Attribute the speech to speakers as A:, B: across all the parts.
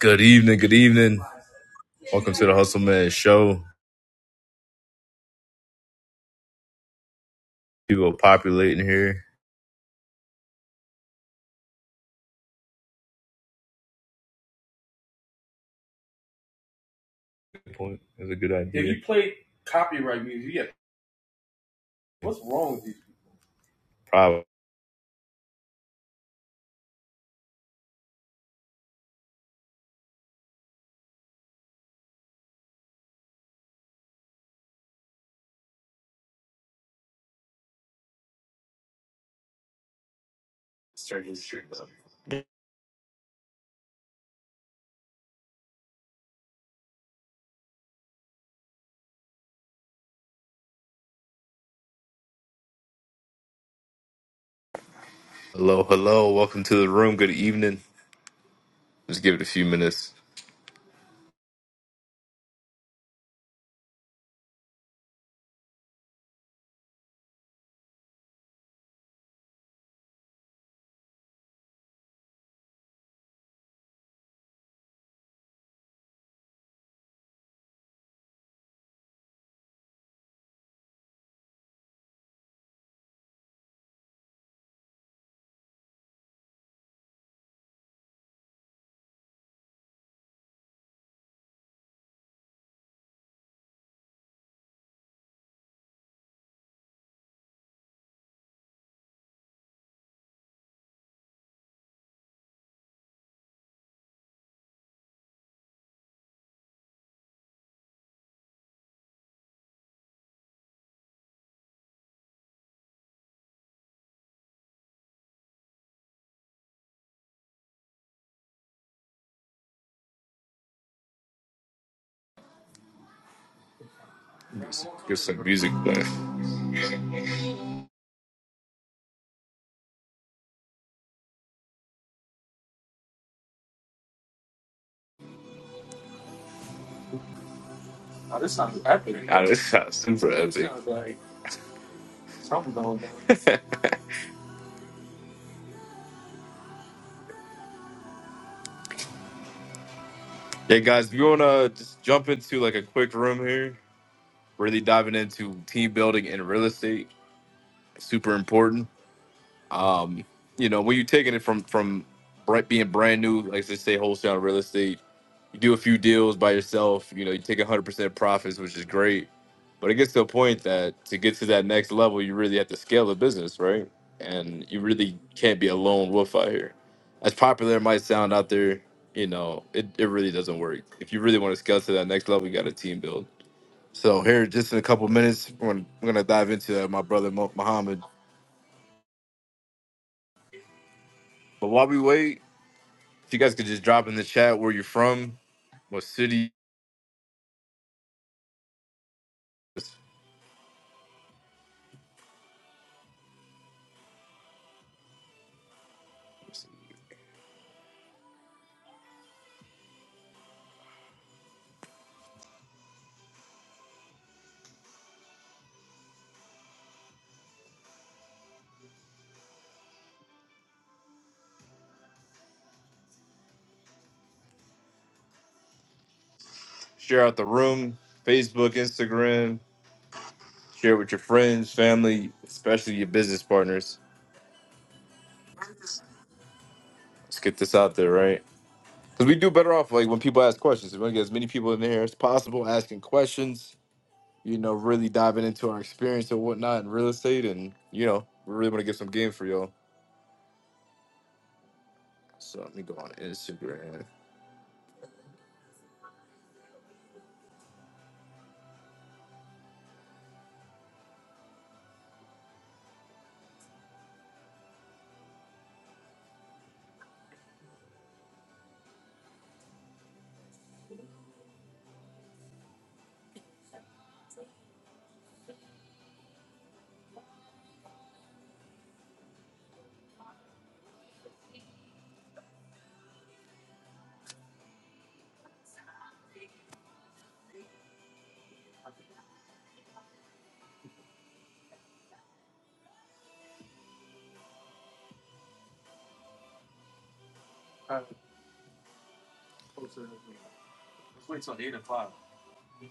A: Good evening, good evening. Welcome to the Hustle Man Show. People are populating here. Good point. That's a good idea. If you play, what's wrong? with you? Probably. Hello, hello. Welcome to the room. Good evening. Just give it a few minutes. Just Get some music playing. God, this sounds super epic. yeah, guys, we want to just jump into like a quick room here. Really diving into team building and real estate. Super important. Um, you know, when you're taking it from from br- being brand new, like they say, wholesale real estate, you do a few deals by yourself. You know, you take 100% profits, which is great. But it gets to a point that to get to that next level, you really have to scale the business, right? And you really can't be a lone wolf out here. As popular it might sound out there, you know, it, it really doesn't work. If you really want to scale to that next level, you got a team build. So here, just in a couple minutes, we're gonna, we're gonna dive into that, my brother Mo- Muhammad. But while we wait, If you guys could just drop in the chat where you're from, what city, share out the room, Facebook, Instagram, share with your friends, family, especially your business partners. Let's get this out there, right? Because we do better off like when people ask questions. We want to get as many people in there as possible asking questions. You know, really diving into our experience and whatnot in real estate, and you know, we really want to give some game for y'all. So let me go on Instagram.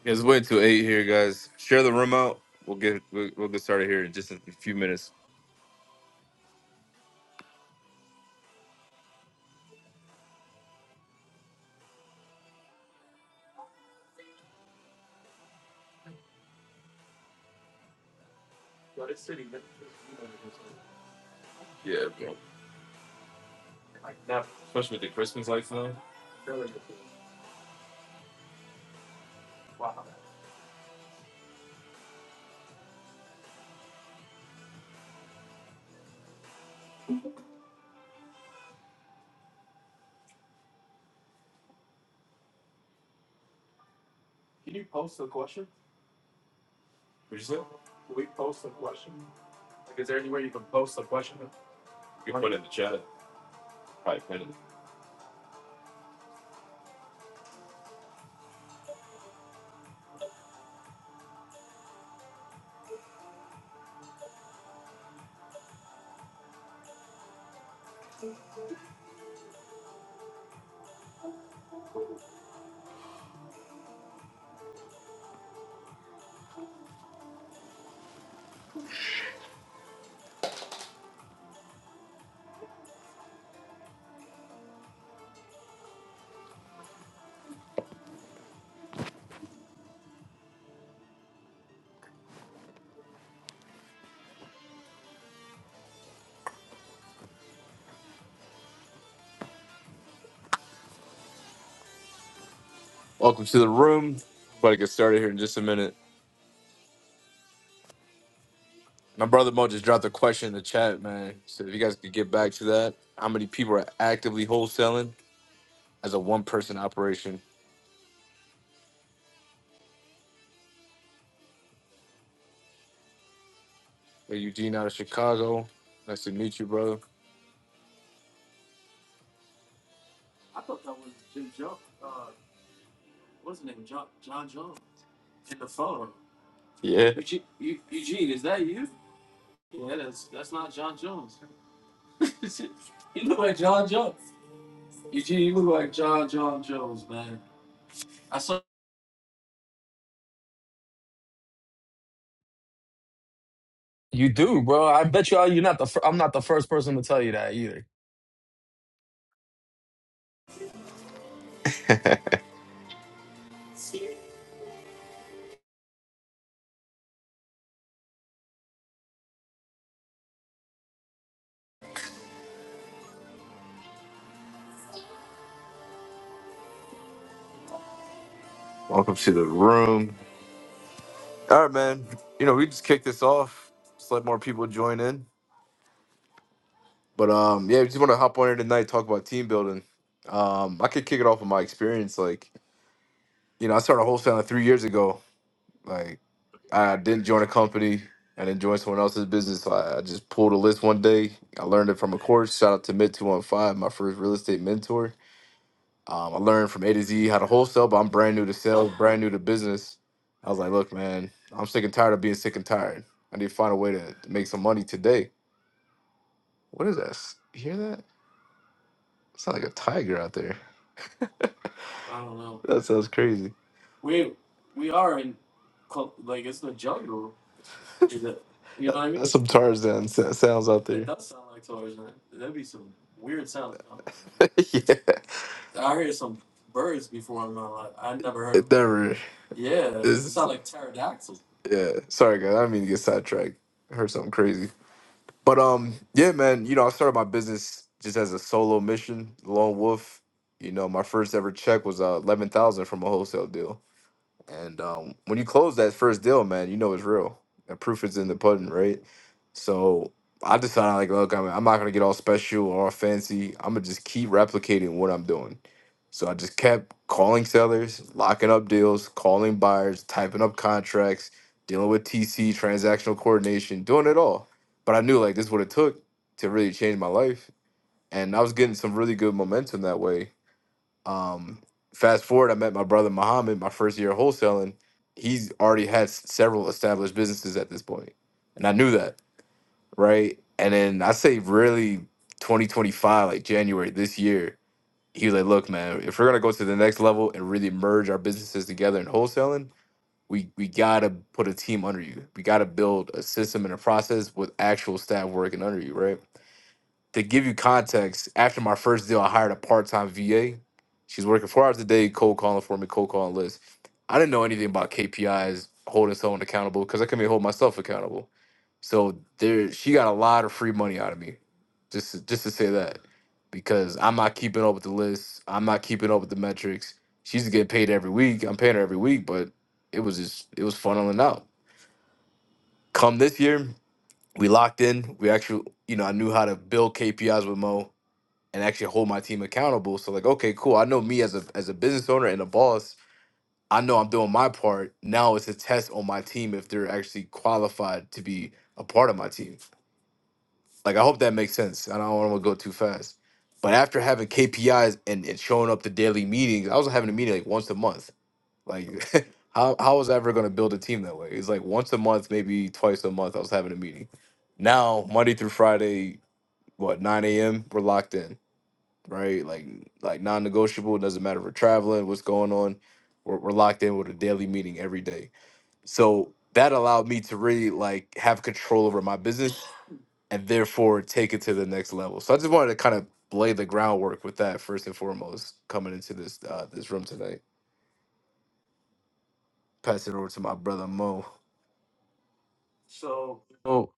A: Yeah, It's way till eight here, guys. Share the room out. We'll get we'll, we'll get started here in just a few minutes. Yeah, bro. especially with the Christmas lights now. what Would you say? You can put it in the chat. Probably put it. Welcome to the room. About to get started here in just a minute. My brother Mo just dropped a question in the chat, man. So if you guys could get back to that, how many people are actively wholesaling as a one-person operation? Hey, Eugene out of Chicago. Nice to meet you, brother. I thought, what's up? Yeah. Eugene, Eu- Eugene, is that you? Yeah, that's that's not John Jones. you look like John Jones. Eugene, you look like John John Jones, man. I saw.
B: You do, bro. I bet you uh, You're not the. Fir- I'm not the first person to tell you that either.
A: Welcome to the room. All right, man. You know, we just kicked this off. Just let more people join in. But um, yeah, we just want to hop on here tonight, talk about team building. Um, I could kick it off with my experience. Like, you know, I started wholesaling three years ago. Like, I didn't join a company. I didn't join someone else's business. I, I just pulled a list one day. I learned it from a course. Shout out to Mid Two One Five, my first real estate mentor Um, I learned from A to Z how to wholesale, but I'm brand new to sales, brand new to business. I was like, look, man, I'm sick and tired of being sick and tired. I need to find a way to, to make some money today. What is that? S- You hear that? It's not like a tiger out there. That sounds crazy. I mean- That's some Tarzan sa- sounds out there. That like Tarzan. That'd be some weird sound. yeah. I I'm heard some birds before. in my life. I never heard. It never. It's- yeah. Sorry, guys. I didn't mean to get sidetracked. I heard something crazy. But um, yeah, man, you know, I started my business just as a solo mission, lone wolf. You know, my first ever check was uh, eleven thousand from a wholesale deal. And um, when you close that first deal, man, you know it's real. The proof is in the pudding, right? So I decided, like, look, I'm, I'm not gonna get all special or all fancy. I'm gonna just keep replicating what I'm doing. So I just kept calling sellers, locking up deals, calling buyers, typing up contracts, dealing with TC, transactional coordination, doing it all. But I knew like this is what it took to really change my life, and I was getting some really good momentum that way um, fast forward, I met my brother Muhammad my first year of wholesaling. He's already had s- several established businesses at this point, and I knew that, right? And then I say really 2025, like January this year, he was like, "Look, man, if we're gonna go to the next level and really merge our businesses together in wholesaling." We, we gotta put a team under you. We gotta build a system and a process with actual staff working under you, right? to give you context, after my first deal, I hired a part-time VA. She's working four hours a day, cold calling for me, cold calling lists. I didn't know anything about KPIs, holding someone accountable, because I couldn't even hold myself accountable. So there, she got a lot of free money out of me, just to, just to say that, because I'm not keeping up with the lists, I'm not keeping up with the metrics. She's getting paid every week. I'm paying her every week, but it was just it was funneling out. Come this year, we locked in. We actually, you know, I knew how to build KPIs with Mo and actually hold my team accountable. So like, okay, cool. I know me as a as a business owner and a boss, I know I'm doing my part. Now it's a test on my team if they're actually qualified to be a part of my team. Like I hope that makes sense. I don't want to go too fast. But after having KPIs and, and showing up to daily meetings, I was having a meeting like once a month. Like how how was I ever gonna build a team that way? It's like once a month, maybe twice a month, I was having a meeting. Now, Monday through Friday, what, 9 a.m., we're locked in right? Like like non-negotiable. It Doesn't matter if we're traveling, what's going on. We're, we're locked in with a daily meeting every day. So that allowed me to really like have control over my business and therefore take it to the next level. So I just wanted to kind of lay the groundwork with that first and foremost coming into this uh, this room tonight. Pass it over to my brother Mo. So
B: So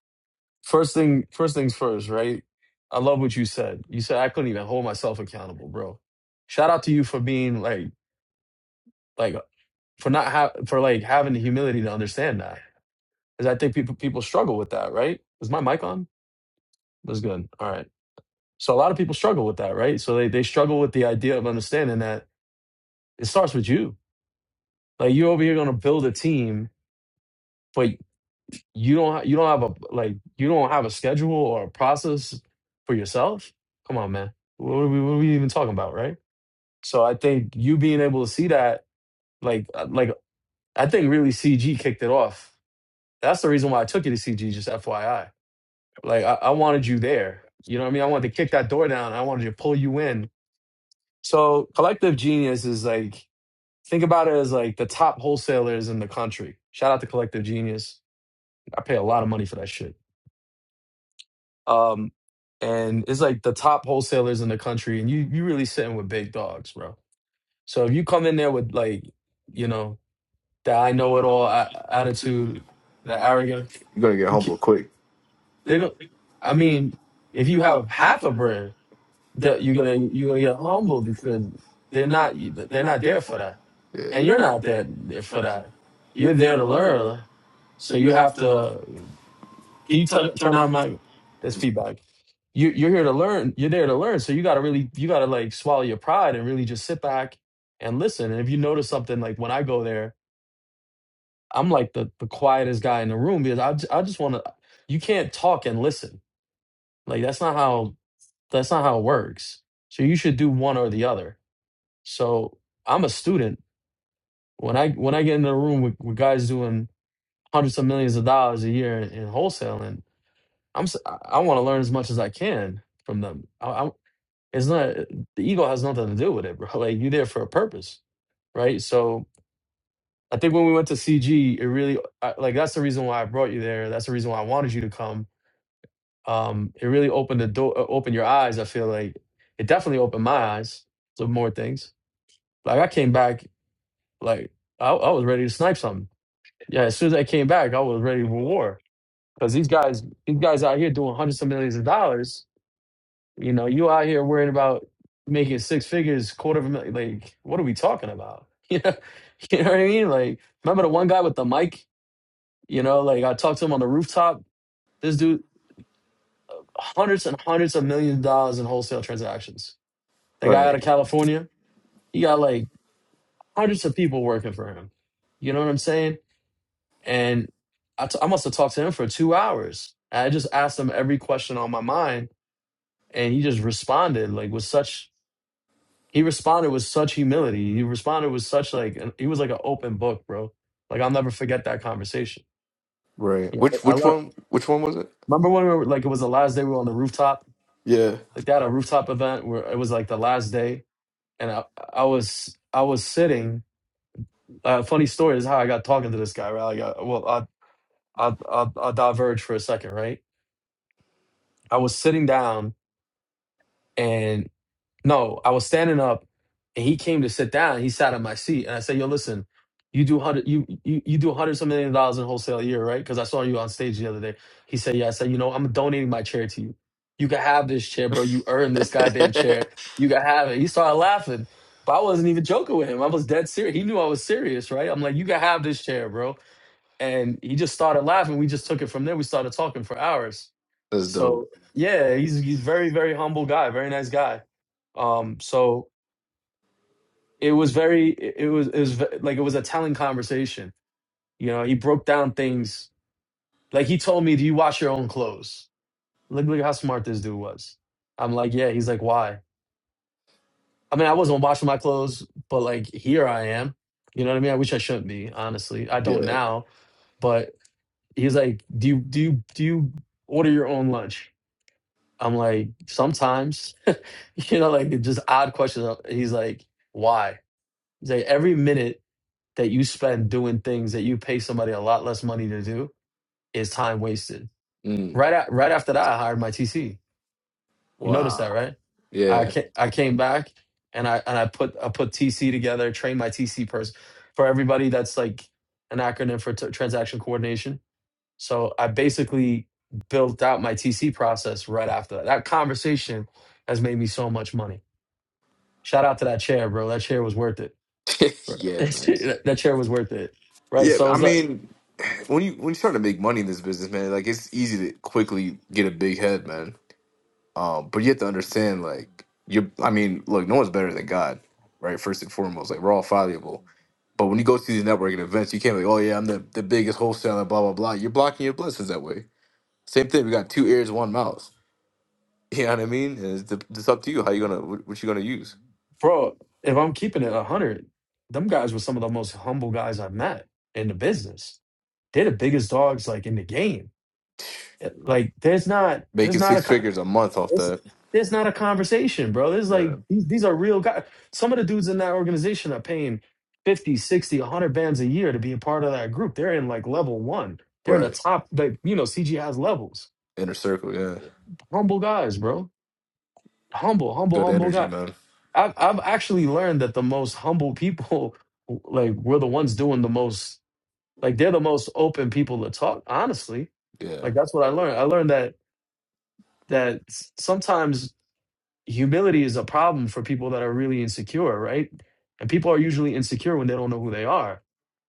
B: first thing, first things first, right? I love what you said. You said I couldn't even hold myself accountable, bro. Shout out to you for being like, like for not ha- for like having the humility to understand that, because I think people people struggle with that, right? Is my mic on? That's good. All right. So a lot of people struggle with that, right? So they they struggle with the idea of understanding that it starts with you. Like you're over here gonna build a team, but you don't ha- you don't have a like you don't have a schedule or a process for yourself come on man what are we, what are we even talking about right so i think you being able to see that like uh, like i think really cg kicked it off that's the reason why i took you to cg just fyi like i, I wanted you there you know what i mean i wanted to kick that door down i wanted to pull you in so collective genius is like think about it as like the top wholesalers in the country shout out to collective genius i pay a lot of money for that shit Um, and it's like the top wholesalers in the country, and you you really sitting with big dogs, bro. So if you come in there with like, you know, that
A: I
B: I
A: know
B: know
A: it
B: it
A: all
B: all
A: a-
B: a-
A: attitude,
B: attitude,
A: that
B: the arrogance,
A: arrogance. You're gonna get
B: you
A: humble
B: ca-
A: quick. They
B: they're
A: don't.
B: gonna.
A: I
B: I
A: mean,
B: mean,
A: if
B: if
A: you
B: you
A: have
B: have
A: half
B: half
A: a
B: a
A: brick.
B: brand,
A: that
B: that
A: you're
B: you're gonna
A: gonna you're
B: you're
A: gonna
B: gonna
A: get
B: get
A: humbled
B: humbled
A: because
B: because
A: they're
B: they're not
A: not they're
B: they're
A: not
B: not
A: there
B: there
A: for
B: for
A: that,
B: that,
A: Yeah. and
B: and
A: you're
B: you're
A: not
B: not
A: there
B: there
A: for
B: for
A: that.
B: that.
A: You're
B: You're
A: there
B: there
A: to
B: to
A: learn,
B: learn,
A: so
B: so
A: you
B: you
A: have
B: have
A: to
B: to. Can
A: keep
B: you
A: t-
B: turn
A: turn
B: turn
A: out
B: on
A: money.
B: my that's feedback? You you're here to learn. You're there to learn. So you gotta really you gotta like swallow your pride and really just sit back and listen. And if you notice something like when I go there, I'm like the the quietest guy in the room because I j- I just want to. You can't talk and listen. Like that's not how that's not how it works. So you should do one or the other. So I'm a student. When I when I get in the room with, with guys doing hundreds of millions of dollars a year in, in wholesaling, I'm s- I want to learn as much as I can from them. I, I, it's not the ego has nothing to do with it, bro. Like you're there for a purpose, right? So I think when we went to CG, it really I, like that's the reason why I brought you there. That's the reason why I wanted you to come. Um, it really opened the door, uh, opened your eyes. I feel like it definitely opened my eyes to more things. Like I came back, like I, I was ready to snipe something. Yeah, as soon as I came back, I was ready for war because these guys, these guys out here doing hundreds of millions of dollars You know, you out here worried about making six figures, quarter of a million. Like, what are we talking about? You know, you know what I mean? Like, remember the one guy with the mic? You know, like I talked to him on the rooftop. This dude, hundreds and hundreds of millions of dollars in wholesale transactions. The guy out
A: Right.
B: of California, he got like hundreds of people working for him. You know what I'm saying? And I, t- I must have talked to him for two hours. And I just asked him every question on my mind, and he just responded like with such he responded with such humility. He responded with such like an- he was like an open book, bro. Like I'll never forget that conversation.
A: Right.
B: Yeah,
A: Which
B: I
A: which
B: learned.
A: one which one was it?
B: Remember when we were, like it was the last day we were on the rooftop,
A: Yeah.
B: like they had a rooftop event where it was like the last day, and I I was I was sitting. Uh, funny story is how I got talking to this guy. Right? Like, uh, well, I I I'll, I'll I'll diverge for a second. Right? I was sitting down and. No, I was standing up, and he came to sit down. He sat on my seat, and I said, "Yo, listen, you do hundred, you you you do hundred some million dollars in wholesale a year, right? Because I saw you on stage the other day." He said, "Yeah." I said, "You know, I'm donating my chair to you. You can have this chair, bro. You earned this goddamn chair. You can have it." He started laughing, but I wasn't even joking with him. I was dead serious. He knew I was serious, right? I'm like, "You can have this chair, bro." and he just started laughing. We just took it from there. We started talking for hours.
A: That's dope.
B: So yeah, he's he's very very humble guy, very nice guy. Um, so it was very it it was it was ve- like it was a telling conversation. You know, he broke down things like he told me, "Do you wash your own clothes?" Look look how smart this dude was. I'm like, yeah. He's like, why? I mean, I wasn't washing my clothes, but like here I am. You know what I mean? I wish I shouldn't be, honestly. I don't
A: Yeah.
B: now, but. He's like, "Do you do you do you order your own lunch?" I'm like, "Sometimes," you know, like just odd questions. Uh, He's like, "Why?" He's like, "Every minute that you spend doing things that you pay somebody a lot less money to do is time wasted."
A: Mm.
B: Right at, right after that, I hired my TC. You noticed that,
A: Wow.
B: right? I
A: Yeah.
B: came, I came back and I and I put I put TC together, trained my TC person for everybody. That's like an acronym for t- transaction coordination So I basically built out my TC process right after that. That conversation has made me so much money. Shout out to that chair, bro. That chair was worth it. Right.
A: yeah, man.
B: that chair was worth it. Right.
A: Yeah,
B: So
A: I
B: it's like,
A: mean when you when you start to make money in this business, man, like it's easy to quickly get a big head, man. Um, but you have to understand, like, you. I mean, look, no one's better than God, right? First and foremost, like we're all fallible. But when you go to these networking events, you can't be like, oh yeah, I'm the, the biggest wholesaler, blah blah blah. You're blocking your blessings that way. Same thing. We got two ears, one mouth. You know what I mean? And It's, the, it's up to you how you gonna what, what you gonna use.
B: bro, if I'm keeping it 100, them guys were some of the most humble guys I've met in the business. They're the biggest dogs like in the game. It- Like there's not there's
A: Making
B: not
A: six
B: a co-
A: figures a month off
B: It's
A: that.
B: there's not a conversation, bro. There's
A: Yeah.
B: like these, these are real guys. Some of the dudes in that organization are paying 50, 60, a 100 bands a year to be a part of that group. They're in like level one. They're in the
A: Right.
B: top, like, you know, CG has levels.
A: Inner circle. Yeah.
B: Humble guys, bro. Humble, humble,
A: Good
B: humble
A: energy,
B: guy.
A: man.
B: I've, I've actually learned that the most humble people, like, were the ones doing the most, like, they're the most open people to talk, honestly.
A: Yeah.
B: Like, that's what I learned. I learned that that s- sometimes humility is a problem for people that are really insecure, right? And people are usually insecure when they don't know who they are.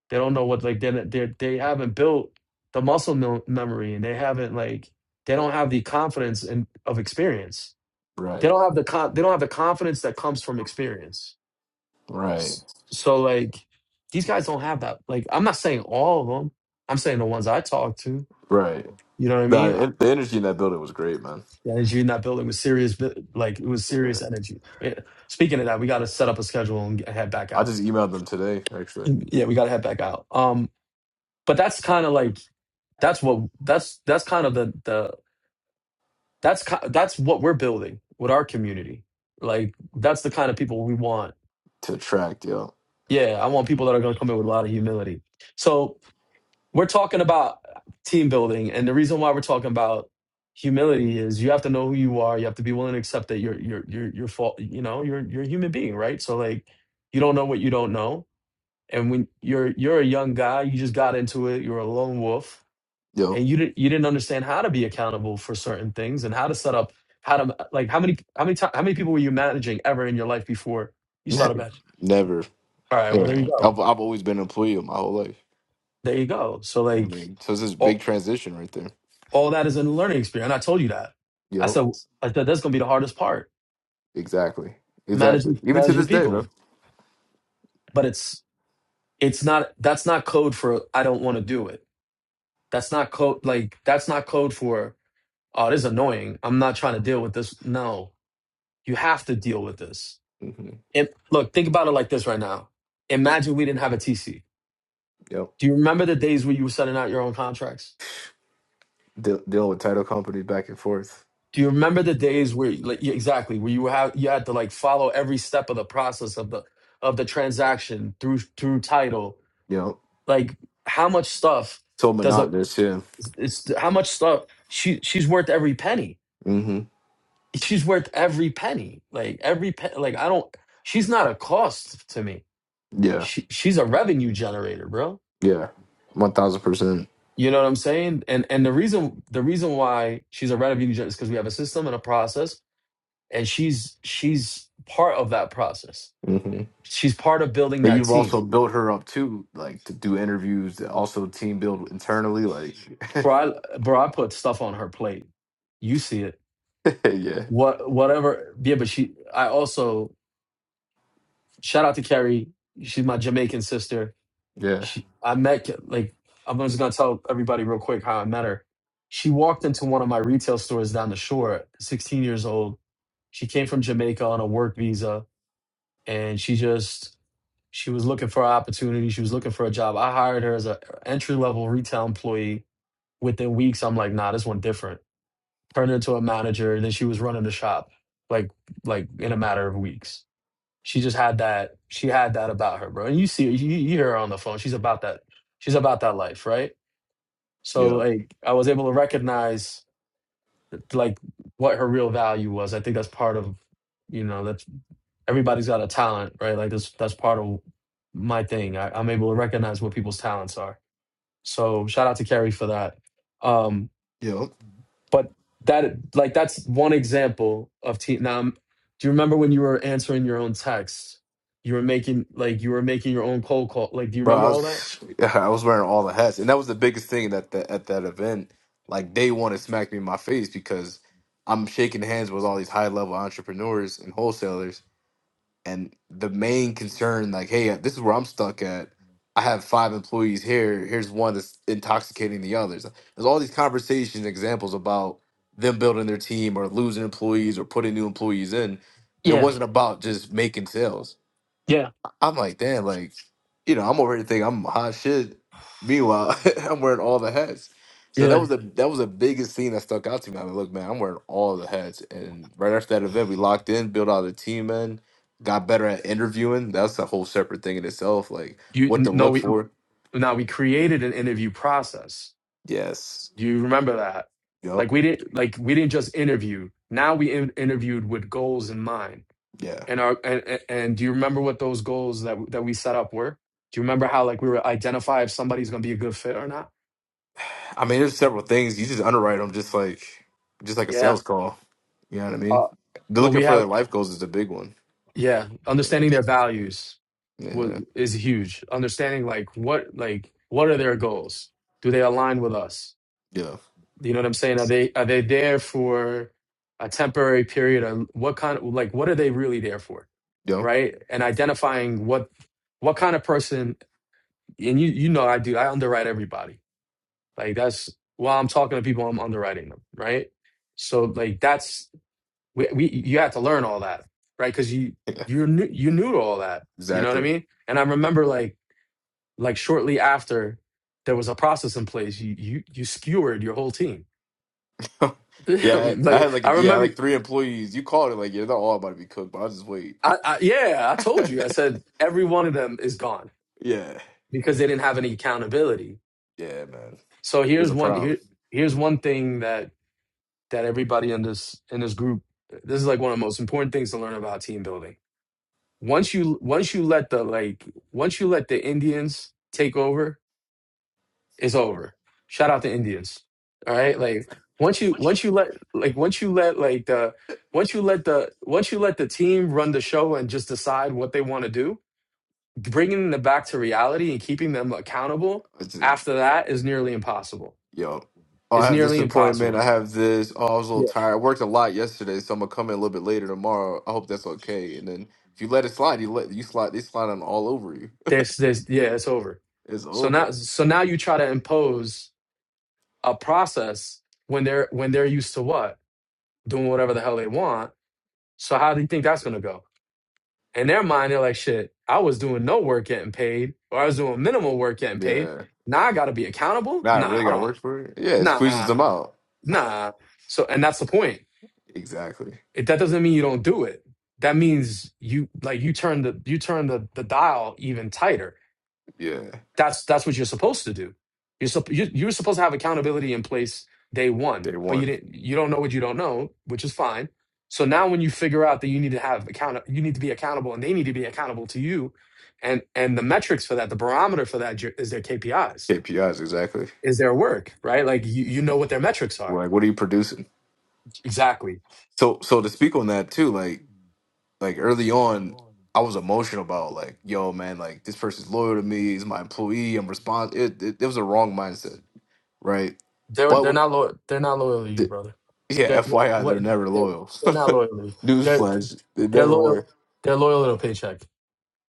B: They don't know what like they they they haven't built the muscle mem- memory, and they haven't like they don't have the confidence and of experience. They
A: Right.
B: don't have the con- they don't have the confidence that comes from experience.
A: Right.
B: S- So like these guys don't have that. Like I'm not saying all of them. I'm saying the ones I talk to.
A: Right.
B: You know what I
A: Nah,
B: mean?
A: The, the energy in that building was great, man.
B: The energy in that building was serious, but, like it was
A: Yeah.
B: serious energy. Yeah. Speaking of that, we got to set up a schedule and get- head back
A: I
B: out.
A: just emailed them today, actually.
B: Yeah, we got to head back out. Um, but that's kind of like that's what that's that's kind of the the that's ki- that's what we're building with our community. Like that's the kind of people we want.
A: to attract, yo,
B: Yeah, I want people that are going to come in with a lot of humility. So we're talking about team building and the reason why we're talking about humility is you have to know who you are you have to be willing to accept that you're you're you're you're fault you know you're you're a human being right so like you don't know what you don't know and when you're you're a young guy you just got into it you're a lone wolf
A: yo,
B: and you didn't you didn't understand how to be accountable for certain things and how to set up how to like how many how many ti- how many people were you managing ever in your life before you
A: ne-
B: started managing
A: never.
B: all right well there you
A: Yeah.
B: go
A: I've I've always been an employee my whole life.
B: there you go so
A: You know what I
B: like
A: mean, so it's this big transition right there.
B: All that is a new learning experience. And I told you that. I
A: Yo,
B: said, I said that's going to be the hardest part,
A: exactly, exactly.
B: managing
A: Even to
B: managing
A: this day,
B: people.
A: bro.
B: But it's it's not. That's not code for I don't want to do it. That's not code. Like that's not code for oh this is annoying. I'm not trying to deal with this. No, you have to deal with this.
A: hmm
B: And look, think about it like this right now. Imagine we didn't have a TC.
A: Yo,
B: Do you remember the days where you were sending out your own contracts?
A: De- dealing with title companies back and forth.
B: Do you remember the days where, like, yeah, exactly, where you have you had to like follow every step of the process of the of the transaction through through title?
A: You know,
B: Like, how much stuff
A: so
B: does a
A: monotonous. Yeah.
B: it's how much stuff she she's worth every penny.
A: hmm
B: She's worth every penny. Like every pe like I don't. She's not a cost to me.
A: Yeah.
B: She she's a revenue generator, bro.
A: Yeah. One thousand percent.
B: You know what I'm saying? And and the reason the reason why she's a revenue generator is because we have a system and a process, and she's she's part of that process
A: hmm
B: She's part of building
A: And
B: that
A: you've also
B: team.
A: built her up too, like to do interviews, to also team build internally. Like,
B: Bro, I, bro, I put stuff on her plate. You see it.
A: yeah,
B: What, whatever. Yeah, but she. I also shout out to Carrie. She's my Jamaican sister.
A: yeah,
B: She. I met like I'm just gonna tell everybody real quick how I met her. She walked into one of my retail stores down the shore. 16 years old. She came from Jamaica on a work visa, and she just she was looking for an opportunity. She was looking for a job. I hired her as an entry level retail employee within weeks, I'm like, nah, this one different. Turned into a manager, and then she was running the shop, like like in a matter of weeks. She just had that. She had that about her, bro. And you see, you, you hear her on the phone. She's about that. She's about that life, right? So
A: yeah.
B: like, I was able to recognize like what her real value was. I think that's part of, you know, that's everybody's got a talent, right? Like that's that's part of my thing. I, I'm able to recognize what people's talents are. So shout out to Carrie for that. Um,
A: Yo.
B: but that like that's one example of team now i do you remember when you were answering your own text you were making like you were making your own cold call like do you
A: Bro, I
B: remember all that
A: was I was wearing all the hats, and that was the biggest thing that that at that event. Like day one, it smacked me in my face because I'm shaking hands with all these high level entrepreneurs and wholesalers, and the main concern, like, hey, this is where I'm stuck at. I have five employees here. Here's one that's intoxicating the others. There's all these conversations, and examples about them building their team or losing employees or putting new employees in. It
B: Yeah,
A: wasn't about just making sales
B: yeah.
A: I'm like, damn, like, you know, I'm already thinking I'm hot shit. Meanwhile, I'm wearing all the hats. So that
B: yeah
A: was the that was the biggest thing that stuck out to me. I mean, look, man, I'm wearing all the hats. And right after that event, we locked in, built out a team in, got better at interviewing. That's a whole separate thing in itself. Like
B: you
A: what to
B: n- no
A: look
B: we
A: for.
B: now we created an interview process
A: Yes.
B: do you remember that
A: Yep.
B: like we didn't like we didn't just interview now we in, interviewed with goals in mind
A: Yeah.
B: and our and, and and do you remember what those goals that that we set up were do you remember how like we were identify if somebody's gonna be a good fit or not
A: I mean, there's several things. You just underwrite them just like just like a
B: Yeah.
A: sales call. You know what I mean?
B: Uh,
A: The
B: well,
A: looking
B: we
A: for their
B: have,
A: life goals is a big one.
B: yeah, understanding their values wa-
A: Yeah.
B: is huge. Understanding like what, like what are their goals? Do they align with us?
A: Yeah.
B: You know what I'm saying? Are they are they there for a temporary period? Or what kind of like what are they really there for?
A: Yep.
B: Right? And identifying what what kind of person and you you know I do I underwrite everybody. Like that's while I'm talking to people, I'm underwriting them. Right? So like that's we, we you had to learn all that right because you you are new you knew all that you know what i
A: Exactly.
B: mean and i remember like like shortly after there was a process in place you you you skewered your whole team
A: yeah, I, I had
B: like i
A: like yeah,
B: remember
A: like three employees. You called it like yeah, they're all about to be cooked, but I'll just wait.
B: I, I yeah i told you i said every one of them is gone
A: yeah,
B: because they didn't have any accountability
A: yeah, man, it
B: so
A: was
B: here's
A: a
B: one
A: problem.
B: here here's one thing that that everybody in this in this group this is like one of the most important things to learn about team building Once you once you let the like once you let the Indians take over, it's over. Shout out to Indians. All right? Like once you once you let like once you let like the once you let the once you let the team run the show and just decide what they want to do, bringing them back to reality and keeping them accountable
A: It's a-
B: after that is nearly impossible.
A: yo, oh, I
B: It's
A: have this
B: nearly
A: appointment. I
B: impossible
A: have this. Oh, I was a little
B: Yeah.
A: tired. I worked a lot yesterday, so I'm gonna come in a little bit later tomorrow. I hope that's okay. And then if you let it slide, you let you slide. They slide on all over you.
B: there's there's yeah it's over
A: It's
B: so now
A: over.
B: so now you try to impose a process when they're when they're used to what doing whatever the hell they want. So how do you think that's gonna go? In their mind, they're like, shit, I was doing no work getting paid, or I was doing minimal work getting paid.
A: Yeah.
B: Now I gotta be accountable?
A: Now I
B: Nah,
A: really
B: I
A: got
B: don't
A: work for it. Yeah, it squeezes
B: nah,
A: them out.
B: nah. So and that's the point.
A: Exactly.
B: It, that doesn't mean you don't do it. That means you like you turn the you turn the, the dial even tighter
A: Yeah.
B: That's that's what you're supposed to do. You're sup- you you're supposed to have accountability in place day one,
A: Day
B: but you
A: one
B: didn't. You don't know what you don't know, which is fine. So now, when you figure out that you need to have account, you need to be accountable, and they need to be accountable to you, and and the metrics for that, the barometer for that is their KPIs, is
A: KPIs. Exactly.
B: is their work, right? Like you you know what their metrics are
A: Like, what are you producing?
B: exactly.
A: So so to speak on that too, like like early on, I was emotional about like, yo, man, like this person's loyal to me, he's my employee, I'm responsible. It, it, it was a wrong mindset, right?
B: They're
A: But
B: they're
A: what,
B: not loyal. They're not loyal to you,
A: the,
B: brother.
A: yeah,
B: They're what,
A: FYI,
B: what
A: they're never
B: they're,
A: loyal.
B: they're not loyal. To you. They're
A: Newsflash, they
B: they're
A: never
B: loyal.
A: were.
B: They're loyal to a paycheck.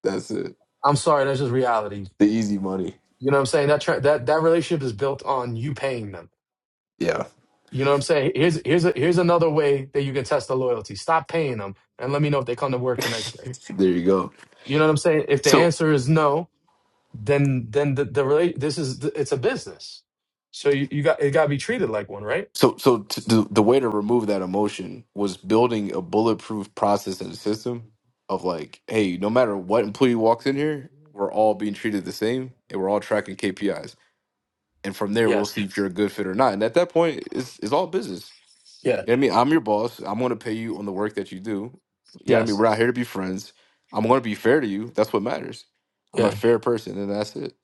A: That's it.
B: I'm sorry, that's just reality.
A: The easy money.
B: You know what I'm saying? That tra- that that relationship is built on you paying them.
A: Yeah,
B: You know what I'm saying? Here's here's a, here's another way that you can test the loyalty. Stop paying them and let me know if they come to work the next day.
A: there you go.
B: You know what I'm saying? If the
A: So.
B: answer is no, then then the the rela- this is it's a business. So you, you got it got to be treated like one, right?
A: So, so t the the way to remove that emotion was building a bulletproof process and system of like, hey, no matter what employee walks in here, we're all being treated the same, and we're all tracking KPIs. And from there, we'll
B: Yes.
A: see if you're a good fit or not. And at that point, it's it's all business.
B: Yeah.
A: You know what I mean? I'm your boss. I'm going to pay you on the work that you do. You know what I mean?
B: Yes.
A: We're out here to be friends. I'm going to be fair to you. That's what matters. I'm a
B: Yeah.
A: fair person, and that's it.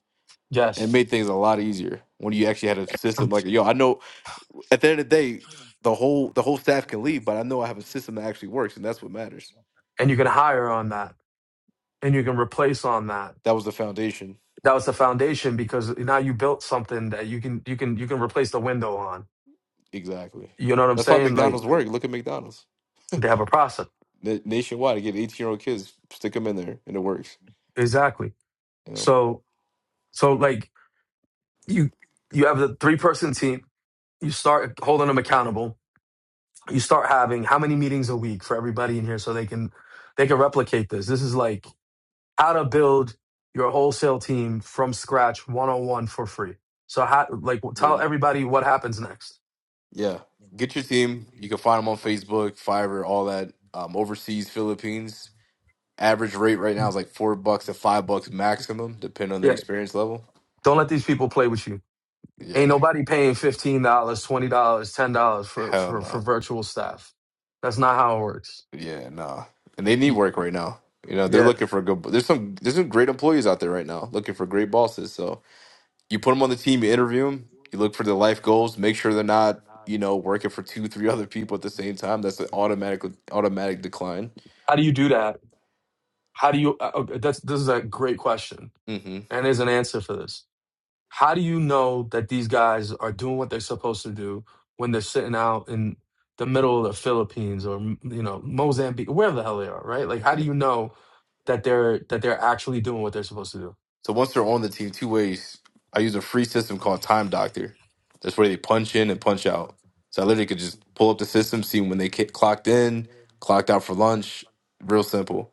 A: It
B: Yes.
A: made things a lot easier when you actually had a system
B: And
A: like, yo, I know at the end of the day, the whole the whole staff can leave, but I know I have a system that actually works, and that's what matters.
B: you can hire on that and you can replace on that.
A: That was the foundation,
B: That was the foundation because now you built something that you can you can you can replace the window on.
A: exactly.
B: You know what I'm
A: That's why
B: saying? Like
A: McDonald's work. Look at McDonald's
B: they have a process.
A: Na- nationwide. They Get eighteen year old kids, stick them in there, and it works.
B: Exactly.
A: You know,
B: So so like you you have the three person team, you start holding them accountable. You start having how many meetings a week for everybody in here so they can they can replicate this. This is like how to build your wholesale team from scratch 101 for free. So how like
A: Give
B: tell
A: 'em-
B: everybody what happens next.
A: yeah. Get your team. You can find them on Facebook, Fiverr, all that. Um, overseas, Philippines. Average rate right now is like four bucks to five bucks maximum, depending on their
B: Yeah.
A: experience level.
B: Don't let these people play with you. Ain't
A: Yeah,
B: nobody paying $15, dollars, $20, dollars, $10 for
A: hell
B: for for
A: no.
B: virtual staff. That's not how it works.
A: Yeah, nah. And they need
B: You,
A: work right now. You know, they're
B: yeah.
A: looking for good. There's some there's some great employees out there right now looking for great bosses. So you put them on the team, you interview them, you look for their life goals, make sure they're not you know working for two, three other people at the same time. That's an automatic automatic decline.
B: How do you do that? How do you uh, uh, that's this is a great question
A: hmm
B: and there's an answer for this How do you know that these guys are doing what they're supposed to do when they're sitting out in the middle of the Philippines or you know Mozambique, wherever the hell they are, right? Like, how do
A: Yeah.
B: you know that they're that they're actually doing what they're supposed to do?
A: So once they're on the team, two ways. I use a free system called Time Doctor. That's where they punch in and punch out. So I literally could just pull up the system, see when they ki- clocked in, clocked out for lunch. Real simple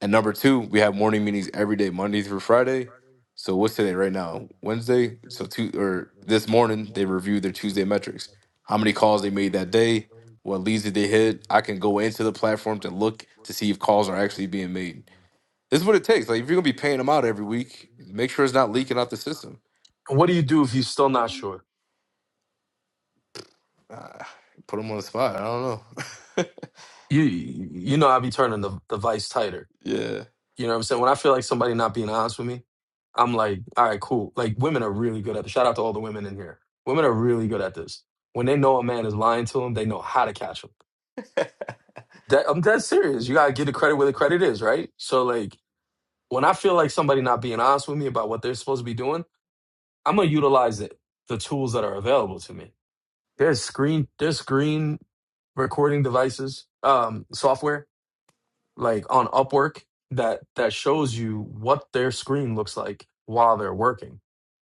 A: And number two, we have morning meetings every day, Monday through Friday. So what's today right now? Wednesday. So two or this morning they reviewed their Tuesday metrics. How many calls they made that day? What leads did they hit? I can go into the platform to look to see if calls are actually being made. This is what it takes. Like if you're gonna be paying them out every week, make sure it's not leaking out the system.
B: And what do you do if you're still not sure?
A: Uh, put them on the spot. I don't know.
B: You you know, I'll be turning the the vice tighter.
A: yeah.
B: You know what I'm saying? When I feel like somebody not being honest with me, I'm like, all right, cool. Like, women are really good at this. Shout out to all the women in here. Women are really good at this. When they know a man is lying to them, they know how to catch him. That, I'm dead serious. You gotta give the credit where the credit is, right? So like when I feel like somebody not being honest with me about what they're supposed to be doing, I'm gonna utilize it, the tools that are available to me. There's screen there's screen recording devices, um, software, like on Upwork that that shows you what their screen looks like while they're working.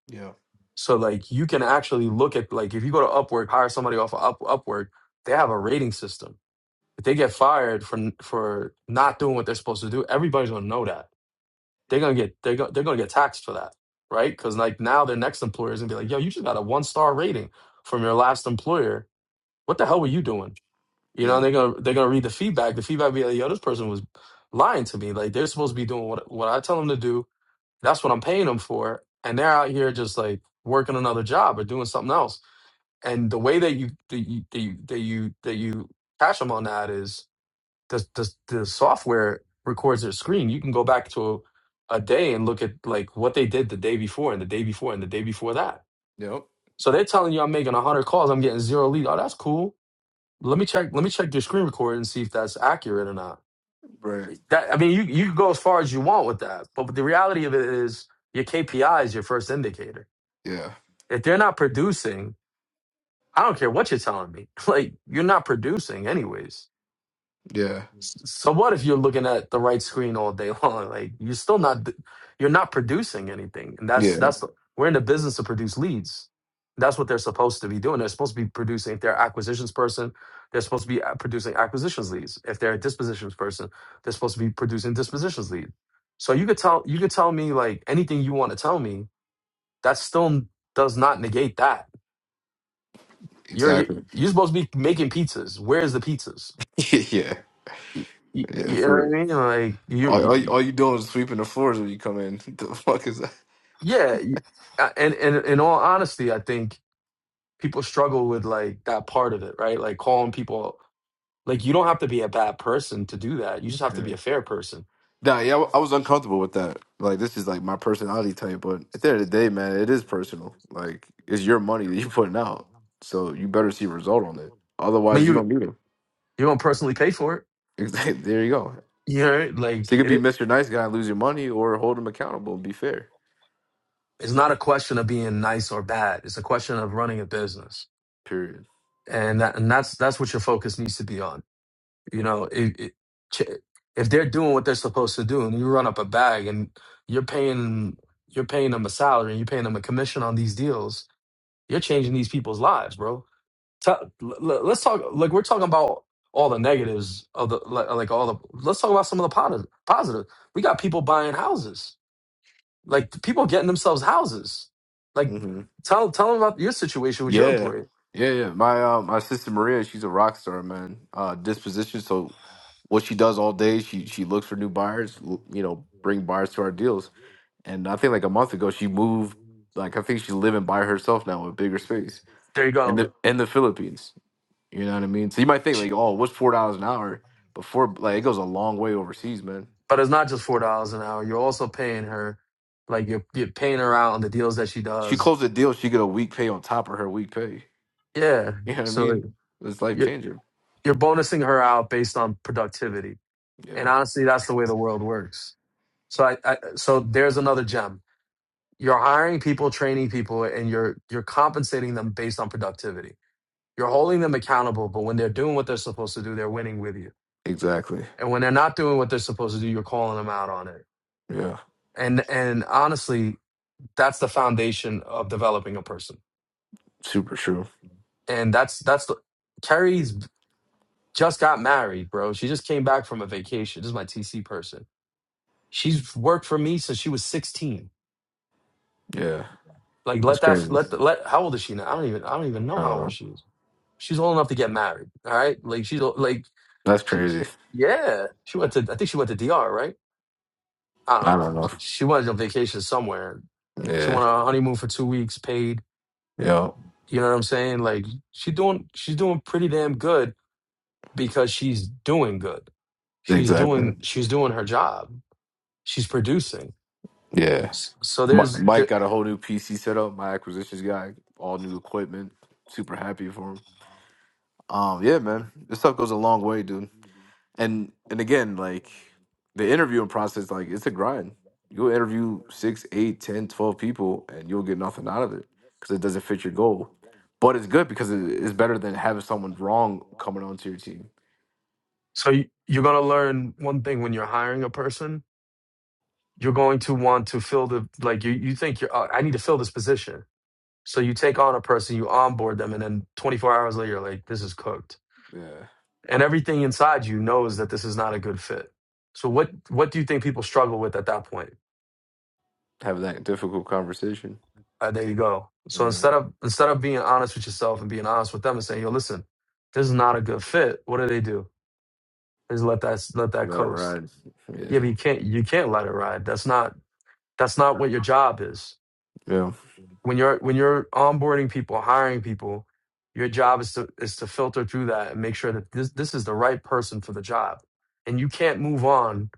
A: Yeah.
B: So like you can actually look at like if you go to Upwork, hire somebody off of Up, Upwork, they have a rating system If they get fired for for not doing what they're supposed to do, everybody's gonna know that. They're gonna get they're gonna, they're gonna get taxed for that, right? Because like now their next employer is gonna be like, "Yo, you just got a one star rating from your last employer. What the hell were you doing?" You know,
A: Yeah.
B: and they're gonna they're gonna read the feedback. The feedback be like, "Yo, this person was lying to me. Like they're supposed to be doing what what I tell them to do. That's what I'm paying them for, and they're out here just like working another job or doing something else." And the way that you that you that you that you, that you catch them on that is the the, the software records their screen. You can go back to a, a day and look at like what they did the day before and the day before and the day before that.
A: Yep.
B: So they're telling you I'm making one hundred calls, I'm getting zero lead. Oh, that's cool. Let me check. Let me check your screen record and see if that's accurate or not.
A: Right.
B: That I mean, you you could go as far as you want with that, but the reality of it is your KPI is your first indicator.
A: Yeah.
B: If they're not producing, I don't care what you're telling me. Like you're not producing anyways
A: Yeah.
B: So what if you're looking at the right screen all day long? Like you're still not you're not producing anything, and that's
A: Yeah.
B: that's we're in the business to produce leads. That's what they're supposed to be doing. They're supposed to be producing. If they're an acquisitions person, they're supposed to be uh, producing acquisitions leads. If they're a dispositions person, they're supposed to be producing dispositions lead. So you could tell you could tell me like anything you want to tell me. That still does not negate that you're
A: Exactly.
B: you're supposed to be making pizzas. Where's the pizzas?
A: yeah.
B: You,
A: Yeah.
B: you know
A: For
B: what
A: real.
B: I mean? Like you,
A: All, all, you-
B: you-
A: all you doing is sweeping the floors when you come in. The fuck is that?
B: Yeah, y- uh, and and in all honesty, I think people struggle with like that part of it, right? Like calling people like you don't have to be a bad person to do that. You just have to be
A: Yeah.
B: a fair person.
A: Nah, yeah, I, I was uncomfortable with that. Like, this is like my personality type, but at the end of the day, man, it is personal. Like, it's your money that you're putting out, so you better see a result on it.
B: I mean,
A: Otherwise, you
B: you
A: don't need him.
B: you don't personally pay for it,
A: Exactly. there you go.
B: you know?
A: So
B: Like
A: you could be
B: it,
A: Mr. Nice Guy and lose your money, or hold him accountable and be fair.
B: it's not a question of being nice or bad. It's a question of running a business,
A: Period.
B: and that and that's that's what your focus needs to be on. You know, it, it, ch- if they're doing what they're supposed to do, and you run up a bag, and you're paying you're paying them a salary, and you're paying them a commission on these deals You're changing these people's lives, bro. Tell, l- l- let's talk. Like we're talking about all the negatives of the like, like all the. Let's talk about some of the positive. Positive. We got people buying houses. Like the people getting themselves houses. Like
A: Mm-hmm.
B: tell tell them about your situation with your
A: Yeah,
B: employee.
A: yeah, yeah. My uh, my sister Maria, she's a rock star, man. Uh, disposition. So what she does all day, she she looks for new buyers. l- You know, bring buyers to our deals. And I think like a month ago, she moved. Like I think she's living by herself now, in a bigger space,
B: There you
A: in
B: go.
A: the in the Philippines. You know what I mean? So you might think
B: She-
A: like, oh, what's four dollars an hour? Before like it goes a long way overseas, man.
B: But it's not just four dollars an hour. You're also paying her. Like you're you're paying her out on the deals that she
A: She
B: does.
A: closed a deal, she get a week pay on top of her week pay.
B: Yeah.
A: You know what I
B: So like,
A: mean? It's life
B: you're
A: changer.
B: you're bonusing her out based on productivity. And
A: Yeah,
B: honestly, that's the way the world works So I, I so there's another gem. You're hiring people, training people, and you're you're compensating them based on productivity. You're holding them accountable, but when they're doing what they're supposed to do, they're winning with you.
A: exactly.
B: And when they're not doing what they're supposed to do, you're calling them out on it.
A: Yeah,
B: And and honestly, that's the foundation of developing a person.
A: super true.
B: And that's that's the Carrie's just got married, bro. She just came back from a vacation. This is my TC person. She's worked for me since she was 16.
A: Yeah,
B: Like
A: that's
B: let that
A: crazy.
B: let the, let how old is she now? I don't even I don't even know
A: I
B: how
A: don't
B: old
A: know.
B: she is She's old enough to get married. All right, like she's o- like
A: That's
B: she, she-
A: crazy.
B: yeah. She went to I think she went to DR, right? I don't
A: I
B: know.
A: don't know.
B: She she went on vacation somewhere. She
A: Yeah.
B: went on a honeymoon for two weeks, paid.
A: Yeah.
B: You know what I'm saying? Like she doing she's doing pretty damn good because she's doing good. She's
A: Exactly.
B: doing she's doing her job. She's producing.
A: Yeah.
B: S- So
A: Mi-
B: there's
A: Mike
B: there,
A: got a whole new PC set up. My acquisitions guy, all new equipment. Super happy for him. Um. Yeah, man. This stuff goes a long way, dude. And and again, like the interviewing process, like it's a grind. You'll interview six, eight, ten, twelve people, and you'll get nothing out of it because it doesn't fit your goal. But it's good because it- it's better than having someone wrong coming onto your team.
B: so you- you're gonna learn one thing when you're hiring a person. You're going to want to fill the like you you think you're. Uh, I need to fill this position So you take on a person, you onboard them, and then 24 hours later, you're like, this is cooked.
A: Yeah.
B: And everything inside you knows that this is not a good fit. So what what do you think people struggle with at that point?
A: Have that difficult conversation.
B: Uh, there you go. So
A: Yeah.
B: instead of instead of being honest with yourself and being honest with them and saying, yo, listen, this is not a good fit, what do they do? They just let that let that
A: Let it
B: coast.
A: ride. Yeah.
B: Yeah, but you can't you can't let it ride. That's not that's not what your job is.
A: Yeah.
B: when you're when you're onboarding people, hiring people, your job is to is to filter through that and make sure that this this is the right person for the job. And you can't move on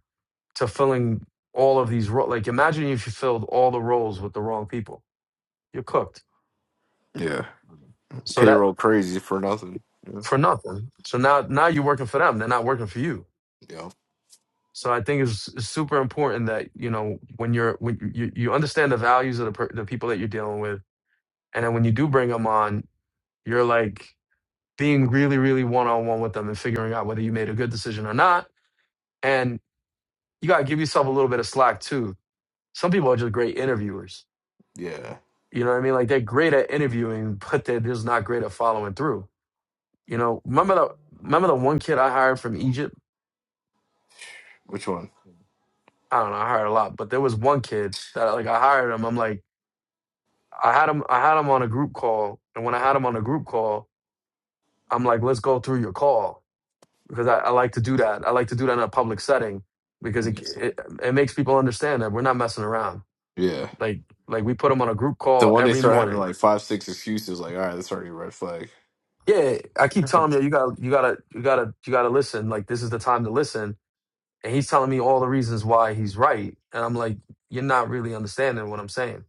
B: to filling all of these roles. Like imagine if you filled all the roles with the wrong people, you're cooked.
A: Yeah.
B: So that
A: Payroll crazy for nothing. Yeah.
B: for nothing. So now now you're working for them. They're not working for you.
A: Yeah.
B: So I think it's, it's super important that you know when you're when you you you understand the values of the per, the people that you're dealing with, and then when you do bring them on, you're like being really, really one on one with them and figuring out whether you made a good decision or not. And you got to give yourself a little bit of slack too. Some people are just great interviewers.
A: Yeah.
B: You know what I mean? Like they're great at interviewing, but they're just not great at following through. You know, remember the remember the one kid I hired from Egypt?
A: Which one?
B: I don't know, I hired a lot, but there was one kid that like I hired him. I'm like, I had him I had him on a group call, and when I had him on a group call, I'm like, let's go through your call. because I, I like to do that. I like to do that in a public setting because it,
A: Yes.
B: it it makes people understand that we're not messing around.
A: Yeah.
B: Like like we put them on a group
A: The
B: call
A: one they
B: every
A: start having
B: morning.
A: like five, six excuses, like, all right, that's already a red flag.
B: Yeah, I keep telling him, yo, you got to you got to you got to you got to listen. Like this is the time to listen, and he's telling me all the reasons why he's right, and I'm like, you're not really understanding what I'm saying.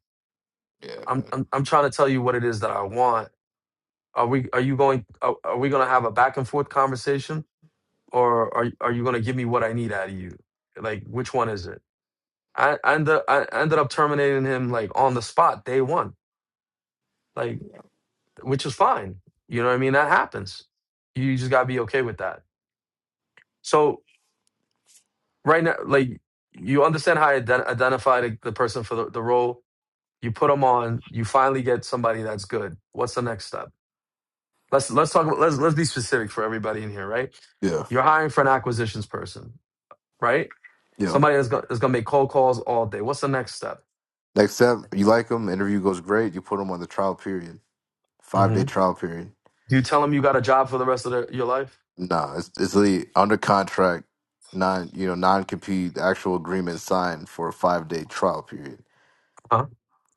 A: Yeah,
B: I'm
A: man.
B: I'm, I'm trying to tell you what it is that I want. Are we are you going are, are we going to have a back and forth conversation or are are you going to give me what I need out of you? Like which one is it? I, I ended I ended up terminating him like on the spot day one, like which is fine. You know what I mean? That happens. You just gotta be okay with that. So right now, like you understand how I ident- identify the, the person for the, the role. You put them on. You finally get somebody that's good. What's the next step? Let's let's talk. About, let's let's be specific for everybody in here, right?
A: Yeah.
B: You're hiring for an acquisitions person, right?
A: Yeah.
B: Somebody that's gonna, that's gonna make cold calls all day. What's the next step?
A: Next step, you like them, interview goes great, you put them on the trial period. Five day
B: hmm
A: trial period.
B: Do you tell them you got a job for the rest of their, your life?
A: Nah, it's it's really under contract, non you know, non compete, actual agreement signed for a five day trial period.
B: huh.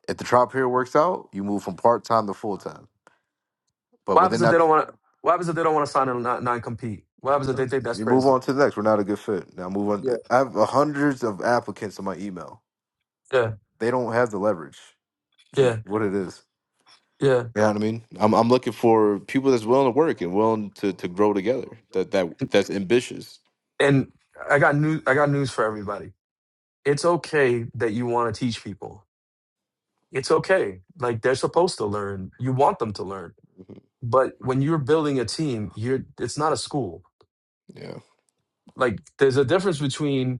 A: If the trial period works out, you move from part time to full time. But
B: What
A: within
B: happens if
A: that,
B: they don't want to? What happens if they don't want to sign a non- non-compete? What happens if they think that's
A: you move
B: crazy?
A: on to the next. We're not a good fit. Now move
B: Yeah,
A: on. I have hundreds of applicants in my email.
B: yeah,
A: They don't have the leverage, which is
B: yeah,
A: what it is.
B: yeah.
A: You know what I mean? I'm I'm looking for people that's willing to work and willing to to grow together. That that that's ambitious.
B: And I got news. I got news for everybody. It's okay that you want to teach people. It's okay. Like they're supposed to learn. You want them to learn.
A: Mhm.
B: But when you're building a team, you're. It's not a school.
A: Yeah,
B: Like there's a difference between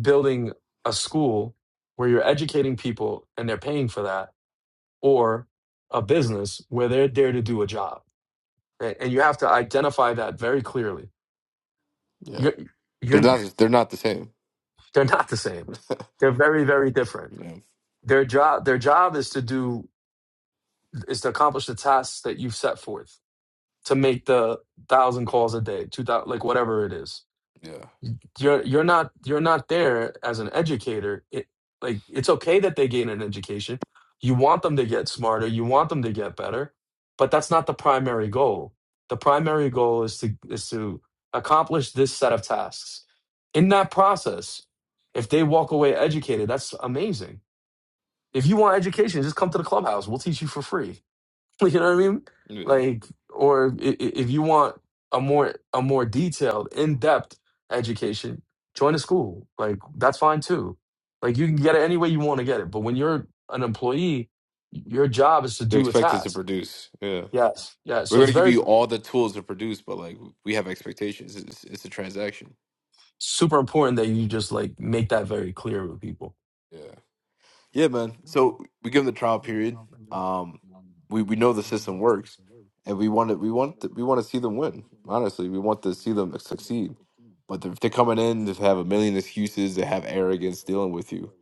B: building a school where you're educating people and they're paying for that, or a business where they're there to do a job A- and you have to identify that very clearly.
A: yeah.
B: You're,
A: They're
B: you're,
A: not they're not the same.
B: they're not the same. They're very, very different.
A: Yeah,
B: Their job, their job is to do is to accomplish the tasks that you've set forth to make the thousand calls a day, two thousand, like whatever it is
A: yeah,
B: you're you're not you're not there as an educator it like it's okay that they gain an education you want them to get smarter you want them to get better but that's not the primary goal the primary goal is to is to accomplish this set of tasks in that process if they walk away educated that's amazing if you want education just come to the clubhouse we'll teach you for free You know what I mean?
A: yeah.
B: Like, or i- i- if you want a more a more detailed, in depth education, join a school. Like that's fine too. Like you can get it any way you want to get it. But when you're an employee, your job is to
A: They're
B: do a
A: expected to
B: task.
A: produce. Yeah,
B: Yes, yeah.
A: we're
B: So it's
A: gonna give
B: very
A: you all the tools to produce, but like we have expectations. It's, it's a transaction.
B: super important that you just like make that very clear with people.
A: Yeah. Yeah, man. So we give them the trial period. Um, we we know the system works, and we want to we want to, we want to see them win. Honestly, we want to see them succeed. But if they're coming in to have a million excuses, they have arrogance dealing with you.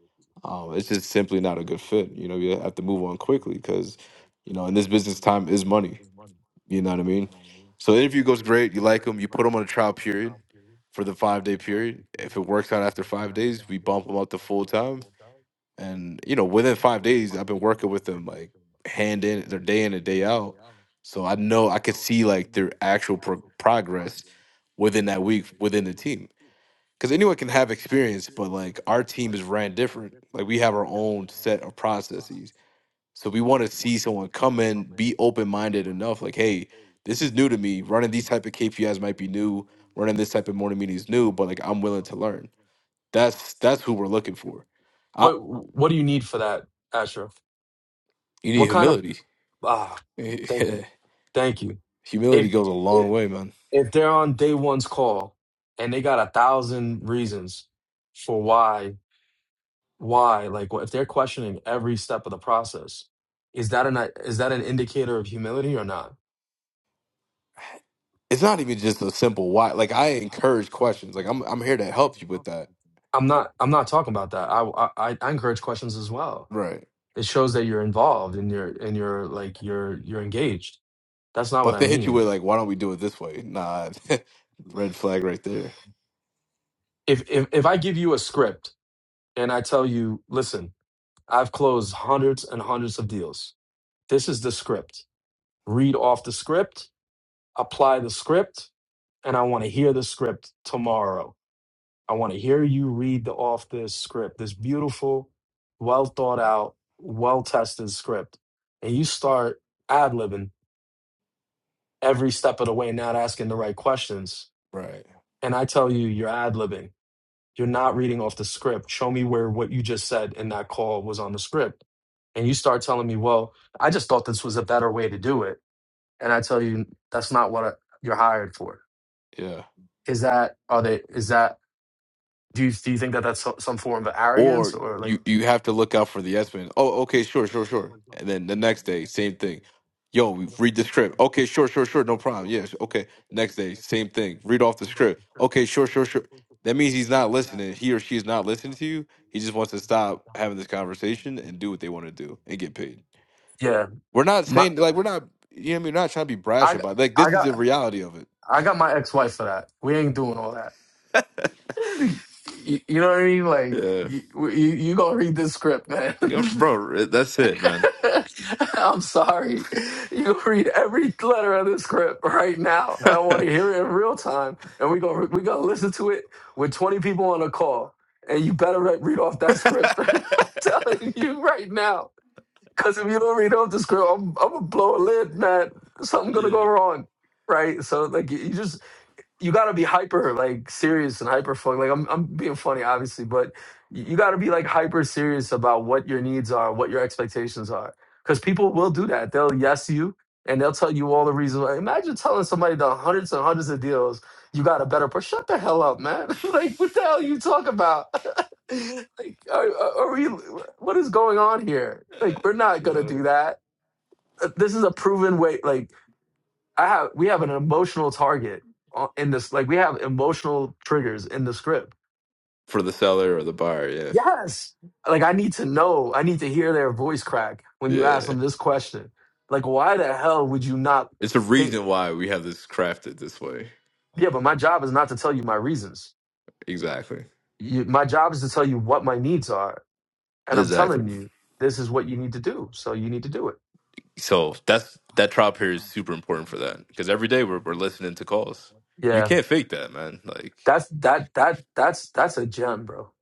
A: Um, it's just simply not a good fit. You know, you have to move on quickly because, you know, in this business, time is money. You know what I mean? So the interview goes great. You like them. You put them on a trial period for the five day period. If it works out after five days, we bump them up to full time and you know within five days i've been working with them like hand in their day in and day out so i know i could see like their actual pro- progress within that week within the team because anyone can have experience but like our team is ran different like we have our own set of processes so we want to see someone come in be open-minded enough like hey this is new to me running these type of kpis might be new running this type of morning meeting is new but like i'm willing to learn that's that's who we're looking for I,
B: What what do you need for that, Asher?
A: you need
B: What kind of
A: humility
B: ah? Thank you.
A: Humility
B: Thank you. If
A: goes a long
B: if
A: way, man.
B: if they're on day one's call and they got a thousand reasons for why why like what if they're questioning every step of the process is that an is that an indicator of humility or not
A: It's not even just a simple why. Like I encourage questions. Like I'm I'm here to help you with that.
B: i'm not i'm not talking about that i i, I encourage questions as well
A: Right.
B: it shows that you're involved and you're and you're like you're you're engaged that's not
A: But
B: what
A: if
B: i
A: they hit you with
B: mean
A: like, why don't we do it this way? Nah. red flag right there.
B: if if, if i give you a script and i tell you listen i've closed hundreds and hundreds of deals This is the script. Read off the script, apply the script, and I want to hear the script tomorrow. I want to hear you read the, off this script, this beautiful, well thought out, well tested script. And you start ad libbing every step of the way, not asking the right questions.
A: Right.
B: And I tell you, you're ad libbing. You're not reading off the script. Show me where what you just said in that call was on the script. And you start telling me, well, I just thought this was a better way to do it and I tell you that's not what I, you're hired for.
A: Yeah.
B: Is that are they? Is that do you do you think that that's so- some form of arrogance
A: Or
B: or like
A: you you have to look out for the S-man. Oh, okay, sure, sure, sure. And then the next day, same thing. Yo, we read the script. Okay, sure, sure, sure. No problem. Yes. Okay. Next day, same thing. Read off the script. Okay, sure, sure, sure. That means he's not listening. He or she is not listening to you. He just wants to stop having this conversation and do what they want to do and get paid.
B: yeah?
A: We're not
B: My
A: saying like we're not. You know, what I mean, we're not trying to be brash
B: I
A: about. It. Like
B: I
A: this is the
B: got
A: reality of it.
B: I got my ex wife for that. We ain't doing all that. You, you know what I mean? Like
A: Yeah,
B: you you, you gonna read this script, man?
A: Yeah, bro. That's it, man.
B: I'm sorry. You read every letter of the script right now. and I want to hear it in real time, and we are gonna we gonna listen to it with 20 people on a call, and you better re- read off that script. I'm telling you right now, because if you don't read off the script, I'm, I'm gonna blow a lid, man. Something gonna go wrong, right? So like you you just you got to be hyper like serious and hyper focused. Like I'm I'm being funny obviously, but you, you got to be like hyper serious about what your needs are, what your expectations are. Cuz people will do that. They'll yes you and they'll tell you all the reasons. why. Imagine telling somebody the hundreds and hundreds of deals you got a better person. Shut the hell up, man. like what the hell you talk about? like are, are are we what is going on here? Like we're not going to do that. Uh, This is a proven way like I have we have an emotional target on- in this like we have emotional triggers in the script.
A: for the seller or the buyer. Yeah,
B: Yes. Like I need to know, I need to hear their voice crack when you ask
A: yeah.
B: them this question. Like why the hell would you not
A: It's a
B: think
A: reason why we have this crafted this way.
B: yeah, but my job is not to tell you my reasons.
A: Exactly.
B: You, my job is to tell you what my needs are and I'm
A: Exactly.
B: telling you this is what you need to do. So you need to do it.
A: So that's that trial period is super important for that because every day we're we're listening to calls. You
B: Yeah.
A: can't fake that, man. Like,
B: That's that that that's that's a gem, bro.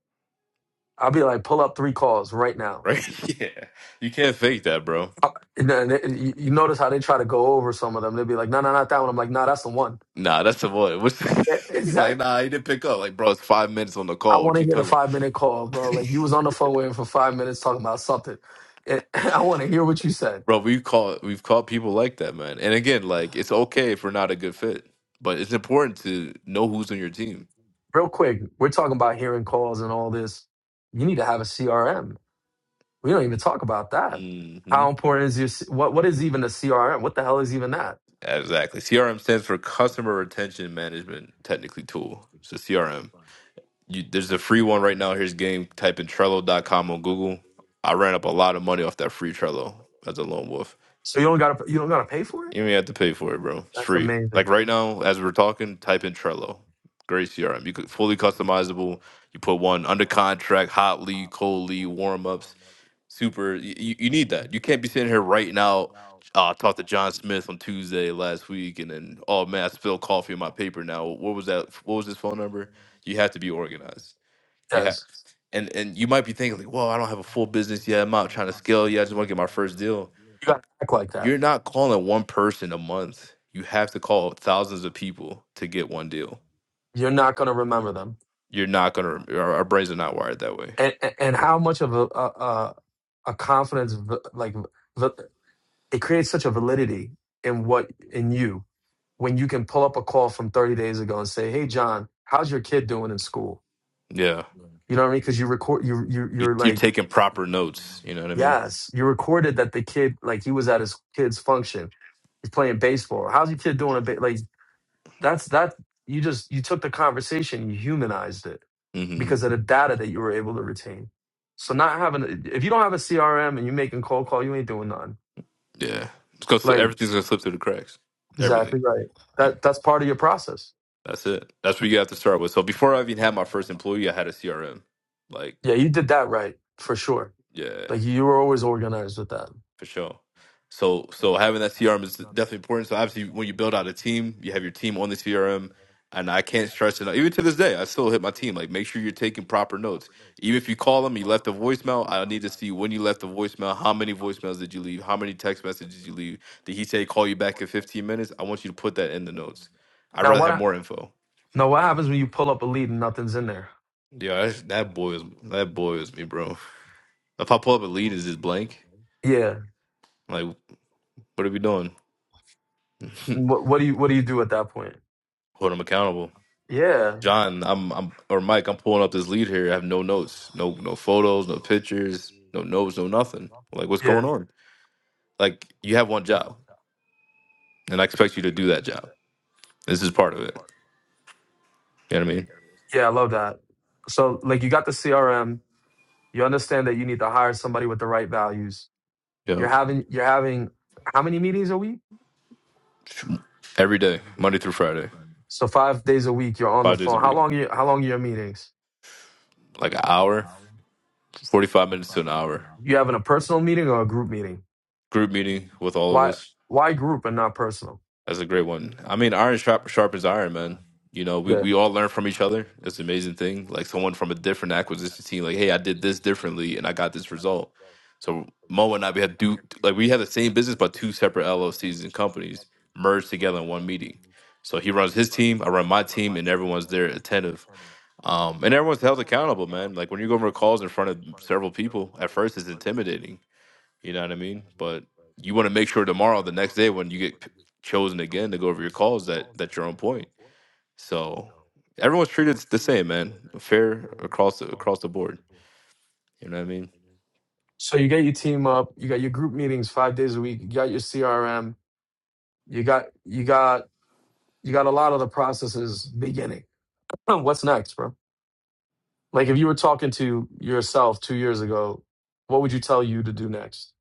B: I'll be like pull up 3 calls right now.
A: right? yeah, you can't fake that, bro.
B: Uh, And then it- you you notice how they try to go over some of them. They'll be like, "No, no, not that one." I'm like, "No, that's the one."
A: Nah, that's the one. What's
B: Yeah,
A: like,
B: exactly.
A: nah, he didn't pick up. Like, bro, it's five minutes on the
B: I
A: call.
B: want
A: What
B: to
A: you
B: hear the
A: talking about?
B: five minute call, bro. Like you was on the phone with him for five minutes talking about something. And I want to hear what you said,
A: bro we call we've called people like that man and again like it's okay if we're not a good fit but it's important to know who's on your team
B: real quick. We're talking about hearing calls and all this. You need to have a CRM. We don't even talk about that.
A: hmm
B: How important is your C- what? What is even a CRM? What the hell is even that?
A: Exactly. CRM stands for Customer Retention Management Technically Tool. It's a CRM. You, there's a free one right now. Here's game. Type in Trello.com on Google. I ran up a lot of money off that free Trello as a lone wolf.
B: So you don't got to you don't got to pay for it.
A: You don't even have to pay for it, bro. It's
B: That's
A: free.
B: amazing.
A: Like right now, as we're talking, type in Trello. Great CRM. You could fully customizable. You put one under contract, hot lead, cold lead, warm ups super you, you need that you can't be sitting here writing out uh, I talked to John Smith on Tuesday last week, and then oh man, I spilled coffee on my paper. Now, what was that? What was his phone number? You have to be organized. You have,
B: Yes,
A: and and you might be thinking like, well, I don't have a full business yet. I'm not trying to scale yet. I just want to get my first deal.
B: you got to act like that.
A: You're not calling one person a month. You have to call thousands of people to get one deal.
B: You're not going to remember them.
A: You're not gonna. Our, our brains are not wired that way.
B: And, and and how much of a a, a a confidence v- like v- it creates such a validity in what in you when you can pull up a call from 30 days ago and say, "Hey, John, how's your kid doing in school?"
A: Yeah,
B: You know what I mean? Because you record, you you
A: you,
B: you're
A: you're
B: like,
A: taking proper notes. You know what I mean?
B: yes, you recorded that the kid like he was at his kid's function, he's playing baseball. How's your kid doing? A bit like that's that you just you took the conversation, you humanized it
A: Mm-hmm.
B: because of the data that you were able to retain. So not having if you don't have a CRM and you're making cold call, you ain't doing nothing.
A: Yeah, it's gonna slip,
B: Like
A: everything's gonna slip through the cracks. Everything.
B: exactly right.
A: You-
B: That that's part of your process.
A: That's it. That's what you have to start with. So before I even had my first employee, I had a CRM. Like,
B: Yeah, you did that right for sure.
A: yeah.
B: Like you were always organized with that.
A: for sure. So so having that CRM is definitely important. So obviously, when you build out a team, you have your team on the CRM, and I can't stress it. Even to this day, I still hit my team like make sure you're taking proper notes. Even if you call them, you left a voicemail. I need to see when you left the voicemail. How many voicemails did you leave? How many text messages did you leave? Did he say call you back in 15 minutes? I want you to put that in the notes. I'd
B: Now
A: rather
B: what?
A: have
B: hap-
A: more info.
B: Now what happens when you pull up a lead and nothing's in there?
A: Yeah, that, that boils that boils me, bro. If I pull up a lead, is just blank?
B: Yeah.
A: Like, what are we doing? Hold
B: What what do you what do you do at that point?
A: them accountable.
B: Yeah.
A: John, I'm, I'm, or Mike, I'm pulling up this lead here. I have no notes, no, no photos, no pictures, no notes, no nothing. Like, what's going
B: Yeah.
A: on? Like, you have one job, and I expect you to do that job. This is part of it. You know what I mean?
B: Yeah. I love that. So like you got the CRM. You understand that you need to hire somebody with the right values. You're having you're having how many meetings a week?
A: Yo, every day, Monday through Friday,
B: So five days a week, you're on the
A: five days a
B: phone. How
A: week,
B: long? Are you, how long are your meetings?
A: like an hour, forty-five minutes to an hour,
B: You having a personal meeting or a group meeting?
A: group meeting with all of
B: Why?
A: us.
B: Why group and not personal?
A: That's a great one. I mean, iron sharp, sharpens iron, man. You know, we,
B: Yeah.
A: we all learn from each other. It's an amazing thing. Like someone from a different acquisition team, like, hey, I did this differently and I got this result. So Mo and I, we had do like we had the same business, but two separate LLCs and companies merged together in one meeting. So he runs his team, I run my team, and everyone's there attentive. Um, and everyone's held accountable, man. Like when you go over calls in front of several people, at first it's intimidating you know what I mean? But you want to make sure tomorrow, the next day, when you get p- chosen again to go over your calls, that that you're on point. So everyone's treated the same, man. Fair across the, across the board. You know what I mean?
B: So you get your team up. You got your group meetings five days a week. You got your CRM. You got you got you got a lot of the processes beginning. What's next, bro? Like if you were talking to yourself two years ago, what would you tell you to do next?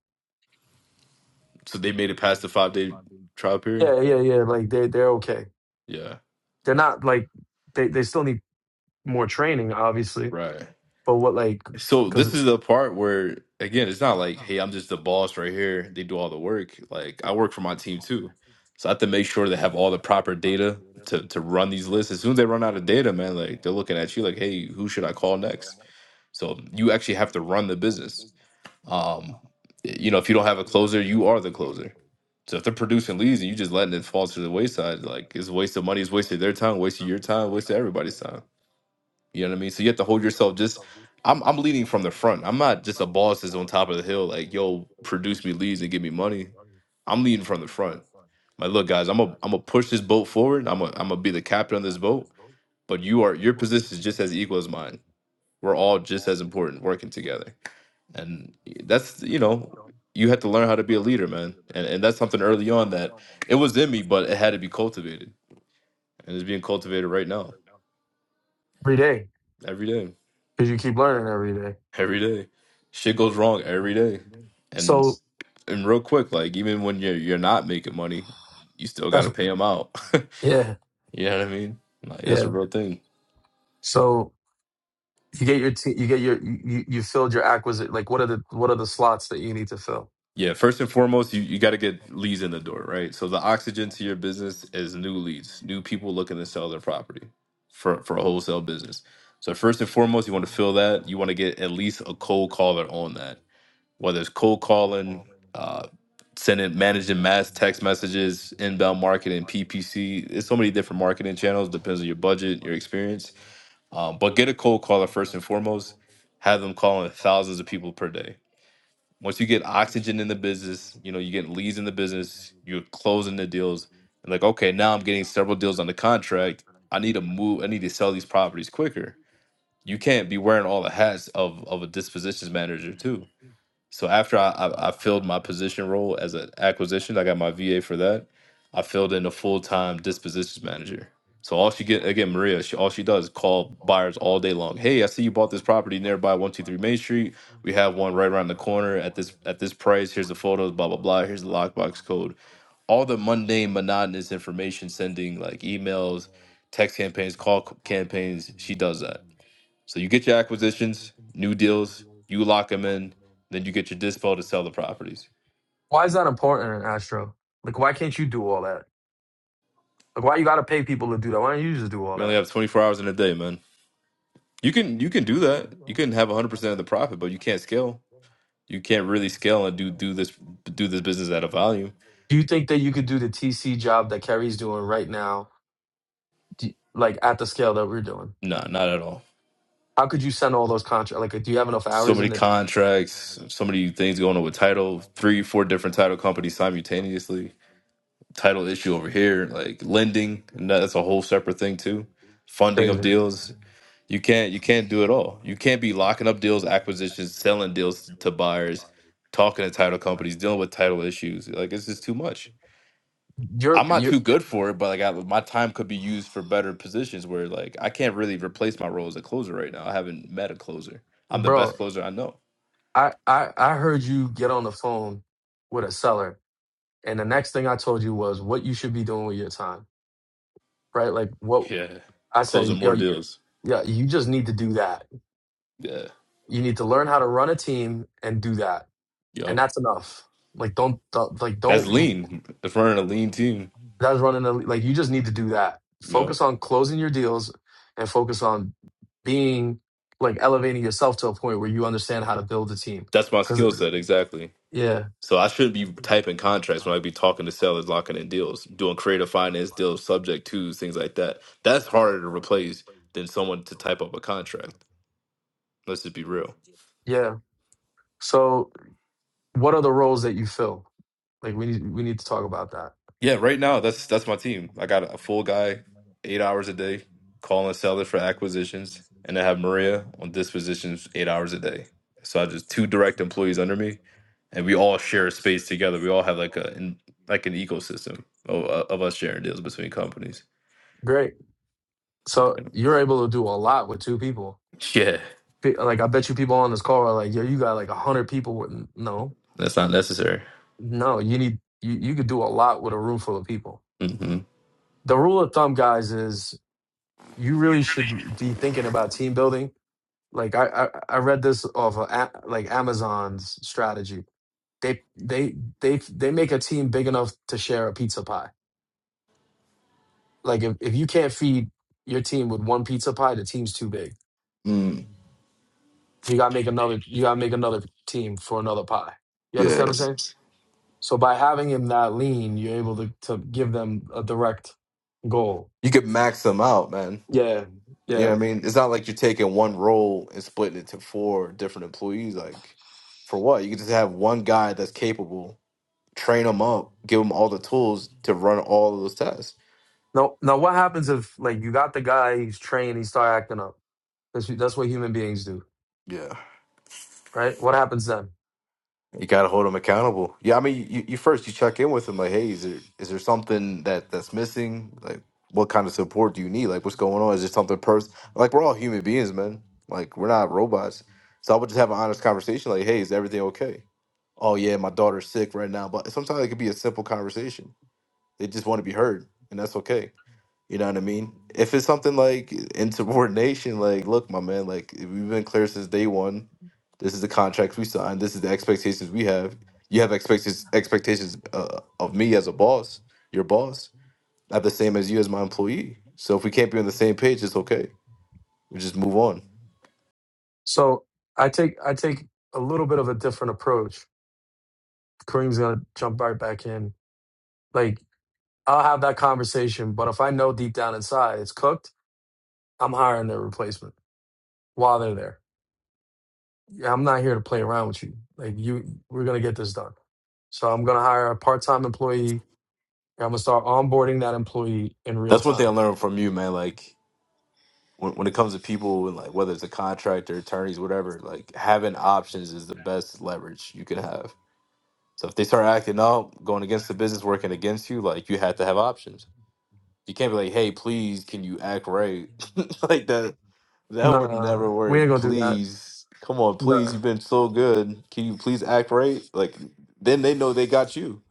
A: So they made it past the five day trial period.
B: Yeah, yeah, yeah. Like they they're okay.
A: Yeah,
B: They're not like they they still need more training, obviously
A: right.
B: But what like
A: So
B: because
A: this is the part where again, it's not like, hey, I'm just the boss right here. They do all the work. Like I work for my team too. So I have to make sure they have all the proper data to to run these lists. As soon as they run out of data, man, like they're looking at you like, hey, who should I call next? So you actually have to run the business. Um, you know, if you don't have a closer, you are the closer. So if they're producing leads and you just letting it fall to the wayside, like it's a waste of money, it's wasted their time, wasted your time, wasted everybody's time. You know what I mean? So you have to hold yourself just I'm I'm leading from the front. I'm not just a boss that's on top of the hill, like, yo, produce me leads and give me money. I'm leading from the front. Like, look, guys, I'm a I'm gonna push this boat forward. I'm a I'm gonna be the captain of this boat. But you are your position is just as equal as mine. We're all just as important working together. And that's you know, you have to learn how to be a leader, man. And and that's something early on that it was in me, but it had to be cultivated. And it's being cultivated right now,
B: every day
A: every day.
B: because you keep learning every day.
A: every day. Shit goes wrong every day, and
B: So
A: and real quick, like even when you're you're not making money, you still got to
B: that's
A: pay them out.
B: yeah
A: you know what I mean? Like that's a
B: yeah.
A: real thing.
B: So you get your te- you get your you you you filled your acquisite like what are the what are the slots that you need to fill?
A: Yeah, first and foremost, you, you got to get leads in the door, right? So the oxygen to your business is new leads, new people looking to sell their property for for a wholesale business. So first and foremost, you want to fill that. You want to get at least a cold caller on that. whether it's cold calling, uh, sending, managing mass text messages, inbound marketing, PPC. It's so many different marketing channels. Depends on your budget, your experience. Um, but get a cold caller first and foremost. Have them calling thousands of people per day. Once you get oxygen in the business, you know you get leads in the business. You're closing the deals. And like, okay, now I'm getting several deals on the contract. I need to move. I need to sell these properties quicker. You can't be wearing all the hats of of a dispositions manager too so after I, I, I filled my position role as an acquisition, I got my VA for that. I filled in a full time dispositions manager. So all she get again, Maria, she, all she does is call buyers all day long. Hey, I see you bought this property nearby, one two three Main Street. We have one right around the corner at this at this price. Here's the photos, blah blah blah. Here's the lockbox code. All the mundane, monotonous information sending like emails, text campaigns, call c- campaigns. She does that so you get your acquisitions, new deals, you lock them in, then you get your dispo to sell the properties.
B: Why is that important, Astro? Like why can't you do all that? Like why you got to pay people to do that? Why don't you just do all
A: We only
B: that?
A: have 24 hours in a day, man. You can you can do that. You can have 100% of the profit, but you can't scale. You can't really scale and do do this do this business at a volume.
B: Do you think that you could do the TC job that Kerry's doing right now, do, like at the scale that we're doing?
A: Nah, not at all.
B: How could you send all those contracts? Like, do you have enough
A: So
B: hours
A: many
B: in it?
A: contracts, so many things going on with title, three, four different title companies simultaneously. Title issue over here, like lending, and that's a whole separate thing too. Funding of
B: Crazy.
A: deals, You can't you can't do it all. You can't be locking up deals, acquisitions, selling deals to buyers, talking to title companies, dealing with title issues. Like it's just too much.
B: You're
A: I'm not
B: you,
A: too good for it, but like I, my time could be used for better positions where like I can't really replace my role as a closer right now. I haven't met a closer. I'm the best
B: bro.
A: closer I know.
B: I, I I heard you get on the phone with a seller, and the next thing I told you was what you should be doing with your time, right? Like what
A: Yeah,
B: I
A: closing
B: said, yo,
A: more deals.
B: yeah, you just need to do that.
A: Yeah,
B: You need to learn how to run a team and do that, and
A: yo,
B: that's enough. Like don't, don't like
A: that's
B: don't.
A: lean. If we're in a lean team,
B: That's running the like you just need to do that.
A: yo,
B: Focus on closing your deals, and focus on being like elevating yourself to a point where you understand how to build a team.
A: that's my
B: Because
A: skill set exactly.
B: yeah,
A: So I should be typing contracts when I be talking to sellers, locking in deals, doing creative finance deals, subject twos, things like that. That's harder to replace than someone to type up a contract. Let's just be real.
B: yeah. So What are the roles that you fill? Like we need we need to talk about that.
A: Yeah, right now that's that's my team. I got a full guy, eight hours a day, calling sellers for acquisitions, and I have Maria on dispositions eight hours a day. So I just two direct employees under me, and we all share a space together. We all have like a in, like an ecosystem of, of us sharing deals between companies.
B: Great. So you're able to do a lot with two people.
A: Yeah.
B: Pe- Like I bet you people on this call are like, yo, you got like a hundred people. With no,
A: That's not necessary.
B: no, you need you you could do a lot with a room full of people.
A: hmm
B: The rule of thumb, guys, is you really should be thinking about team building. Like I I, I read this off of A- like Amazon's strategy. They they they they make a team big enough to share a pizza pie Like if, if you can't feed your team with one pizza pie, the team's too big. So you gotta make another you gotta make another team for another pie. You understand what I'm saying? So by having him that lean, you're able to, to give them a direct goal.
A: And
B: Yeah, yeah.
A: the to four different employees, like for what? You could just have one guy that's capable, train them up, give them all the tools to run all of those tests.
B: Now now what happens if like you got the guy, he's trained, he start acting up. That's that's what human beings do,
A: Yeah.
B: right? What happens then?
A: You got to hold them accountable. Yeah, I mean, you, you first you check in with them like, hey, is there is there something that that's missing? Like, what kind of support do you need? Like, what's going on? Is there something person? Like, we're all human beings, man. Like, we're not robots. So I would just have an honest conversation, like, hey, is everything okay? Oh yeah, my daughter's sick right now. But sometimes it could be a simple conversation. They just want to be heard, and that's okay. You know what I mean? If it's something like insubordination, like, look, my man, like we've been clear since day one. This is the contract we signed. This is the expectations we have. You have expectations expectations uh, of me as a boss, your boss, not the same as you as my employee. So if we can't be on the same page, it's okay. We just move on.
B: So I take I take a little bit of a different approach. Kareem's gonna jump right back in. Like I'll have that conversation. But if I know deep down inside it's cooked, I'm hiring their replacement while they're there. Yeah, I'm not here to play around with you. Like you, we're gonna get this done. So I'm gonna hire a part-time employee. and I'm gonna start onboarding that employee in real
A: That's one thing I
B: time.
A: learned from you, man. Like when when it comes to people and like whether it's a contractor, attorneys, whatever, like having options is the best leverage you can have So if they start acting out, going against the business, working against you, like you have to have options. You can't be like, hey, please, can you act right? like that that would
B: Nah,
A: never
B: we ain't
A: work.
B: gonna do that.
A: Please. Come on,
B: No.
A: please. You've been so good. Can you please act right? Like then they know they got you.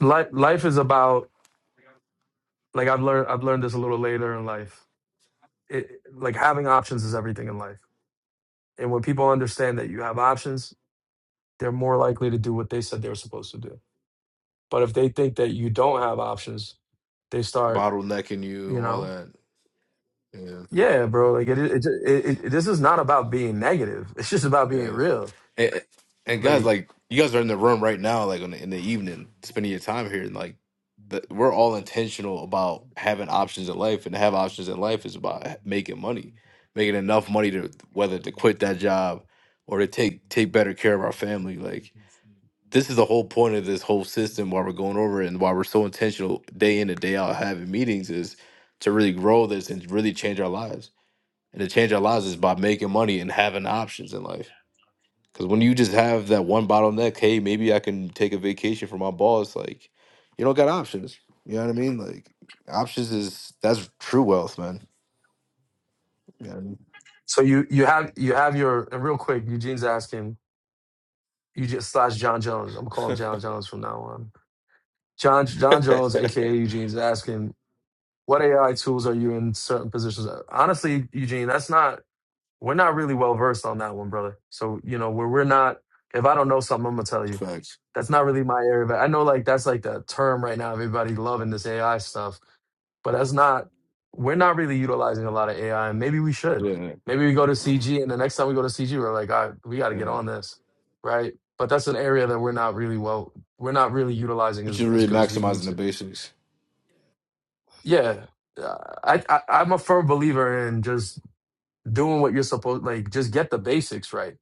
B: Life, life is about like I've learned. I've learned this a little later in life. It, like having options is everything in life. And when people understand that you have options, they're more likely to do what they said they were supposed to do. But if they think that you don't have options, they start,
A: Bottlenecking you,
B: you
A: all
B: know,
A: that. Yeah.
B: yeah, bro. Like it, it, it, it this is not about being negative. It's just about being
A: Yeah,
B: real.
A: and, and guys,
B: Like
A: like you guys are in the room right now, like in the, in the evening, spending your time here, and like that we're all intentional about having options in life, and to have options in life is about making money, making enough money to whether to quit that job or to take take better care of our family. Like this is the whole point of this whole system, why we're going over it, and why we're so intentional day in and day out having meetings is to really grow this and really change our lives. And to change our lives is by making money and having options in life. Because when you just have that one bottleneck, hey, maybe I can take a vacation for my boss. Like, you don't got options. You know what I mean? Like, options is that's true wealth, man. You know what
B: so, you you have you have your and real quick. Eugene's asking you just slash John Jones. I'm gonna call him John Jones from now on. John John
A: I
B: Jones,
A: mean?
B: aka Eugene's asking, what AI tools are you in certain positions? Honestly, Eugene, that's not. We're not really well versed on that one, brother. So, you know, where we're not, if I don't know something, I'm gonna tell you.
A: Facts.
B: That's not really my area. But I know like that's like the term right now, everybody loving this AI stuff. But that's not, we're not really utilizing a lot of AI. And maybe we should.
A: Yeah,
B: Maybe we go to CG and the next time we go to CG, we're like, all right, we gotta get
A: yeah.
B: on this. Right. But that's an area that we're not really well, we're not really utilizing as,
A: Which is
B: as
A: really
B: good as we need
A: maximizing the
B: to.
A: basics.
B: Yeah. Uh, I, I I'm a firm believer in just doing what you're supposed like just get the basics right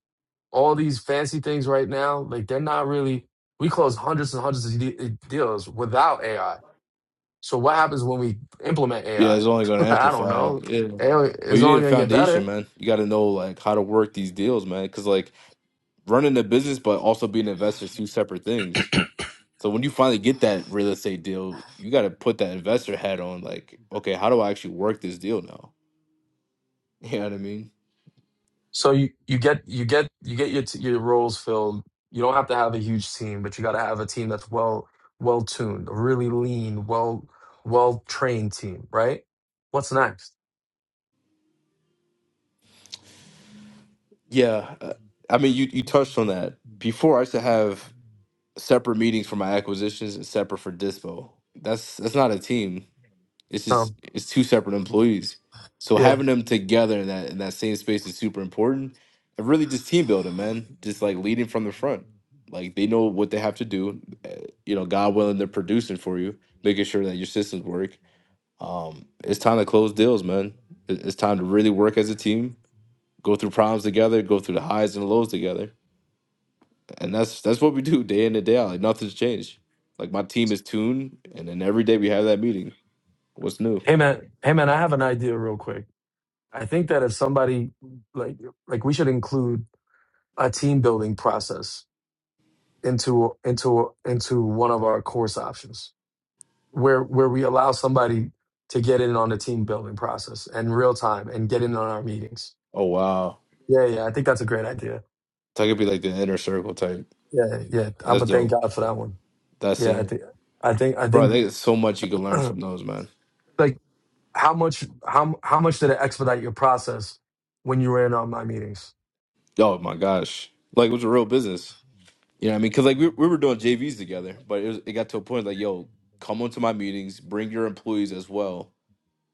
B: all these fancy things right now, like they're not really. We close hundreds and hundreds of de- eh, deals without AI. So what happens when we implement
A: Yeah,
B: AI?
A: it's only going
B: I
A: to
B: I don't
A: amplify. it.
B: know.
A: Yeah.
B: AI
A: But
B: is
A: you need
B: only
A: a
B: going to get
A: foundation,
B: better.
A: man. You got to know like how to work these deals, man. Because like running a business, but also being an investor is two separate things. So when you finally get that real estate deal, you got to put that investor hat on. Like, okay, how do I actually work this deal now? You know what I mean?
B: So you, you get you get you get your t- your roles filled. You don't have to have a huge team, but you got to have a team that's well well tuned, a really lean, well well trained team, right? What's next?
A: Yeah. uh, I mean, you you touched on that before. I used to have separate meetings for my acquisitions and separate for dispo. That's that's not a team. It's just
B: Um,
A: it's two separate employees. So
B: yeah.
A: having them together in that in that same space is super important. And really just team building, man. Just like leading from the front. Like they know what they have to do. Uh, You know, God willing, they're producing for you, making sure that your systems work. Um, it's time to close deals, man. It- It's time to really work as a team, go through problems together, go through the highs and lows together. And that's that's what we do day in and day out. Like nothing's changed. Like my team is tuned, and then every day we have that meeting. What's new?
B: Hey man, hey man, I have an idea real quick. I think that if somebody like like we should include a team building process into into into one of our course options where where we allow somebody to get in on the team building process in real time and get in on our meetings.
A: Oh wow.
B: Yeah, yeah, I think that's a great idea.
A: So I could be like the inner circle type.
B: Yeah, yeah, I'm
A: That's
B: gonna thank
A: dope.
B: God for that one.
A: That's
B: Yeah, I
A: it.
B: think I think I
A: Bro,
B: think
A: there's so much you can learn from those, man.
B: like how much how how much did it expedite your process when you were in on my meetings?
A: Oh my gosh. Like it was a real business. You know what I mean? Cause like we, we were doing JVs together, but it, was, it got to a point like, yo, come on to my meetings, bring your employees as well,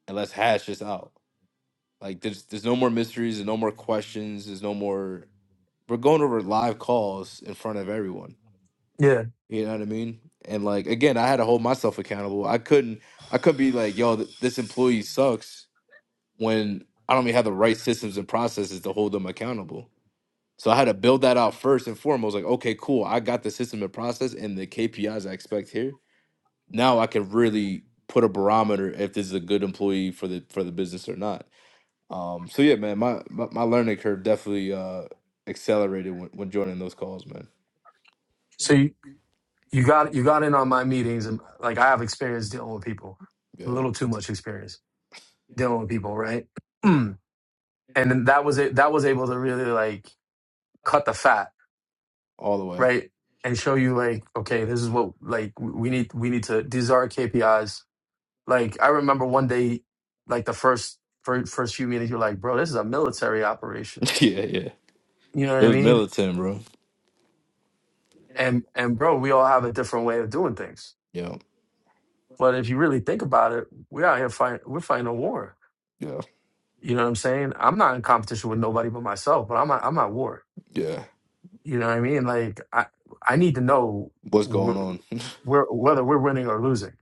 A: and let's hash this out. Like there's there's no more mysteries, there's no more questions, there's no more we're going over live calls in front of everyone.
B: Yeah.
A: You know what I mean? And like again, I had to hold myself accountable. I couldn't I couldn't be like, yo, th- this employee sucks when I don't even have the right systems and processes to hold them accountable. So I had to build that out first and foremost. Like, okay, cool. I got the system and process and the KPIs I expect here. Now I can really put a barometer if this is a good employee for the for the business or not. Um, so yeah, man, my my, my learning curve definitely uh, accelerated when, when joining those calls, man.
B: so. you, you got you got in on my meetings and like I have experience dealing with people, a
A: Yeah,
B: little too much experience dealing with people, right? And then that was it. That was able to really like cut the fat,
A: all the way.
B: right? And show you like, okay, this is what like we we need. We need to. These are our KPIs. Like I remember one day, like the first first, first few meetings, you're like, bro, this is a military operation.
A: yeah, yeah.
B: You know what
A: It
B: I
A: was
B: mean?
A: militant, bro.
B: And and bro, we all have a different way of doing things.
A: Yeah,
B: But if you really think about it, we're out here fighting. We're fighting a war
A: yeah,
B: You know what I'm saying? I'm not in competition with nobody but myself, but I'm at, I'm at war.
A: yeah.
B: You know what I mean? Like I I need to know
A: What's
B: wh-
A: going on?
B: where whether we're winning or losing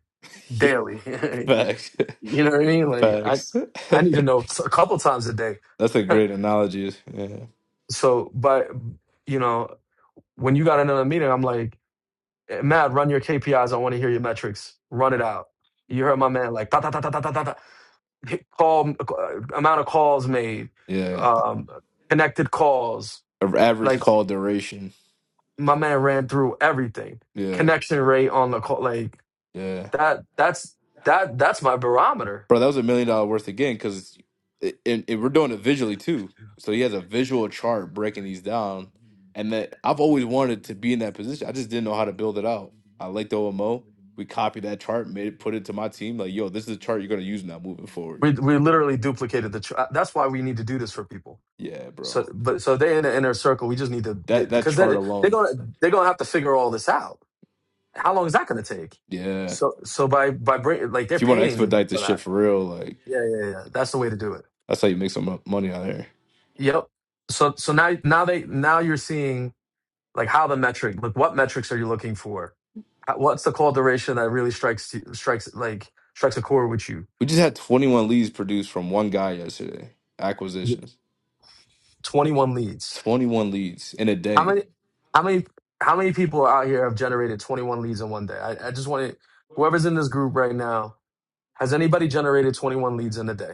B: daily.
A: Facts.
B: you know what I mean? Like I
A: Facts.
B: I need to know a couple times a day.
A: That's a great analogy. Yeah.
B: so, but you know, when you got another meeting, I'm like, "Eh, Matt, run your KPIs. I want to hear your metrics. Run it out. You heard my man like ta ta ta ta ta ta ta. ta. Hit Call uh, amount of calls made,
A: Yeah.
B: um, connected calls.
A: A- Average
B: like.
A: call duration.
B: my man ran through everything.
A: Yeah.
B: Connection rate on the call, like
A: Yeah.
B: that. That's that. That's my barometer.
A: Bro, that was a million dollar worth again because it, it, it- we're doing it visually too. So he has a visual chart breaking these down. And that I've always wanted to be in that position. I just didn't know how to build it out. I liked OMO. We copied that chart, made it, put it to my team. Like, yo, this is the chart you're gonna use now moving forward.
B: We we literally duplicated the. Tr- uh, that's why we need to do this for people.
A: Yeah,
B: So,
A: bro.
B: but so they in the inner circle. We just need to they-
A: That that
B: because
A: chart
B: they they're
A: alone.
B: gonna they're gonna have to figure all this out. How long is that gonna take?
A: Yeah.
B: So so by by bring like
A: If
B: they're
A: you want to
B: paying
A: expedite this
B: for
A: shit
B: that.
A: for real, like
B: Yeah yeah yeah. That's the way to do it.
A: that's how you make some mo- money out here.
B: Yep. So so now now they now you're seeing like how the metric like what metrics are you looking for How- what's the call duration that really strikes you- strikes like strikes a chord with you
A: We just had 21 leads produced from one guy yesterday.
B: Yeah,
A: Acquisitions,
B: 21 leads
A: 21 leads in a
B: how
A: day.
B: many how many how many people out here have generated 21 leads in one day i, I just want to whoever's in this group right now has anybody generated 21 leads in a day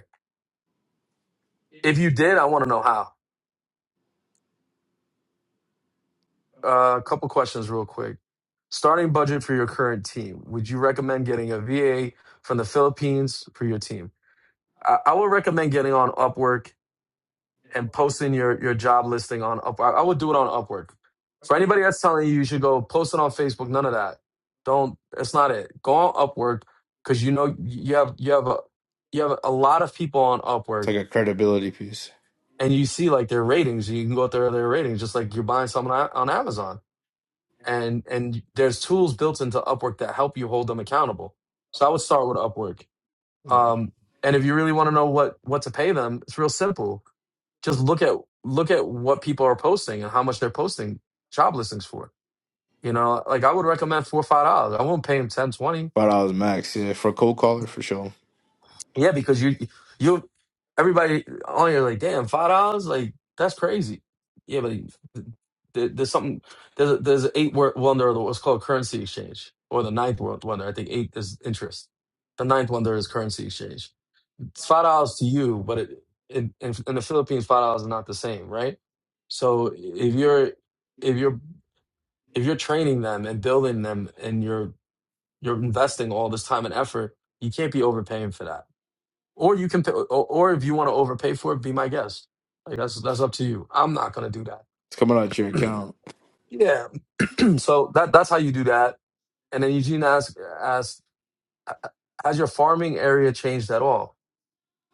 B: if you did i want to know how uh, a couple questions real quick starting budget for your current team would you recommend getting a va from the philippines for your team I, I would recommend getting on upwork and posting your your job listing on Upwork. I would do it on Upwork. For anybody that's telling you you should go post it on Facebook, none of that. Don't. That's not it. Go on Upwork because you know you have you have a you have a lot of people on
A: It's
B: Upwork,
A: like a credibility piece.
B: and you see like their ratings. You can go through their ratings, just like you're buying something on on Amazon. And and there's tools built into Upwork that help you hold them accountable. So I would start with Upwork.
A: Yeah,
B: Um, and if you really want to know what what to pay them, it's real simple just look at look at what people are posting and how much they're posting job listings for. You know, like I would recommend four or five dollars. I won't pay him ten, twenty.
A: five dollars max. Yeah, for a cold caller for sure.
B: Yeah, because you you everybody on you're like, damn, five dollars, like that's crazy. Yeah, but there- there's something there's a, there's an eight word wonder of what's called currency exchange or the ninth world wonder. I think eight is interest. The ninth wonder is currency exchange It's five dollars to you, but it, in, in in the Philippines, five dollars is not the same, right? So if you're if you're if you're training them and building them, and you're you're investing all this time and effort, you can't be overpaying for that. Or you can, pay, or, or if you want to overpay for it, be my guest. Like that's that's up to you. I'm not gonna do that.
A: It's coming out your account.
B: Yeah. so that that's how you do that. And then Eugene asked asked, has your farming area changed at all?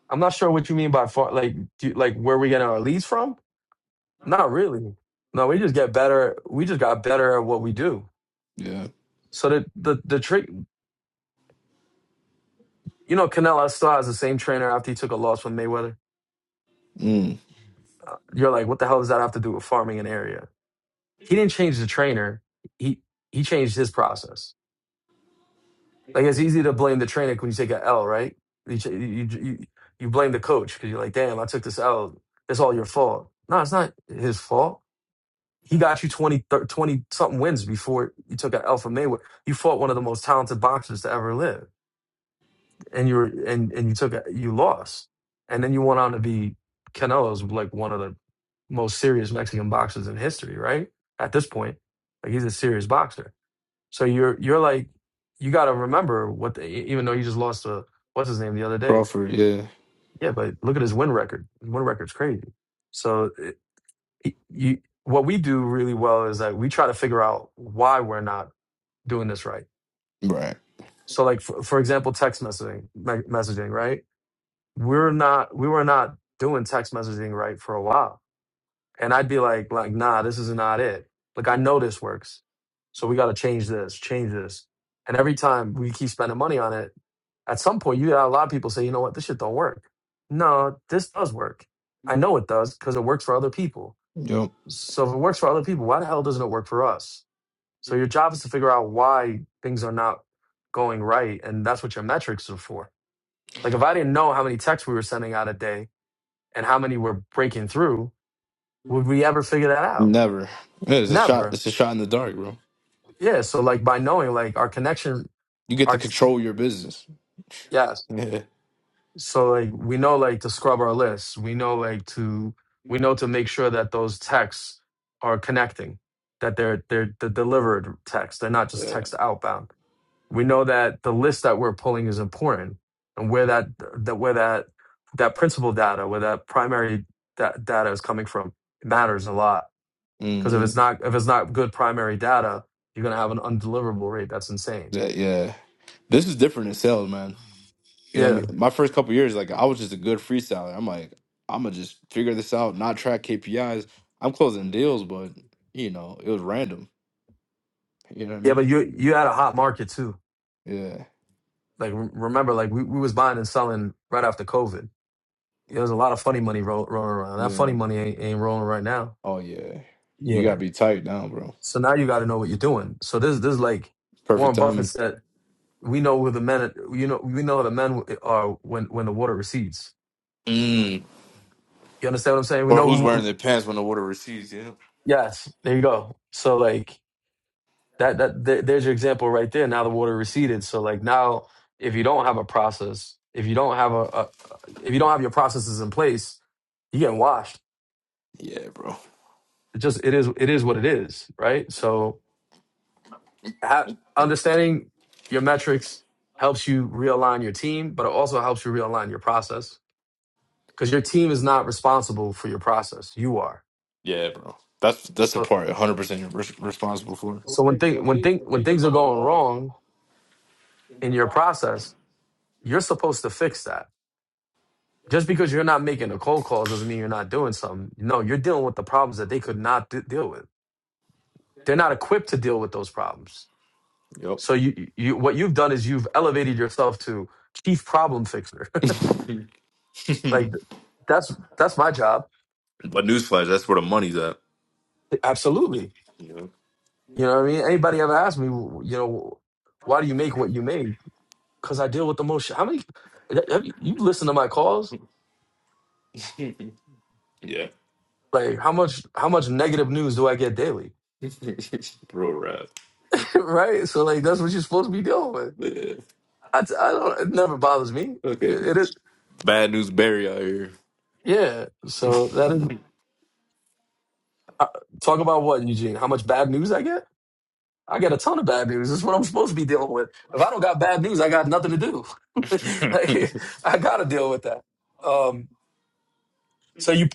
B: I'm not sure what you mean by far. Like, do you, like where we getting our leads from? Not really. No, we just get better. We just got better at what we do.
A: Yeah.
B: So the the the trick, you know, Canelo still has the same trainer after he took a loss from Mayweather.
A: Mm.
B: Uh, You're like, what the hell does that have to do with farming an area? He didn't change the trainer. He he changed his process. Like it's easy to blame the trainer when you take an L, right? You ch- you you, you blame the coach because you're like, damn, I took this L. It's all your fault. No, it's not his fault. He got you 20, 30, 20 something wins before you took out Alpha Mayweather. You fought one of the most talented boxers to ever live, and you were and and you took a- you lost, and then you went on to be Canelo's like one of the most serious Mexican boxers in history, right? At this point, like he's a serious boxer. So you're you're like you got to remember what the, e- even though you just lost to what's his name the other day.
A: Crawford. Yeah.
B: Yeah, but look at his win record. His win record's crazy. So you what we do really well is that we try to figure out why we're not doing this right
A: Right.
B: so like for, for example text messaging me- messaging right we're not we were not doing text messaging right for a while and i'd be like like nah this is not it like i know this works so we got to change this change this and every time we keep spending money on it at some point you got a lot of people say you know what this shit don't work no this does work i know it does because it works for other people
A: Yep.
B: so if it works for other people, why the hell doesn't it work for us? So your job is to figure out why things are not going right, and that's what your metrics are for. Like if I didn't know how many texts we were sending out a day and how many were breaking through, would we ever figure that out?
A: Never. Yeah, it's a shot.
B: Never.
A: It's a shot in the dark, bro.
B: Yeah. So like by knowing like our connection,
A: You get to
B: our
A: control your business.
B: yes.
A: Yeah.
B: So like we know like to scrub our lists. We know like to we know to make sure that those texts are connecting, that they're they're, they're delivered text. They're not just
A: Yeah.
B: text outbound we know that the list that we're pulling is important and where that that where that that principal data where that primary da- data is coming from it matters a lot because if
A: hmm
B: it's not if it's not good primary data you're going to have an undeliverable rate that's insane
A: Yeah. yeah. This is different in sales, man. You know what I
B: yeah
A: mean? My first couple years, like I was just a good freestyler. I'm like, I'm gonna just figure this out, not track KPIs. I'm closing deals, but you know, it was random. You know what I
B: yeah
A: mean?
B: but you you had a hot market too
A: Yeah,
B: like re- remember like we, we was buying and selling right after covid Yeah, there's a lot of funny money ro- rolling around that
A: yeah.
B: funny money ain't, ain't rolling right now
A: Oh yeah, you gotta
B: yeah
A: be tight now, bro.
B: so now you got to know what you're doing so this this is like
A: Perfect
B: warren buffett
A: timing.
B: said we know who the men you know we know who the men are when when the water recedes
A: Mm.
B: you understand what i'm saying we
A: Or
B: know
A: who's wearing
B: who
A: their pants when the water recedes? Yeah.
B: yes there you go so like that that there, there's your example right there now the water receded so like now if you don't have a process if you don't have a, a if you don't have your processes in place you're getting washed
A: Yeah, bro.
B: it just it is it is what it is right so ha- understanding your metrics helps you realign your team but it also helps you realign your process because your team is not responsible for your process you are
A: Yeah, bro. That's that's the
B: So
A: part 100 percent you're res- responsible for.
B: so when thing when thing when things are going wrong in your process, you're supposed to fix that. Just because you're not making the cold calls doesn't mean you're not doing something. No, you're dealing with the problems that they could not d- deal with. They're not equipped to deal with those problems.
A: Yep.
B: So you you what you've done is you've elevated yourself to chief problem fixer.
A: but
B: like that's that's my job.
A: newsflash, that's where the money's at.
B: Absolutely.
A: Yep.
B: You know what I mean? Anybody ever asked me, you know, why do you make what you make? Because I deal with the most. Sh- How many? Have you, you've to my calls
A: Yeah.
B: Like how much how much negative news do I get daily?
A: Real rap.
B: right? So like that's what you're supposed to be dealing with.
A: Yeah.
B: I, t- I don't. It never bothers me.
A: Okay.
B: It, it is-
A: Bad news Barry out here.
B: yeah. So that is uh, talk about what Eugene? How much bad news I get? I get a ton of bad news. That's what I'm supposed to be dealing with. If I don't got bad news, I got nothing to do. like I gotta deal with that. Um. So you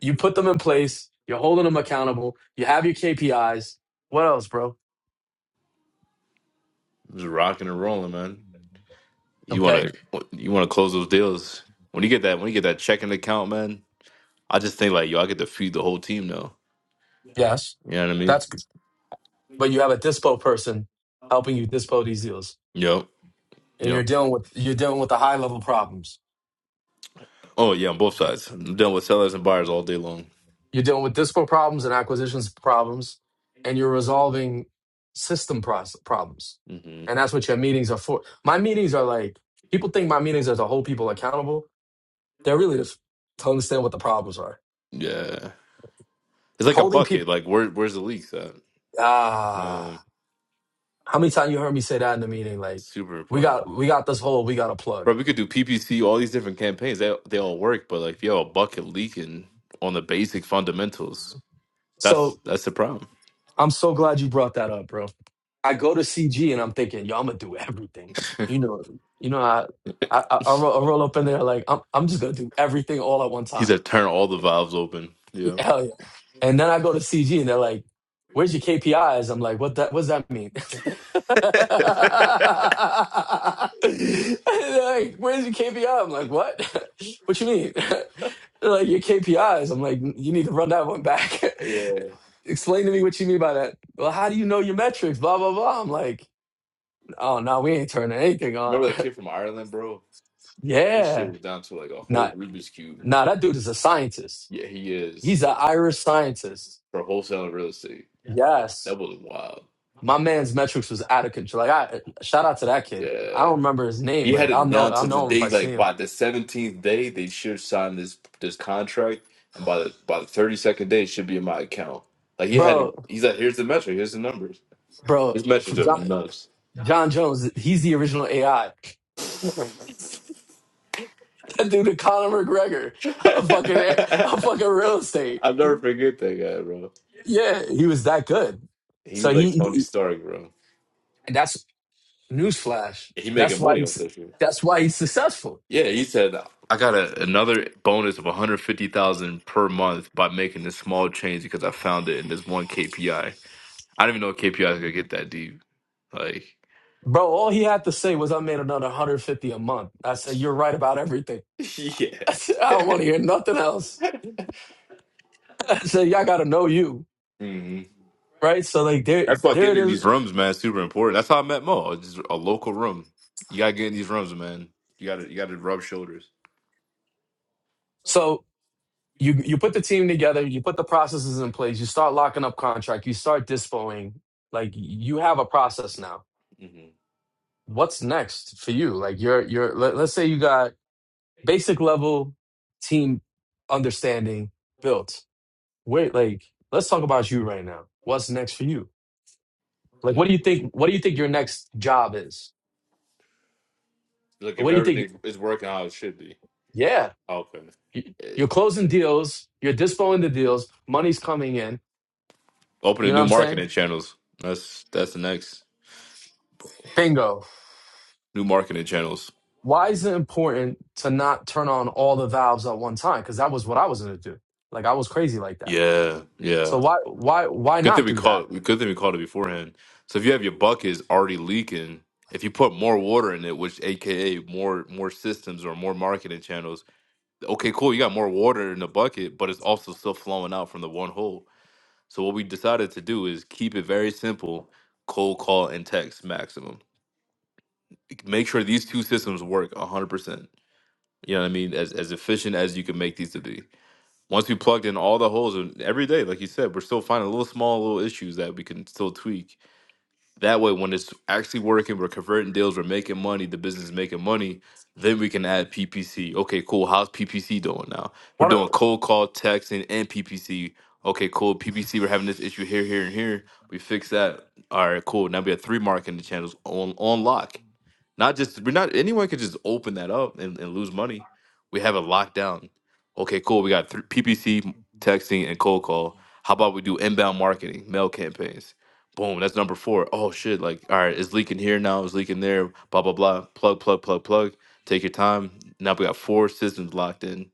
B: you put them in place. You're holding them accountable. You have your KPIs. What else, bro?
A: Just rocking and rolling, man. You
B: Okay.
A: wanna you wanna close those deals. When you get that when you get that checking account, man, I just think like yo, I get to feed the whole team now.
B: Yes.
A: You know what I mean?
B: That's good. but you have a dispo person helping you dispo these deals
A: Yep.
B: and you're
A: Yep.
B: dealing with you're dealing with the high level problems
A: Oh yeah, on both sides. I'm done with sellers and buyers all day long.
B: you're dealing with dispo problems and acquisitions problems and you're resolving system proce- problems
A: hmm
B: and that's what your meetings are for my meetings are like people think my meetings are to hold people accountable they're really just to understand what the problems are
A: Yeah. It's like a
B: holding people
A: bucket. Like where where's the leaks at?
B: ah
A: Yeah.
B: how many times you heard me say that in the meeting
A: It's
B: like
A: super
B: we
A: important.
B: got we got this hole we got a plug
A: Bro, we could do PPC, all these different campaigns. They they all work, but like if you have a bucket leaking on the basic fundamentals, that's
B: so
A: that's the problem.
B: i'm so glad you brought that up bro I go to CG and I'm thinking, yo, I'm gonna do everything. You know, you know, I I, I, I roll, I roll up in there like I'm I'm just gonna do everything all at one
A: He
B: time.
A: said turn all the valves open. Yeah.
B: Hell yeah! And then I go to CG and they're like, "Where's your KPIs?" I'm like, "What that? What's that mean?"
A: yeah.
B: And they're like, "Where's your KPI?" I'm like, "What? what you mean?" They're like, "Your KPIs." I'm like, "You need to run that one back." Explain to me what you mean by that. Well, how do you know your metrics? Blah blah blah. I'm like. Oh no, we ain't turning anything on.
A: Remember the kid from Ireland, bro? This shit
B: yeah.
A: was down to like a whole
B: Nah,
A: Rubik's Cube.
B: nah, that dude is a scientist.
A: Yeah, he is.
B: He's an Irish scientist.
A: For wholesale real estate.
B: Yes.
A: That was wild.
B: My man's metrics was out of control. Like I shout out to that kid.
A: Yeah.
B: I don't remember his name,
A: He had
B: but I'll
A: it
B: know
A: down
B: I'll
A: to the
B: know him if
A: day,
B: I see
A: like
B: him.
A: by the seventeenth day, they should sign this this contract, and by the by the thirty second day, it should be in my account. Like he had it.
B: Bro,
A: He's like, here's the metric, here's the numbers.
B: bro,
A: His metrics are
B: John
A: nuts.
B: John Jones, he's the original AI. that dude Conor McGregor, a fucking a fucking real estate.
A: I'll never forget that guy, bro.
B: Yeah, he was that good.
A: He
B: So
A: was like Tony
B: he,
A: Stark, bro.
B: and that's Newsflash.
A: He
B: That's
A: making
B: why
A: money off
B: he's
A: this shit.
B: that's why he's successful.
A: Yeah, he said I got a, another bonus of one hundred fifty thousand per month by making this small change because I found it in this one KPI. I I didn't even know KPIs could get that deep, like.
B: Bro, all he had to say was I made another 150 a month. I said, You're right about everything.
A: yeah.
B: I said, I don't want to hear nothing else. I said, Y'all gotta know you.
A: hmm
B: Right? So like there
A: That's why
B: there it
A: getting in
B: is.
A: these rooms, man, is super important. That's how I met Mo. It's Just a local room. You gotta get in these rooms, man. You gotta you gotta rub shoulders.
B: So you you put the team together, you put the processes in place, you start locking up contract, you start dispoing. Like you have a process now.
A: hmm
B: What's next for you? Like you're you're let, let's say you got basic level team understanding built wait, like, let's talk about you right now. What's next for you? Like,
A: Look,
B: what do you think? What do you think your next job is?
A: look, if
B: What do you think?
A: everything is working how it should be,
B: Yeah,
A: okay.
B: y- you're closing deals, you're dispoing the deals, money's coming in. You
A: Opening
B: know what
A: new
B: I'm
A: marketing
B: saying?
A: channels. That's that's the next
B: Bingo.
A: new marketing channels.
B: Why is it important to not turn on all the valves at one time? Because that was what I was gonna do. Like, I was crazy like that.
A: Yeah,
B: So
A: yeah.
B: why, why, why
A: Good thing
B: not
A: we
B: do that?
A: called. Good thing we called it beforehand. So if you have your buckets already leaking, if you put more water in it, which AKA more more systems or more marketing channels. okay, cool, you got more water in the bucket, but it's also still flowing out from the one hole. So what we decided to do is keep it very simple, cold call and text maximum. Make sure these two systems work 100%. You know what I mean? As as efficient as you can make these to be. Once we plugged in all the holes and every day, like you said, we're still finding little small little issues that we can still tweak that way, when it's actually working, we're converting deals, we're making money, the business is making money, then we can add PPC. Okay, cool. How's PPC doing now? We're
B: What?
A: doing cold call, texting, and PPC. Okay, cool. PPC, we're having this issue here, here, and here. We fix that. All right, cool. Now we have three marketing channels on, on lock not just we're not anyone could just open that up and, and lose money. We have it locked down. Okay, cool. We got thr- PPC texting and cold call. How about we do inbound marketing, mail campaigns? Boom, that's number four. Oh shit! Like, all right, it's leaking here now. It's leaking there. Blah blah blah. Plug plug plug plug. Take your time. Now we got four systems locked in.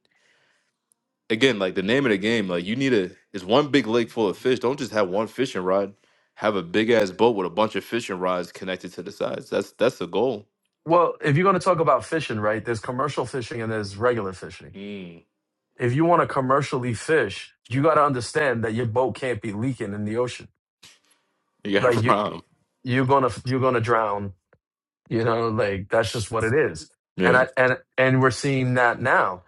A: Again, like the name of the game, like you need a. It's one big lake full of fish. Don't just have one fishing rod. Have a big ass boat with a bunch of fishing rods connected to the sides. That's that's the goal.
B: Well, if you're gonna talk about fishing, right? There's commercial fishing and there's regular fishing
A: Mm.
B: if you want to commercially fish, you got to understand that your boat can't be leaking in the ocean.
A: You got
B: Like
A: a
B: you,
A: problem,
B: you're gonna you're gonna drown. You know, like that's just what it is. And
A: Yeah.
B: I and and we're seeing that now.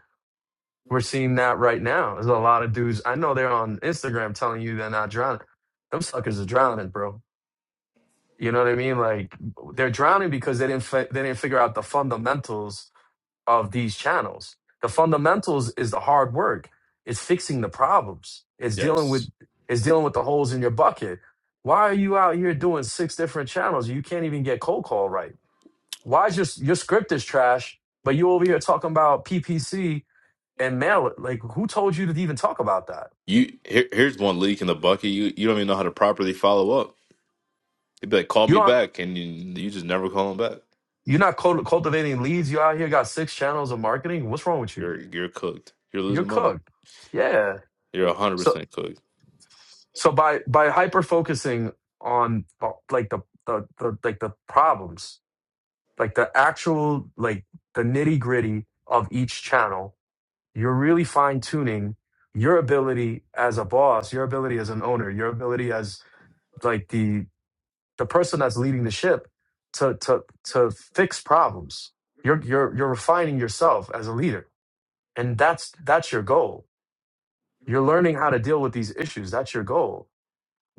B: We're seeing that right now. There's a lot of dudes I know they're on Instagram telling you they're not drowning. Them suckers are drowning, bro. You know what I mean? Like they're drowning because they didn't fi- they didn't figure out the fundamentals of these channels. The fundamentals is the hard work. It's fixing the problems. It's dealing with it's dealing with the holes in your bucket. Why are you out here doing six different channels? You can't even get cold call right. Why is your your script is trash, but you over here talking about PPC and mail it? Like who told you to even talk about that?
A: You here, here's one leak in the bucket. You you don't even know how to properly follow up. They'd be like, call
B: You
A: me
B: don't
A: back, and you, you just never call them back.
B: you're not cult- cultivating leads. You out here got six channels of marketing. What's wrong with you?
A: You're you're cooked. You're
B: You're
A: losing money.
B: cooked. Yeah.
A: You're hundred
B: So.
A: percent cooked.
B: so by by hyper focusing on uh, like the, the the like the problems like the actual like the nitty gritty of each channel you're really fine tuning your ability as a boss your ability as an owner your ability as like the the person that's leading the ship to to to fix problems you're you're you're refining yourself as a leader and that's that's your goal you're learning how to deal with these issues that's your goal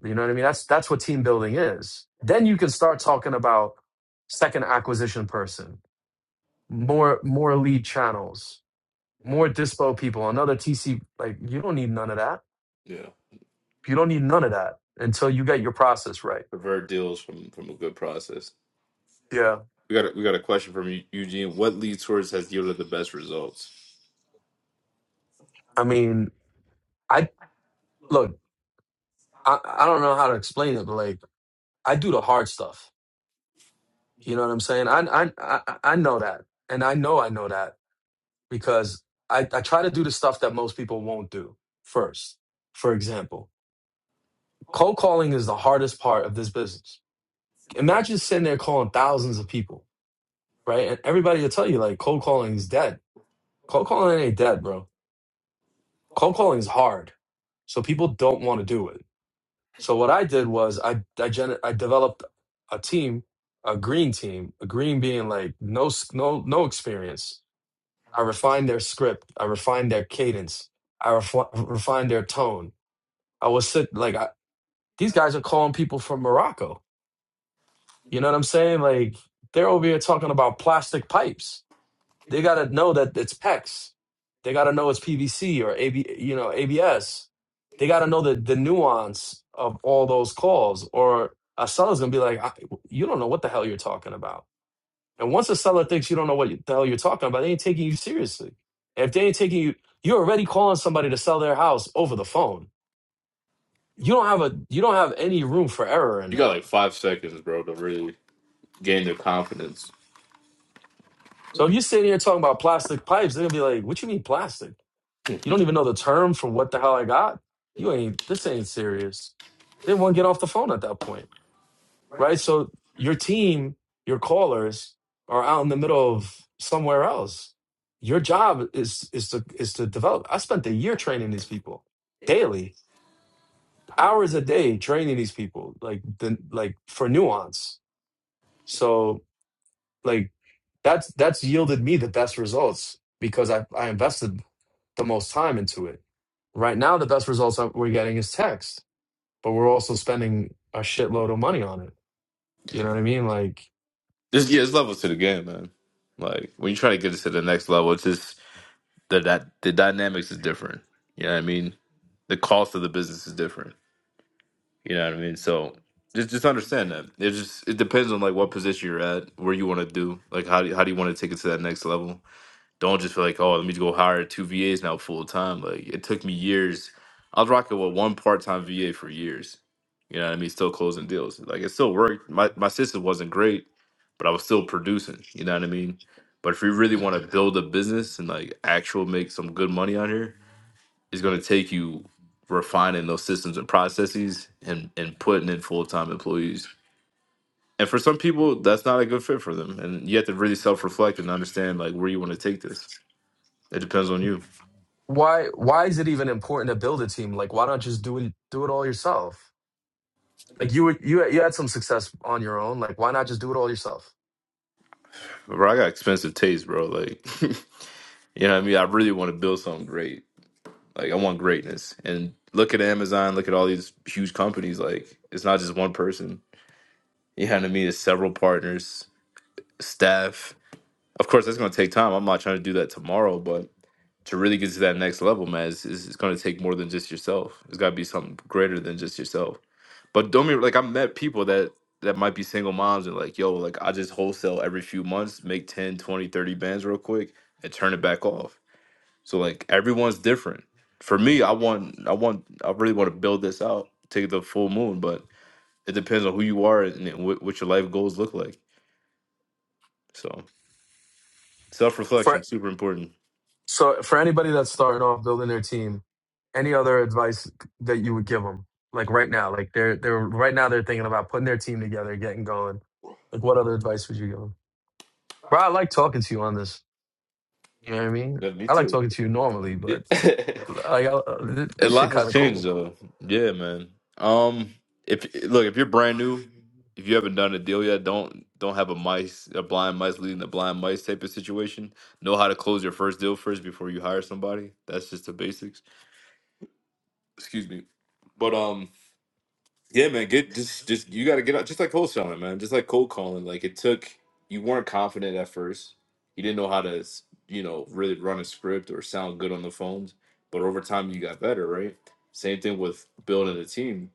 B: You know what I mean? That's that's what team building is. Then you can start talking about second acquisition person, more more lead channels, more dispo people, another TC. Like you don't need none of that.
A: Yeah.
B: You don't need none of that until you get your process right.
A: Pervert deals from from a good process.
B: Yeah.
A: We got a, we got a question from Eu- Eugene. What lead source has yielded the best results?
B: I mean, I look, I, I don't know how to explain it, but like I do the hard stuff. You know what I'm saying? I I I I know that, and I know I know that because I I try to do the stuff that most people won't do first. For example. Cold calling is the hardest part of this business. Imagine sitting there calling thousands of people, right? And everybody will tell you like cold calling is dead. Cold calling ain't dead, bro. Cold calling is hard. So people don't want to do it. So what I did was I I, gen- I developed a team, a green team, a green being like no s- no no experience. I refined their script. I refined their cadence. I refi- refined their tone. I was sit like I, these guys are calling people from Morocco You know what I'm saying? Like they're over here talking about plastic pipes. They got to know that it's PEX. They got to know it's PVC or AB, you know, ABS. They got to know the the nuance of all those calls. Or a seller's gonna be like, I, "You don't know what the hell you're talking about." And once a seller thinks you don't know what the hell you're talking about, they ain't taking you seriously. And if they ain't taking you, you're already calling somebody to sell their house over the phone. You don't have a you don't have any room for error in
A: You got
B: that.
A: like five seconds, bro, to really gain their confidence.
B: So if you're sitting here talking about plastic pipes, they're gonna be like, "What you mean plastic? You don't even know the term for what the hell I got? You ain't this ain't serious." They won't get off the phone at that point, right? So your team, your callers, are out in the middle of somewhere else. Your job is is to is to develop. I spent a year training these people daily, hours a day training these people, like the like for nuance. So like that's that's yielded me the best results because I I invested the most time into it. Right now, the best results that we're getting is text, but we're also spending a shitload of money on it. You know what I mean? Like,
A: Just yeah, it's levels to the game, man. Like when you try to get it to the next level, it's just the that the dynamics is different. You know what I mean? The cost of the business is different. You know what I mean? So just just understand that. It just it depends on like what position you're at, where you want to do, like how do, how do you want to take it to that next level. Don't just feel like, oh, let me go hire two VAs now full time. Like it took me years. I was rocking with one part time VA for years. You know what I mean? Still closing deals. Like it still worked. My my system wasn't great, but I was still producing. You know what I mean? But if you really want to build a business and like actual make some good money on here, it's gonna take you refining those systems and processes and and putting in full time employees. And for some people, that's not a good fit for them. And you have to really self reflect and understand like where you want to take this. It depends on you.
B: why why is it even important to build a team? Like, why not just do it do it all yourself?
A: It,
B: Like you were- you you had some success on your own. Like, why not just do it all yourself?
A: bro, I got expensive taste, bro. Like, you know what I mean? I really want to build something great. Like, I want greatness. And look at Amazon, look at all these huge companies. Like, it's not just one person. You know what I mean? It's several partners, staff. Of course, that's going to take time. I'm not trying to do that tomorrow, but to really get to that next level, man, it's, it's, it's going to take more than just yourself. It's got to be something greater than just yourself. But don't be like I met people that that might be single moms and like, yo, like I just wholesale every few months, make 10 20 30 bands real quick and turn it back off. So like everyone's different. For me, I want I want I really want to build this out, take the full moon, but it depends on who you are and what, what your life goals look like. So
B: For
A: self-reflection, super important.
B: so for anybody that's starting off building their team, any other advice that you would give them? Like right now, like they're they're right now they're thinking about putting their team together, getting going. Like, what other advice would you give them? Bro, I like talking to you on this. You know what I mean?
A: Yeah, me
B: I like
A: too.
B: talking to you normally, but like I, th-
A: A
B: this shit
A: lot
B: kind
A: has
B: of
A: changed
B: cool.
A: though. Yeah, man. Um, if look, if you're brand new, if you haven't done a deal yet, don't don't have a mice a blind mice leading the blind mice type of situation. Know how to close your first deal first before you hire somebody. That's just the basics. Excuse me. But um, yeah, man. Get just just you got to get out. Just like cold selling, man. Just like cold calling. Like it took you weren't confident at first. You didn't know how to s- you know really run a script or sound good on the phones. But over time, you got better, right? Same thing with building a team.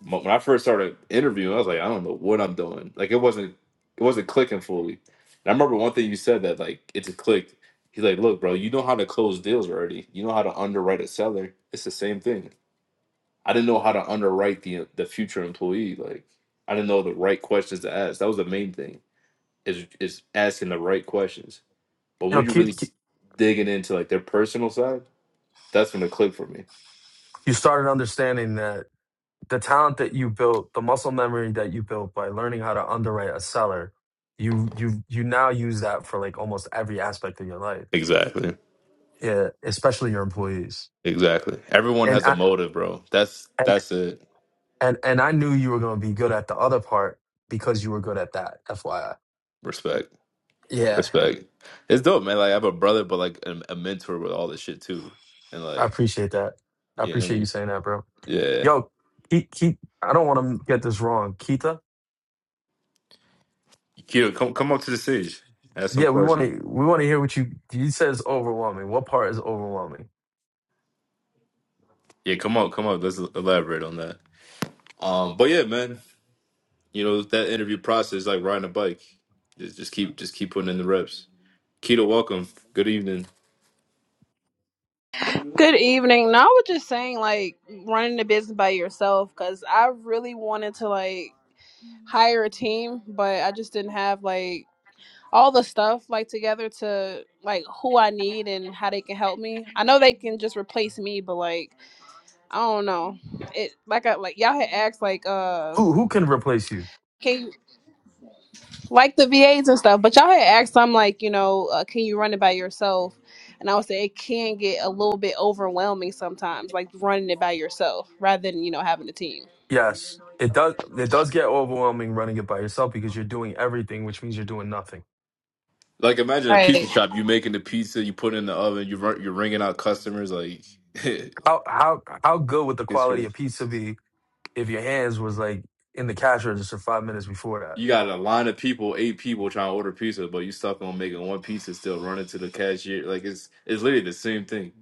A: Mo- When I first started interviewing, I was like, I don't know what I'm doing. Like it wasn't it wasn't clicking fully. And I remember one thing you said that like it's a click. He's like, look, bro, you know how to close deals already. You know how to underwrite a seller. It's the same thing I didn't know how to underwrite the the future employee. Like I didn't know the right questions to ask. That was the main thing is is asking the right questions. But
B: You know,
A: when you're really
B: keep, keep
A: digging into like their personal side, that's when it clicked for me.
B: you started understanding that the talent that you built, the muscle memory that you built by learning how to underwrite a seller, you you you now use that for like almost every aspect of your life.
A: Exactly.
B: Yeah, especially your employees.
A: Exactly. Everyone
B: And
A: has a
B: I
A: motive, bro. That's
B: and
A: that's it.
B: and and I knew you were going to be good at the other part because you were good at that. FYI.
A: Respect.
B: Yeah,
A: Respect. It's dope, man. Like I have a brother, but like a, a mentor with all this shit too. And
B: I
A: like,
B: appreciate that. I
A: you know what I
B: appreciate you
A: mean?
B: saying that, bro.
A: Yeah.
B: Yo, Keith, Keith, I don't want to get this wrong. Keita?
A: Q, come come up to the stage. Ask some
B: Yeah, we want
A: questions.
B: to we want to hear what you you said is overwhelming. What part is overwhelming?
A: Yeah, come on, come up. Let's elaborate on that. Um, but yeah, man, you know that interview process is like riding a bike. Just just keep just keep putting in the reps. Keto, welcome. Good evening.
C: Good evening. No, I was just saying, like, running the business by yourself because I really wanted to, like, hire a team, but I just didn't have, like, all the stuff, like, together to, like, who I need and how they can help me. I know they can just replace me, but, like, I don't know. It, like, I, like, y'all had asked, like, uh,
B: Who who can replace you?
C: can you- like the VAs and stuff. But y'all had asked, so I'm like, you know, uh, can you run it by yourself? And I would say it can get a little bit overwhelming sometimes, like running it by yourself rather than you know having a team.
B: Yes. It does it does get overwhelming running it by yourself because you're doing everything, which means you're doing nothing.
A: Like imagine a pizza
C: Right.
A: shop. You making the pizza, you put it in the oven, you run, you're ringing out customers. Like it's
B: How how how good would the quality
A: crazy.
B: of pizza be if your hands was like in the cash register five minutes before that?
A: You got a line of people, eight people trying to order pizza, but you stuck on making one pizza, still running to the cashier. Like it's it's literally the same thing.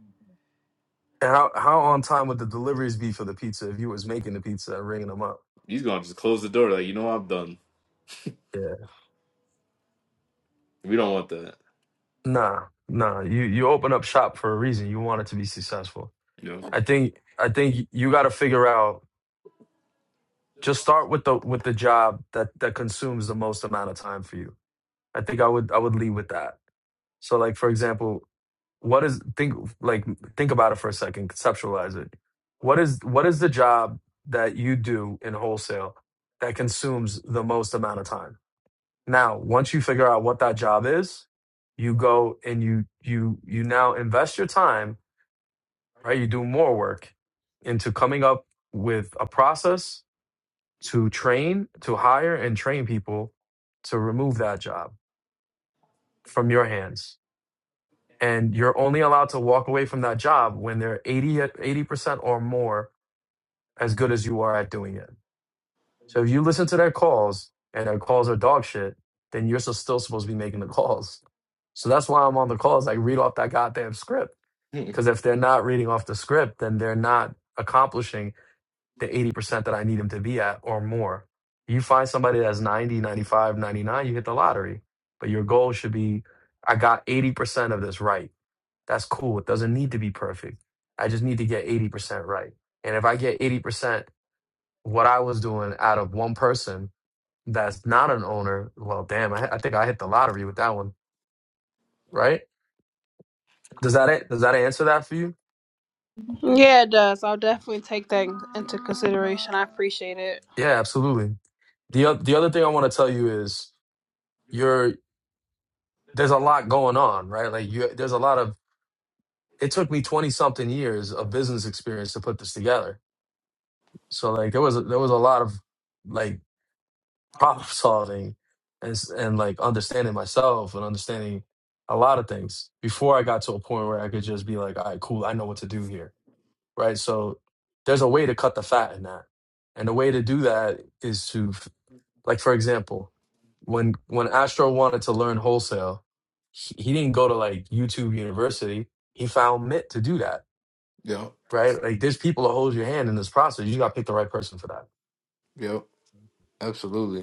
B: And how how on time would the deliveries be for the pizza if you was making the pizza and ringing them up?
A: He's gonna just close the door. Like you know I'm done.
B: Yeah.
A: We don't want that.
B: Nah, nah. You you open up shop for a reason. You want it to be successful.
A: You know.
B: I think I think you got to figure out. Just start with the with the job that that consumes the most amount of time for you. I think I would I would lead with that. So like for example, what is think like think about it for a second, conceptualize it. What is what is the job that you do in wholesale that consumes the most amount of time? Now, once you figure out what that job is, you go and you you you now invest your time right? You do more work into coming up with a process to train, to hire and train people to remove that job from your hands. And you're only allowed to walk away from that job when they're 80, at- 80% or more as good as you are at doing it. So if you listen to their calls and their calls are dog shit, then you're so- still supposed to be making the calls. So that's why I'm on the calls. I read off that goddamn script. Because if they're not reading off the script, then they're not accomplishing the 80% that I need him to be at or more. You find somebody that's 90, 95, 99. you hit the lottery. But your goal should be I got 80% of this right. That's cool. It doesn't need to be perfect. I just need to get 80% right. And if I get 80% what I was doing out of one person that's not an owner, well, damn, I, I think I hit the lottery with that one, right? Does that a- does that answer that for you?
C: Yeah, it does. I'll definitely take that in- into consideration. I appreciate it.
B: Yeah, absolutely. The, oth- the other thing I want to tell you is your. there's a lot going on, right? Like you there's a lot of it took me 20 something years of business experience to put this together. So like there was a, there was a lot of like problem solving and s- and like understanding myself and understanding a lot of things before I got to a point where I could just be like, "All right, cool, I know what to do here." Right? So there's a way to cut the fat in that. And the way to do that is to Like for example, when when Astro wanted to learn wholesale, he, he didn't go to like YouTube University. He found Mint to do that,
A: Yep,
B: right? Like there's people that hold your hand in this process. You got to pick the right person for that.
A: yep, absolutely.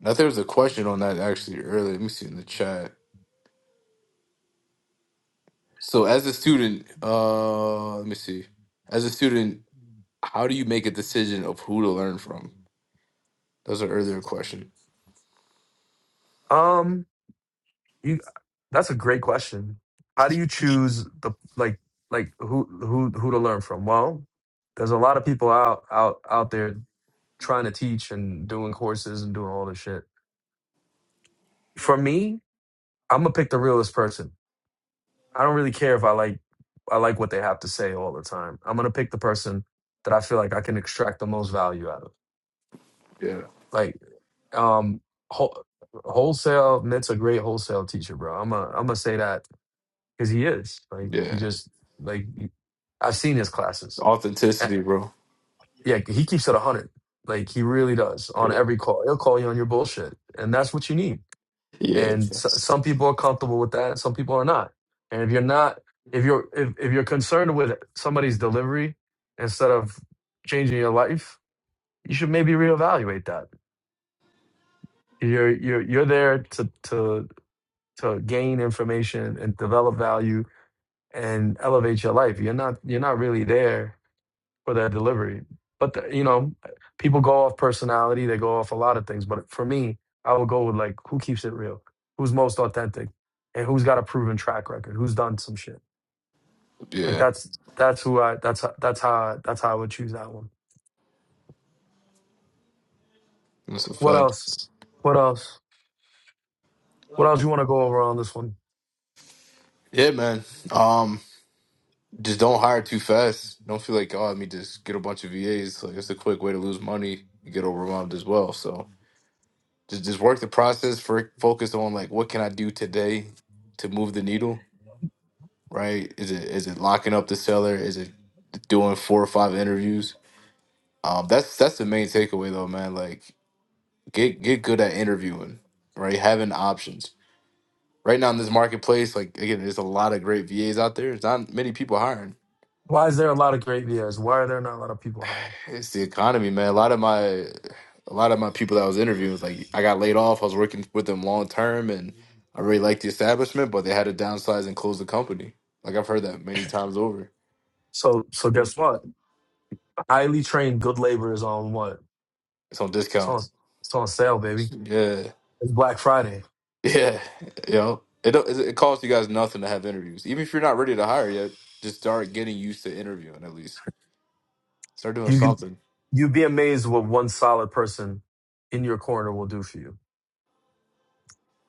A: Now there was a question on that actually earlier. Let me see in the chat. So as a student, uh let me see. As a student, how do you make a decision of who to learn from? That was an earlier question.
B: Um, you that's a great question. How do
A: It's-
B: you choose the like like who who who to learn from? Well, there's a lot of people out out out there trying to teach and doing courses and doing all this shit. For me, I'm gonna pick the realest person I don't really care if I like I like what they have to say all the time. I'm gonna pick the person that I feel like I can extract the most value out of.
A: Yeah.
B: Like, um, whole, wholesale. Mitt's a great wholesale teacher, bro. I'm a I'm gonna say that because he is. Like, he
A: Yeah.
B: just like he- I've seen his classes. Uh,
A: Authenticity, bro.
B: Yeah, he keeps it a hundred. Like he really does on
A: Yeah.
B: every call. He'll call you on your bullshit, and that's what you need.
A: Yeah.
B: and so, some people are comfortable with that some people are not and if you're not if you're if, if you're concerned with somebody's delivery instead of changing your life you should maybe reevaluate that you're you're you're there to to to gain information and develop value and elevate your life you're not you're not really there for their delivery. But the, you know, people go off personality; they go off a lot of things. But for me, I would go with like who keeps it real, who's most authentic, and who's got a proven track record, who's done some shit. Like
A: Yeah.
B: that's that's who I that's that's how I, that's how I would choose that one.
A: That's a
B: What
A: fact.
B: else? What else? What else you want to go over on this one?
A: Yeah, man. Um, just don't hire too fast. Don't feel like, oh, let me just get a bunch of VAs. Like it's a quick way to lose money. You get overwhelmed as well. So Just just work the process for focus on like what can I do today to move the needle, right? Is it is it locking up the seller? Is it doing four or five interviews? Um, that's that's the main takeaway though, man. Like get get good at interviewing, right? Having options. Right now in this marketplace, like again, there's a lot of great VAs out there. There's not many people hiring
B: Why is there a lot of great VAs? Why are there not a lot of people hiring?
A: It's the economy, man. A lot of my a lot of my people that I was interviewing was like I got laid off. I was working with them long term and I really liked the establishment, but they had to downsize and close the company. Like I've heard that many times over.
B: So so guess what? Highly trained good labor is on what?
A: It's on
B: It's on
A: discounts.
B: it's on sale, baby.
A: Yeah.
B: It's Black Friday
A: Yeah. You know, it don't- it costs you guys nothing to have interviews. Even if you're not ready to hire yet, just start getting used to interviewing at least. Start doing
B: You can
A: something.
B: you'd be amazed what one solid person in your corner will do for you.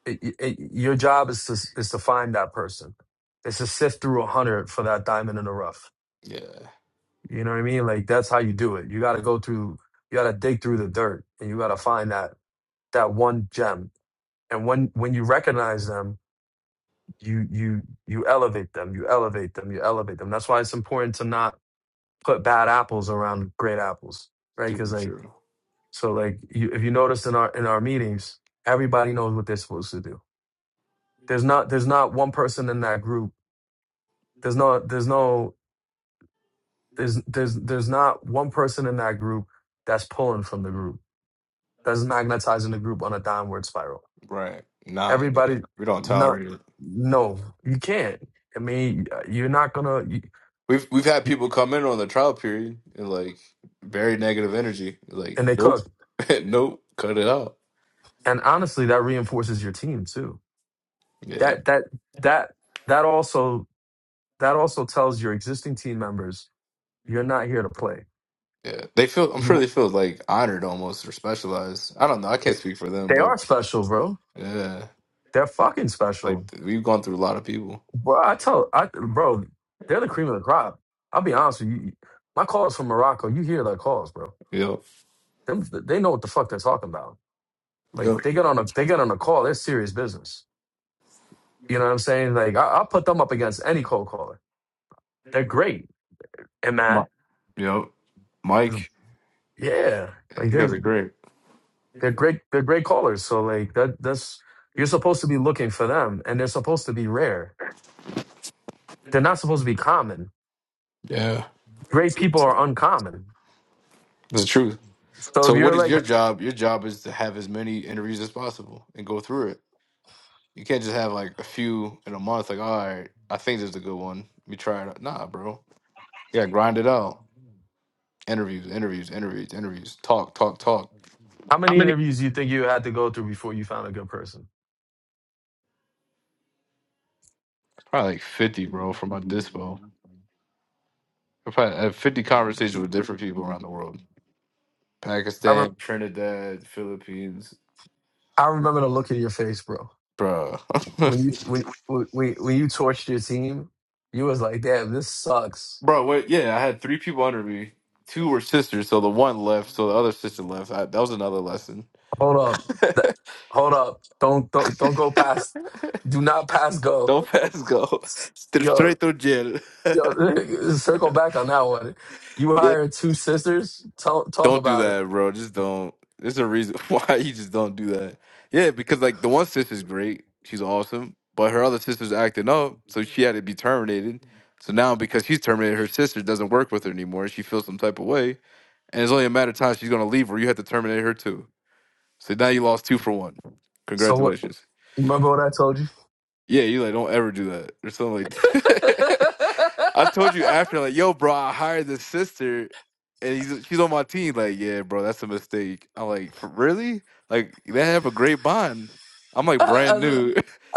B: It, it, it- your job is to is to find that person. It's to sift through a hundred for that diamond in the rough.
A: Yeah.
B: You know what I mean? Like that's how you do it. You got to go through. You got to dig through the dirt, and you got to find that that one gem. And when when you recognize them, you you you elevate them. You elevate them. You elevate them. That's why it's important to not put bad apples around great apples, right?
A: Super
B: Because
A: true.
B: So like you, if you notice in our in our meetings, everybody knows what they're supposed to do. There's not there's not one person in that group. There's no there's no there's there's there's not one person in that group that's pulling from the group. That's magnetizing the group on a downward spiral.
A: Right. Nah, yeah.
B: Everybody
A: We don't
B: not
A: tolerate it.
B: no, you can't. I mean, you're not gonna you,
A: We've we've had people come in on the trial period and like very negative energy. Like,
B: and they
A: nope,
B: cook.
A: nope, cut it out.
B: And honestly, that reinforces your team too.
A: Yeah,
B: That that that that also that also tells your existing team members you're not here to play
A: yeah. They feel. I'm sure
B: You
A: they feel like honored almost or specialized. I don't know. I can't speak for them,
B: they
A: but
B: are special, bro.
A: yeah,
B: They're fucking
A: like
B: special,
A: we've gone through a lot of people.
B: bro. I tell I bro, they're the cream of the crop. I'll be honest with you. My calls from Morocco, you hear their calls, bro.
A: Yep,
B: Them they know what the fuck they're talking about. Like
A: yep,
B: they get on a they get on a call, They're serious business. You know what I'm saying? Like I, I'll put them up against any cold caller. They're great, and
A: Mi-
B: man,
A: yep. Mike,
B: yeah, like
A: you guys
B: they're
A: are great.
B: they're great they're great callers. So like that that's you're supposed to be looking for them, and they're supposed to be rare. They're not supposed to be common
A: Yeah,
B: great people are uncommon.
A: that's the truth.
B: So if
A: So, what
B: you're
A: is your
B: like,
A: job? Your job is to have as many interviews as possible and go through it. You can't just have like a few in a month. Like, all right, I think this is a good one. Let me try it. out." Nah, bro. You gotta grind it out. Interviews, interviews, interviews, interviews. Talk, talk, talk.
B: how
A: How
B: many
A: many?
B: interviews do you think you had to go through before you found a good person?
A: Probably like fifty, bro, from my dispo. I probably had fifty conversations with different people around the world.
B: I re-
A: Pakistan, Trinidad, Philippines,
B: I remember the look in your face, bro.
A: bro.
B: When you when when when you torched your team, you was like, damn, this sucks.
A: bro, wait, yeah, I had three people under me. Two were sisters, so the one left, so the other sister left. I, that was another lesson.
B: Hold up, Th- hold up, don't don't don't go past, do not pass go.
A: Don't pass go. St-
B: Yo
A: Straight through jail.
B: yo, circle back on that one. You
A: yeah.
B: hired two sisters. Talk talk
A: Don't do
B: about it.
A: that, bro. Just don't. There's a reason why you just don't do that. Yeah, because like the one sister's great. She's awesome. But her other sister's acting up, so she had to be terminated. So now because she's terminated, her sister doesn't work with her anymore. She feels some type of way. And it's only a matter of time she's gonna leave or you have to terminate her too. So now you lost two for one.
B: So what?
A: Congratulations.
B: Remember what I told you?
A: Yeah, you like don't ever do that or something like. I told you after like, yo, bro, I hired this sister, and he's she's on my team. Like, yeah, bro, that's a mistake. I'm like, for, really? Like, they have a great bond. I'm like brand
B: I, I,
A: new.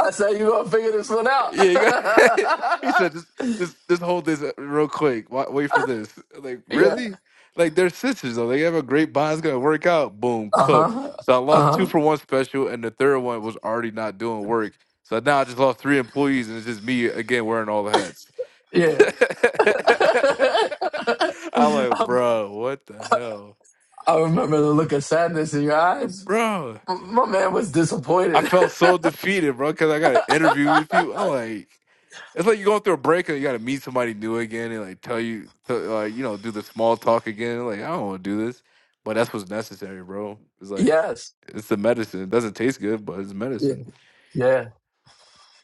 B: I said, you gonna figure this one out.
A: Yeah, you got. he said, "Just, just, just hold this uh, real quick. Wait, wait for this." Like,
B: yeah.
A: really? Like, they're sisters though. They have a great bond. It's gonna work out. Boom,
B: Uh
A: cooked.
B: huh.
A: So I lost
B: Uh
A: two
B: huh.
A: for one special, and the third one was already not doing work. So now I just lost three employees, and it's just me again wearing all the hats.
B: Yeah.
A: I'm like,
B: I,
A: bro, what the hell,
B: I remember the look of sadness in your eyes.
A: bro?
B: M- My man was
A: I
B: disappointed.
A: felt so defeated, bro, because I got to interview with people. I'm like. It's like you're going through a breakup, you got to meet somebody new again and like tell you, to, like you know, do the small talk again. Like I don't want to do this, but that's what's necessary, bro. It's like
B: yes.
A: it's the medicine. It doesn't taste good, but it's
B: Yeah.
A: medicine.
B: Yeah.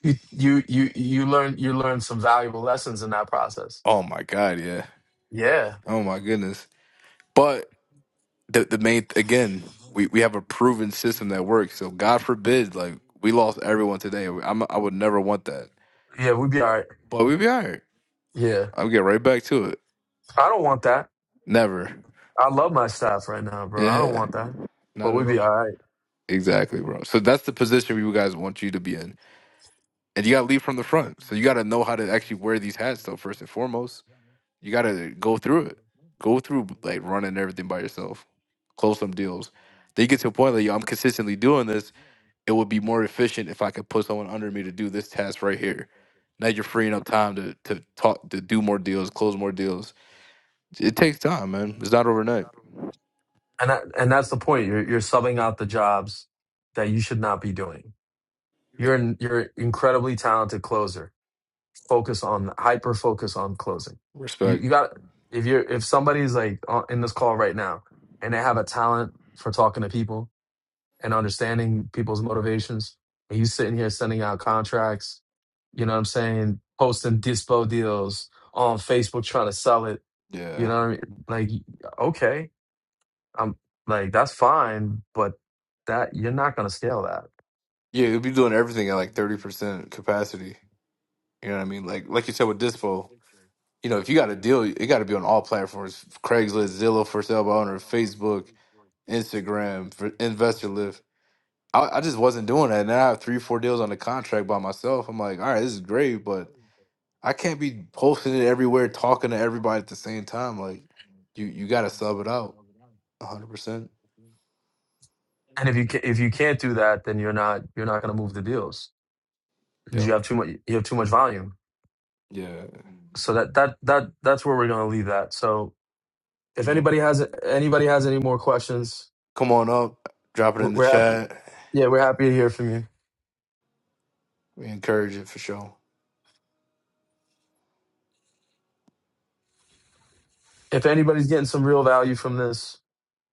B: You you you you learn you learn some valuable lessons in that process.
A: Oh my god, yeah.
B: Yeah.
A: Oh my goodness. But the the main again, we we have a proven system that works. So God forbid, like we lost everyone today. I'm I would never want that.
B: Yeah. We'd be all right.
A: But we'd be alright.
B: Yeah.
A: I'll get right back to it.
B: I don't want that.
A: Never.
B: I love my staff right now, bro. I don't
A: Yeah.
B: want that. But
A: Not at
B: we'd be
A: all.
B: all right.
A: Exactly, bro. So that's the position you guys want you to be in and you gotta lead from the front. So you gotta know how to actually wear these hats. though. first and foremost, you gotta go through it, go through like running everything by yourself, close some deals. Then you get to a point like, yo, I'm consistently doing this. It would be more efficient if I could put someone under me to do this task right here. Now you're freeing up time to to talk, to do more deals, close more deals. It takes time, man. It's not overnight.
B: and that, and that's the point. You're you're subbing out the jobs that you should not be doing.
A: Like,
B: You're an, you're an incredibly talented closer. Focus on hyper focus on closing. You
A: Respect.
B: you got if you're if somebody's like on- in this call right now and they have a talent for talking to people and understanding people's motivations, and you sitting here sending out contracts, you know what I'm saying, posting dispo deals on Facebook trying to sell it. You
A: Yeah.
B: know what I mean? Like okay, I'm like that's fine, but that you're not going to scale that.
A: Yeah, you'll be doing everything at like 30% capacity. You know what I mean? Like like you said with Dispo. You know, if you got a deal, it got to be on all platforms: Craigslist, Zillow, for sale by owner, Facebook, Instagram, for investor lift. I, I just wasn't doing that. Now I have three, four deals on the contract by myself. I'm like, all right, this is great, but I can't be posting it everywhere, talking to everybody at the same time. Like, you you got to sub it out 100%.
B: And if you ca- if you can't do that, then you're not you're not going to move the deals because
A: Yep.
B: you have too much you have too much volume.
A: Yeah.
B: So that that that that's where we're going to leave that. So if
A: Yep.
B: anybody has anybody has any more questions,
A: Come on up, drop it
B: we're,
A: in the
B: we're happy.
A: chat.
B: Yeah, we're happy to hear from you.
A: We encourage it for sure.
B: If anybody's getting some real value from this,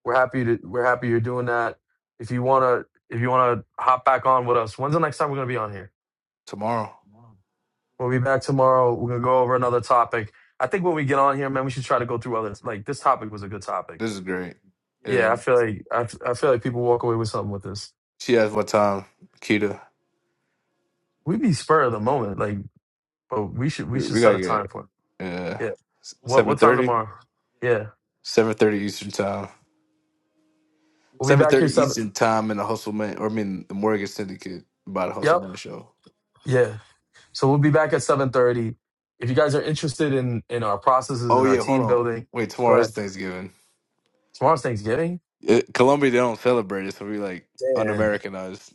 B: we're happy to we're happy you're doing that. If you wanna if you wanna hop back on with us, when's the next time we're gonna be on here?
A: Tomorrow.
B: We'll be back tomorrow. We're gonna go over another topic. I think when we get on here, man, we should try to go through others. Like this topic was a good topic.
A: This is great.
B: Yeah,
A: Yeah.
B: I feel like I, f- I feel like people walk away with something with this.
A: She asked what time, Kita.
B: We be spur of the moment, like, but we should we should
A: We
B: set
A: gotta
B: a time
A: get
B: for it.
A: uh
B: Yeah. What
A: seven
B: what time
A: thirty.
B: tomorrow? Yeah,
A: seven thirty Eastern time.
B: we'll be
A: Seven
B: back here
A: thirty
B: seven.
A: Eastern time in the Hustle Man or I mean the Morgan Syndicate by the Hustle
B: Yep.
A: Man show.
B: Yeah. So we'll be back at seven thirty. If you guys are interested in in our processes
A: Oh
B: and our
A: yeah, hold
B: team
A: on.
B: building,
A: Wait,
B: go
A: tomorrow is
B: ahead.
A: Thanksgiving.
B: Tomorrow's Thanksgiving.
A: It, Colombia they don't celebrate it, so we like un
B: Damn.
A: Americanized.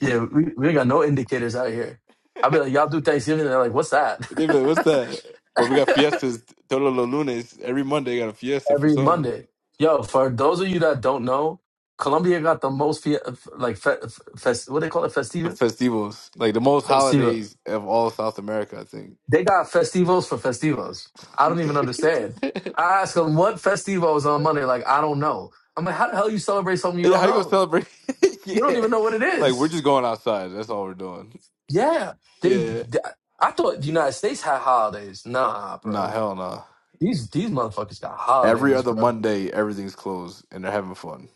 B: Yeah, we, we ain't got no indicators out here. I'll be like, y'all do Thanksgiving. And They're like, what's that?
A: They be like, what's that? But we got fiestas todos los lunes. Every Monday got a fiesta for
B: Every
A: some.
B: Monday. Yo, for those of you that don't know, Colombia got the most, fe- like, fe- fest- what they call it? Festiva?
A: Festivals. Like the most
B: Festiva.
A: holidays of all South America, I think.
B: They got festivos for festivos. I don't even understand. I ask them what festivo is on Monday. Like, I don't know. I'm like, how the hell you celebrate something you
A: Yeah,
B: don't
A: How you gonna
B: know?
A: celebrate?
B: You don't
A: yeah.
B: even know what it
A: Like we're
B: is.
A: just going outside. That's all we're doing.
B: Yeah. They,
A: Yeah.
B: th- I thought the United States had holidays. Nah,
A: Nah,
B: bro.
A: hell nah.
B: These these motherfuckers got
A: Every
B: holidays,
A: other
B: bro.
A: Monday, everything's closed and they're having fun.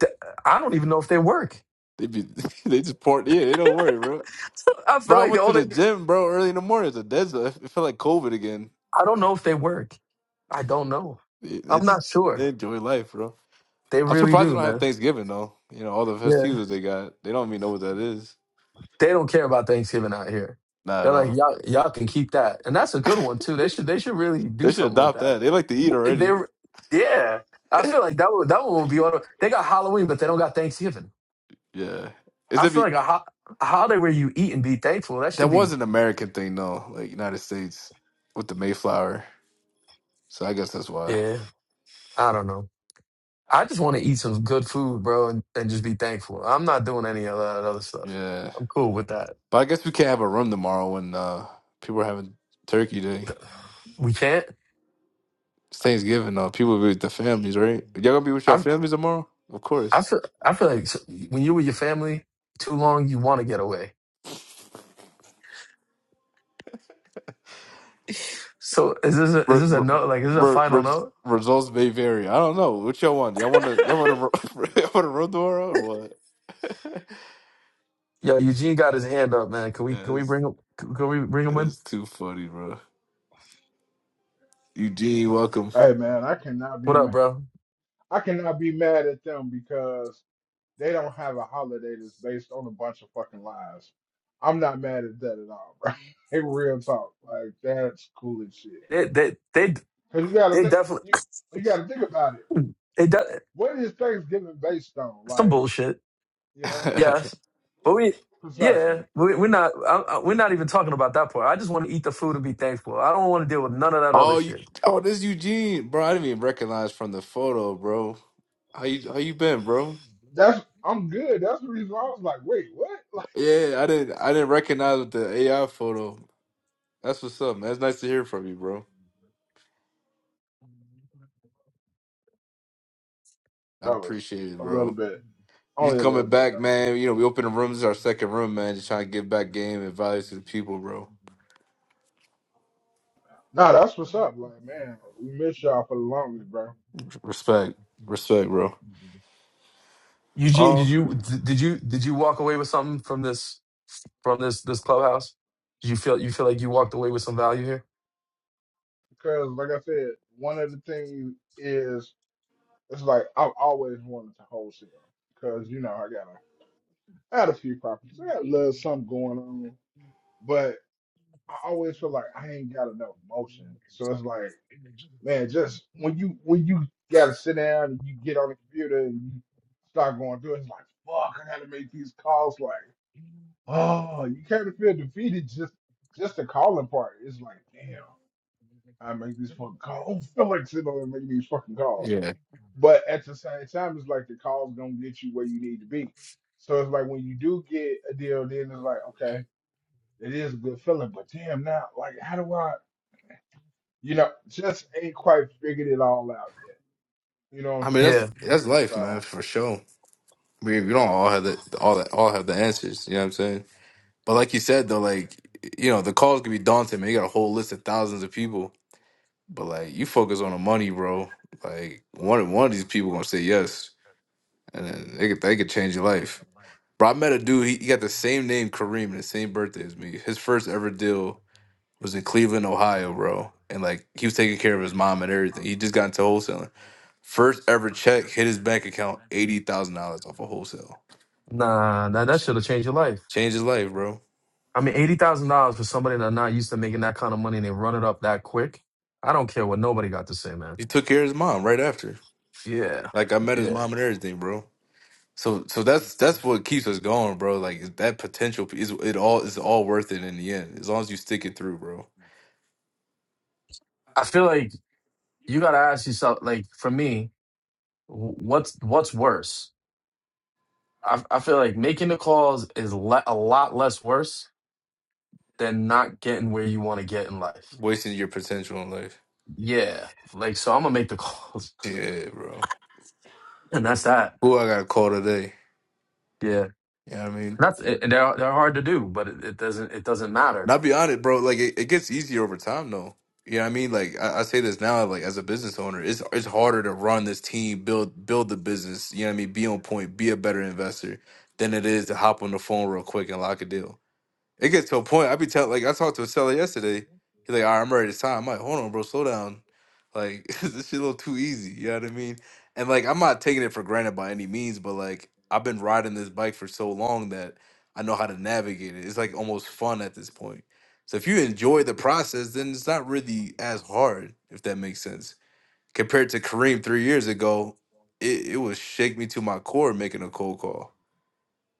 B: Th- I don't even know if they work.
A: They be they just pour yeah, they don't worry, bro.
B: I feel
A: Bro, I
B: like
A: went
B: the
A: to
B: only
A: the gym, bro, early in the morning. It's a dead zone. It felt like COVID again.
B: I don't know if they work. I don't know.
A: They they
B: I'm
A: just
B: not
A: they
B: sure.
A: enjoy life, bro.
B: They
A: I'm
B: really
A: surprised they
B: do,
A: don't have
B: man.
A: Thanksgiving though. You know, all the
B: Yeah.
A: festivities they got. They don't even know what that is.
B: They don't care about Thanksgiving out here.
A: Not
B: They're
A: at
B: like,
A: all.
B: y'all, y'all can keep that. And that's a good one too. They should they should really do
A: They should
B: something with
A: adopt
B: that.
A: that. They like to eat
B: They
A: already.
B: yeah. I feel like that one, that one will be on they got Halloween, but they don't got Thanksgiving.
A: Yeah. Is
B: I
A: that
B: feel
A: be
B: like a, ho- a holiday where you eat and be thankful, that
A: that
B: should
A: was
B: be
A: an American thing though, like United States with the Mayflower. So I guess that's why.
B: Yeah. I don't know. I just want to eat some good food, bro, and, and just be thankful. I'm not doing any of that other stuff.
A: Yeah.
B: I'm cool with that.
A: But I guess we can't have a room tomorrow when uh, people are having Turkey Day.
B: We can't.
A: It's Thanksgiving, though. People be with their families, right? Y'all gonna be with your
B: I
A: families tomorrow? Of
B: I
A: course.
B: feel I feel like s- when you're with your family too long, you want to get away. So is this a, is
A: Re-
B: this a
A: re-
B: note? Like is this a
A: re-
B: final
A: res-
B: note?
A: results may vary. I don't know. What y'all want? Y'all want to? Y'all want to? Y'all want to room tomorrow or what? yeah,
B: Yo, Eugene got his hand up, man. Can we can we
A: it's,
B: bring him? Can can we bring him in?
A: it's too funny, bro. Eugene, welcome.
D: Hey man, I cannot be
B: What up,
D: ma-
B: bro?
D: I cannot be mad at them because they don't have a holiday that's based on a bunch of fucking lies. I'm not mad at that at all, bro. Hey, real talk, like that's cool as shit.
B: They they they
D: Cause you gotta
B: they
D: think,
B: definitely
D: you, you gotta think about it.
B: they de-
D: What is Thanksgiving based on?
B: some
D: Like,
B: bullshit.
D: you know,
B: Yes, but we, yeah,
D: precisely.
B: we, we're not. I, I, we're not even talking about that part. I just want to eat the food and be thankful. I don't want to deal with none of that other
A: oh, you,
B: shit.
A: oh, this Eugene, bro. I didn't even recognize from the photo, bro. How you? How you been, bro?
D: That's I'm good. That's the reason why I was like, wait, what? Like,
A: Yeah, I didn't I didn't recognize with the AI photo. That's what's up, man. It's nice to hear from you, bro. I
D: that was
A: appreciate it,
D: a little
A: bro.
D: bit,
A: You
D: only a little
A: coming
D: bit
A: back,
D: though.
A: man. You know, we open the room. This is our second room, man. Just trying to give back game and value to the people, bro.
D: Nah, that's what's up. Like, man, we miss y'all for the longest, bro.
A: Respect. Respect, bro.
B: Eugene, did
A: Oh
B: you did you did you walk away with something from this from this this clubhouse? Did you feel you feel like you walked away with some value here?
D: Cause like I said, one of the things is it's like I've always wanted to wholesale. Cause you know I got a I had a few properties. I got a little something going on, but I always feel like I ain't got enough motion. So it's like, man, just when you when you gotta sit down and you get on the computer and you start going through, it, it's like, fuck, I gotta make these calls. Like, oh, you kind of feel defeated just just the calling part. It's like, damn. I make these fucking calls. Oh, Felix, you know, making these fucking calls.
A: yeah.
D: But at the same time, it's like the call's gonna get you where you need to be. So it's like when you do get a deal, then it's like, okay, it is a good feeling, but damn now, like how do I you know, just ain't quite figured it all out yet. You know
A: I
D: what I'm
A: mean
B: Yeah,
D: saying?
A: that's that's life, man,
D: So
A: for sure. We we don't all have the all that all have the answers. You know what I'm saying? But like you said though, like you know, the calls can be daunting, man. You got a whole list of thousands of people But like you focus on the money, bro. Like one one of these people gonna say yes, and then they could they could change your life. Bro, I met a dude. He, he got the same name Kareem and the same birthday as me. His first ever deal was in Cleveland, Ohio, bro. And like he was taking care of his mom and everything. He just got into wholesaling. First ever check hit his bank account eighty thousand dollars off of wholesale.
B: nah, nah that should have changed your life.
A: Changed his life, bro.
B: I mean, eighty thousand dollars for somebody that's not used to making that kind of money and they run it up that quick. I don't care what nobody got to say, man.
A: He took care of his mom right after.
B: Yeah,
A: Like I met his
B: yeah.
A: mom and everything, bro. So so that's that's what keeps us going, bro. Like that potential is it all is all worth it in the end. As long as you stick it through, bro.
B: I feel like you got to ask yourself. Like for me, wh- what's what's worse? I I feel like making the calls is le a lot less worse than not getting where you want to get in life.
A: Wasting your potential in life.
B: Yeah, like so I'm gonna make the calls,
A: Yeah, bro.
B: and that's that.
A: Who I got to call today?
B: Yeah,
A: You know what I mean?
B: and that's and they're they're hard to do, but it, it doesn't it doesn't matter.
A: Not be honest, bro. Like it, it gets easier over time though. You know what I mean? Like I, I say this now, like as a business owner, it's it's harder to run this team, build build the business, you know what I mean, be on point, be a better investor than it is to hop on the phone real quick and lock a deal. It gets to a point. I be telling, like, I talked to a seller yesterday. He's like, all right, I'm ready to sign. I'm like, hold on, bro, slow down. Like, this shit a little too easy. You know what I mean? And, like, I'm not taking it for granted by any means, but, like, I've been riding this bike for so long that I know how to navigate it. It's, like, almost fun at this point. So if you enjoy the process, then it's not really as hard, if that makes sense. Compared to Kareem three years ago, it, it would shake me to my core making a cold call.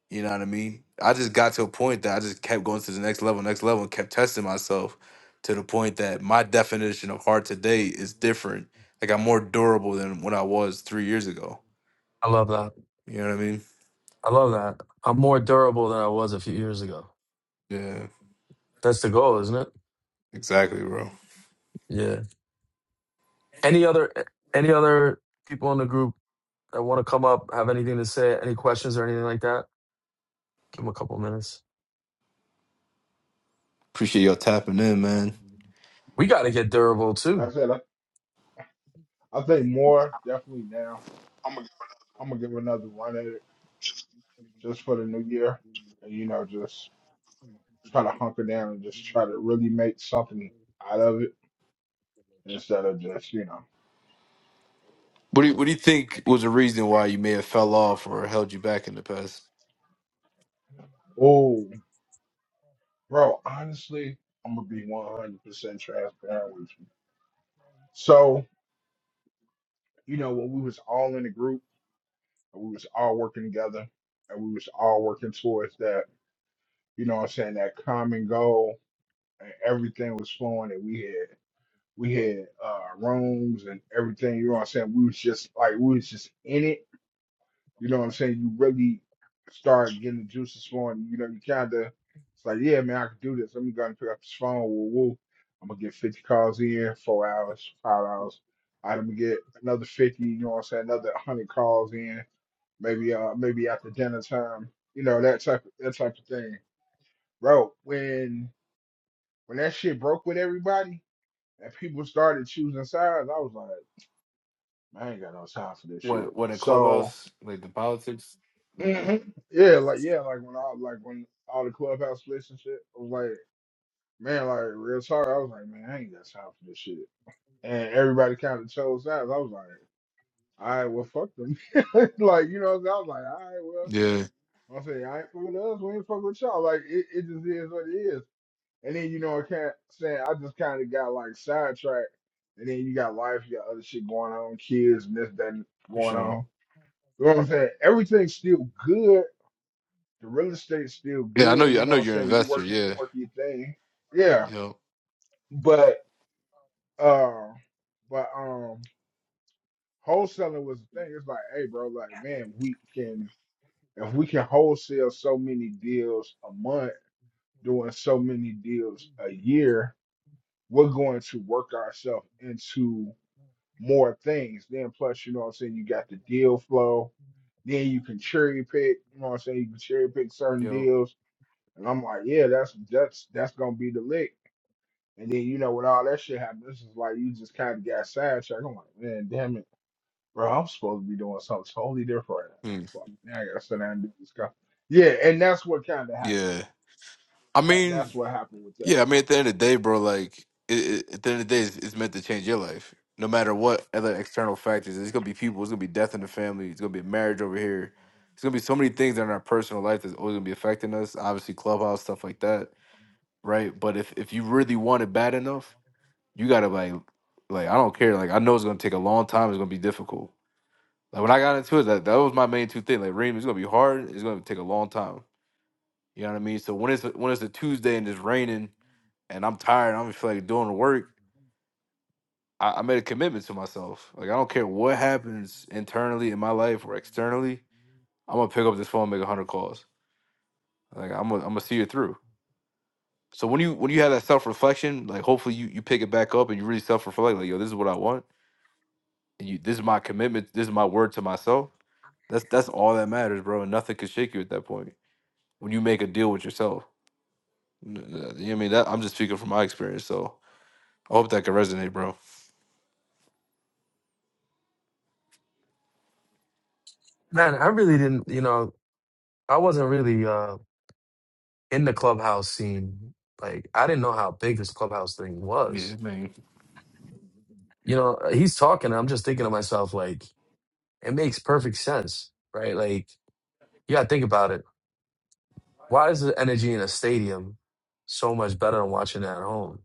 A: You know what I mean? I just got to a point that I just kept going to the next level, next level, and kept testing myself to the point that my definition of hard today is different. Like I'm more durable than when I was three years ago.
B: I love that.
A: You know what I mean?
B: I love that. I'm more durable than I was a few years ago.
A: Yeah,
B: That's the goal, isn't it?
A: exactly, bro.
B: Yeah. Any other any other people in the group that want to come up have anything to say? Any questions or anything like that? Give them a couple minutes.
A: Appreciate y'all tapping in, man.
B: We got to get durable too.
D: like I said, I, I think more definitely now. I'm gonna give another run at it just for the new year. And you know, just try to hunker down and just try to really make something out of it instead of just, you know,
A: What do you, what do you think was the reason why you may have fell off or held you back in the past?
D: oh. Bro, honestly, I'm gonna be 100% transparent with you. So, you know, when we was all in a group, and we was all working together, and we was all working towards that, you know what I'm saying, that common goal, and everything was flowing, and we had we had uh rooms and everything, you know what I'm saying? We was just like we was just in it You know what I'm saying? You really start getting the juices flowing. You know, you kind of, it's like, yeah, man, I can do this. Let me go and pick up this phone. Woo woo. I'm going to get 50 calls in, four hours, five hours. I'm going to get another 50, you know what I'm saying? Another 100 calls in, maybe uh, maybe after dinner time, you know, that type of, that type of thing. Bro, when when that shit broke with everybody and people started choosing sides, I was like, I ain't got no time for this shit.
A: What what in
D: So
A: clubhouse like the politics? Yeah,
D: hmm Yeah, like yeah, like when I like when all the clubhouse splits and shit, I was like, man, like real talk, I was like, man, I ain't got time for this shit. And everybody kind of chose sides. I was like, all right, well, fuck them. like you know, what I'm saying? I was like, all right,
A: Yeah,
D: well, I say I ain't fucking with us, we ain't fucking with y'all. Like it, it just is what it is. And then you know, I can't saying I just kind of got like sidetracked. And then you got life, you got other shit going on, kids and this that and
A: for
D: going
A: sure.
D: on. You know what I'm saying? Everything's still good The real estate's still
A: Yeah, I know
D: good,
A: you.
D: you
A: I
D: know
A: know
D: what I'm
A: you're an
D: saying? You
A: investor.
D: working
A: Yeah,
D: you working your thing. Yeah.
A: yo,
D: But uh but um wholesaling was the thing. It's like, hey bro, like man, we can if we can wholesale so many deals a month, doing so many deals a year, we're going to work ourselves into more things. Then plus, you know what I'm saying, you got the deal flow then you can cherry pick. You know what I'm saying? You can cherry pick certain
A: yo,
D: deals, and I'm like, yeah, that's that's that's gonna be the lick. And then you know when all that shit happened, this is like you just kind of got sidetracked. I'm like, man, damn it, bro, I'm supposed to be doing something totally different. I
A: Hmm.
D: was like, now I gotta sit down and do this stuff. Yeah, and that's what kind of happened.
A: yeah. I
D: That
A: mean,
D: that's what happened with that.
A: yeah, I mean, at the end of the day, bro, like, it, it, at the end of the day, it's, it's meant to change your life. No matter what other external factors, it's gonna be people, it's gonna be death in the family, it's gonna be a marriage over here. It's gonna be so many things in our personal life that's always gonna be affecting us. Obviously, clubhouse stuff like that, right? But if if you really want it bad enough, you gotta like, like I don't care. Like I know it's gonna take a long time. It's gonna be difficult. Like when I got into it, that that was my main two things. Like, Reem, it's gonna be hard. It's gonna take a long time. You know what I mean? So when it's when it's a Tuesday and it's raining and I'm tired, I don't feel like doing the work, I, I made a commitment to myself. Like I don't care what happens internally in my life or externally, I'm gonna pick up this phone, and make a hundred calls. Like I'm gonna, I'm gonna see it through. So when you when you have that self reflection, like hopefully you you pick it back up and you really self reflect, like yo, this is what I want, and you this is my commitment, this is my word to myself. That's that's all that matters, bro. And nothing can shake you at that point when you make a deal with yourself. You know what I mean? That, I'm just speaking from my experience, so I hope that can resonate, bro.
B: Man, I really didn't, you know, I wasn't really uh in the clubhouse scene. Like, I didn't know how big this clubhouse thing
A: Yeah,
B: was.
A: man.
B: You know, uh, he's talking, I'm just thinking to myself, like, it makes perfect sense, right? Like, you gotta think about it. Why is the energy in a stadium so much better than watching it at home?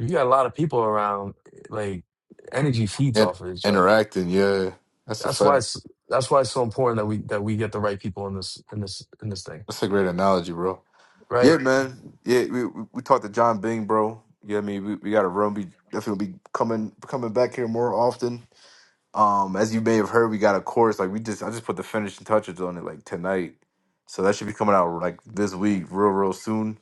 B: You got a lot of people around, eh, like, energy feeds
A: And
B: off of each other.
A: interacting, yeah, that's a
B: That's why
A: fact.
B: it's that's why it's so important that we that we get the right people in this in this in this thing,
A: That's a great analogy, bro.
B: right?
A: Yeah, man. Yeah, we we, we talked to John Bing, bro. Yeah, I mean, we, we got a room. We definitely be coming coming back here more often. Um, as you may have heard, we got a course. Like we just, I just put the finishing touches on it like tonight, so that should be coming out like this week, real real soon.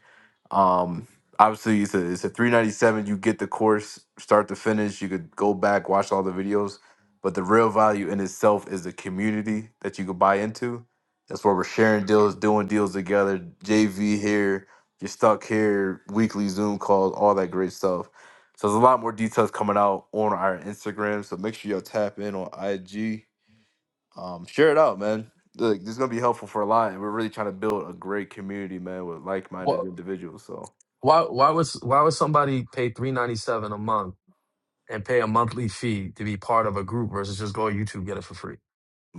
A: Um, obviously, it's a it's a three ninety seven. You get the course start to finish. You could go back watch all the videos, but the real value in itself is the community that you could buy into. That's where we're sharing deals, doing deals together. JV here, you're stuck here, weekly Zoom calls, all that great stuff. So there's a lot more details coming out on our Instagram. So make sure y'all tap in on IG. Um, share it out, man. Look, this is gonna be helpful for a lot, and we're really trying to build a great community, man, with like-minded individuals. So.
B: Why why was why would somebody pay three ninety seven a month and pay a monthly fee to be part of a group versus just go on YouTube get it for free?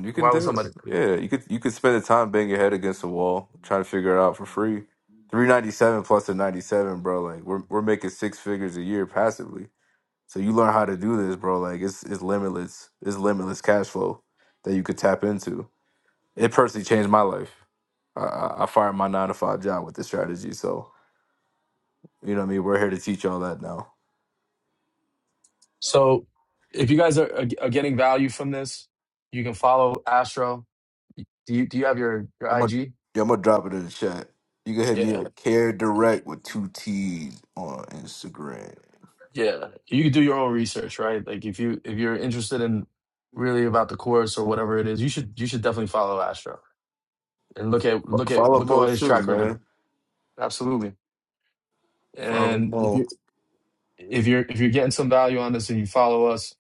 A: You can
B: Why would
A: do it.
B: somebody?
A: Yeah, you could you could spend the time banging your head against the wall trying to figure it out for free. Three ninety seven plus a ninety seven, bro. Like we're we're making six figures a year passively. So you learn how to do this, bro. Like it's it's limitless. It's limitless cash flow that you could tap into. It personally changed my life. I, I I fired my nine to five job with this strategy. So you know what I mean. We're here to teach all that now.
B: So if you guys are, are, are getting value from this, you can follow Astro. Do you do you have your
A: I'm
B: your
A: gonna
B: IG?
A: yeah, I'm gonna drop it in the chat. You can hit me
B: Yeah,
A: at Care Direct with two T's on Instagram.
B: yeah. You can do your own research, right? Like if you if you're interested in really about the course or whatever it is, you should you should definitely follow Astro and look at look at
A: Follow
B: look at
A: Mo
B: what his
A: too,
B: track record.
A: man.
B: Absolutely.
A: Follow
B: And if you
A: Mo.
B: if you're if you're getting some value on this and you follow us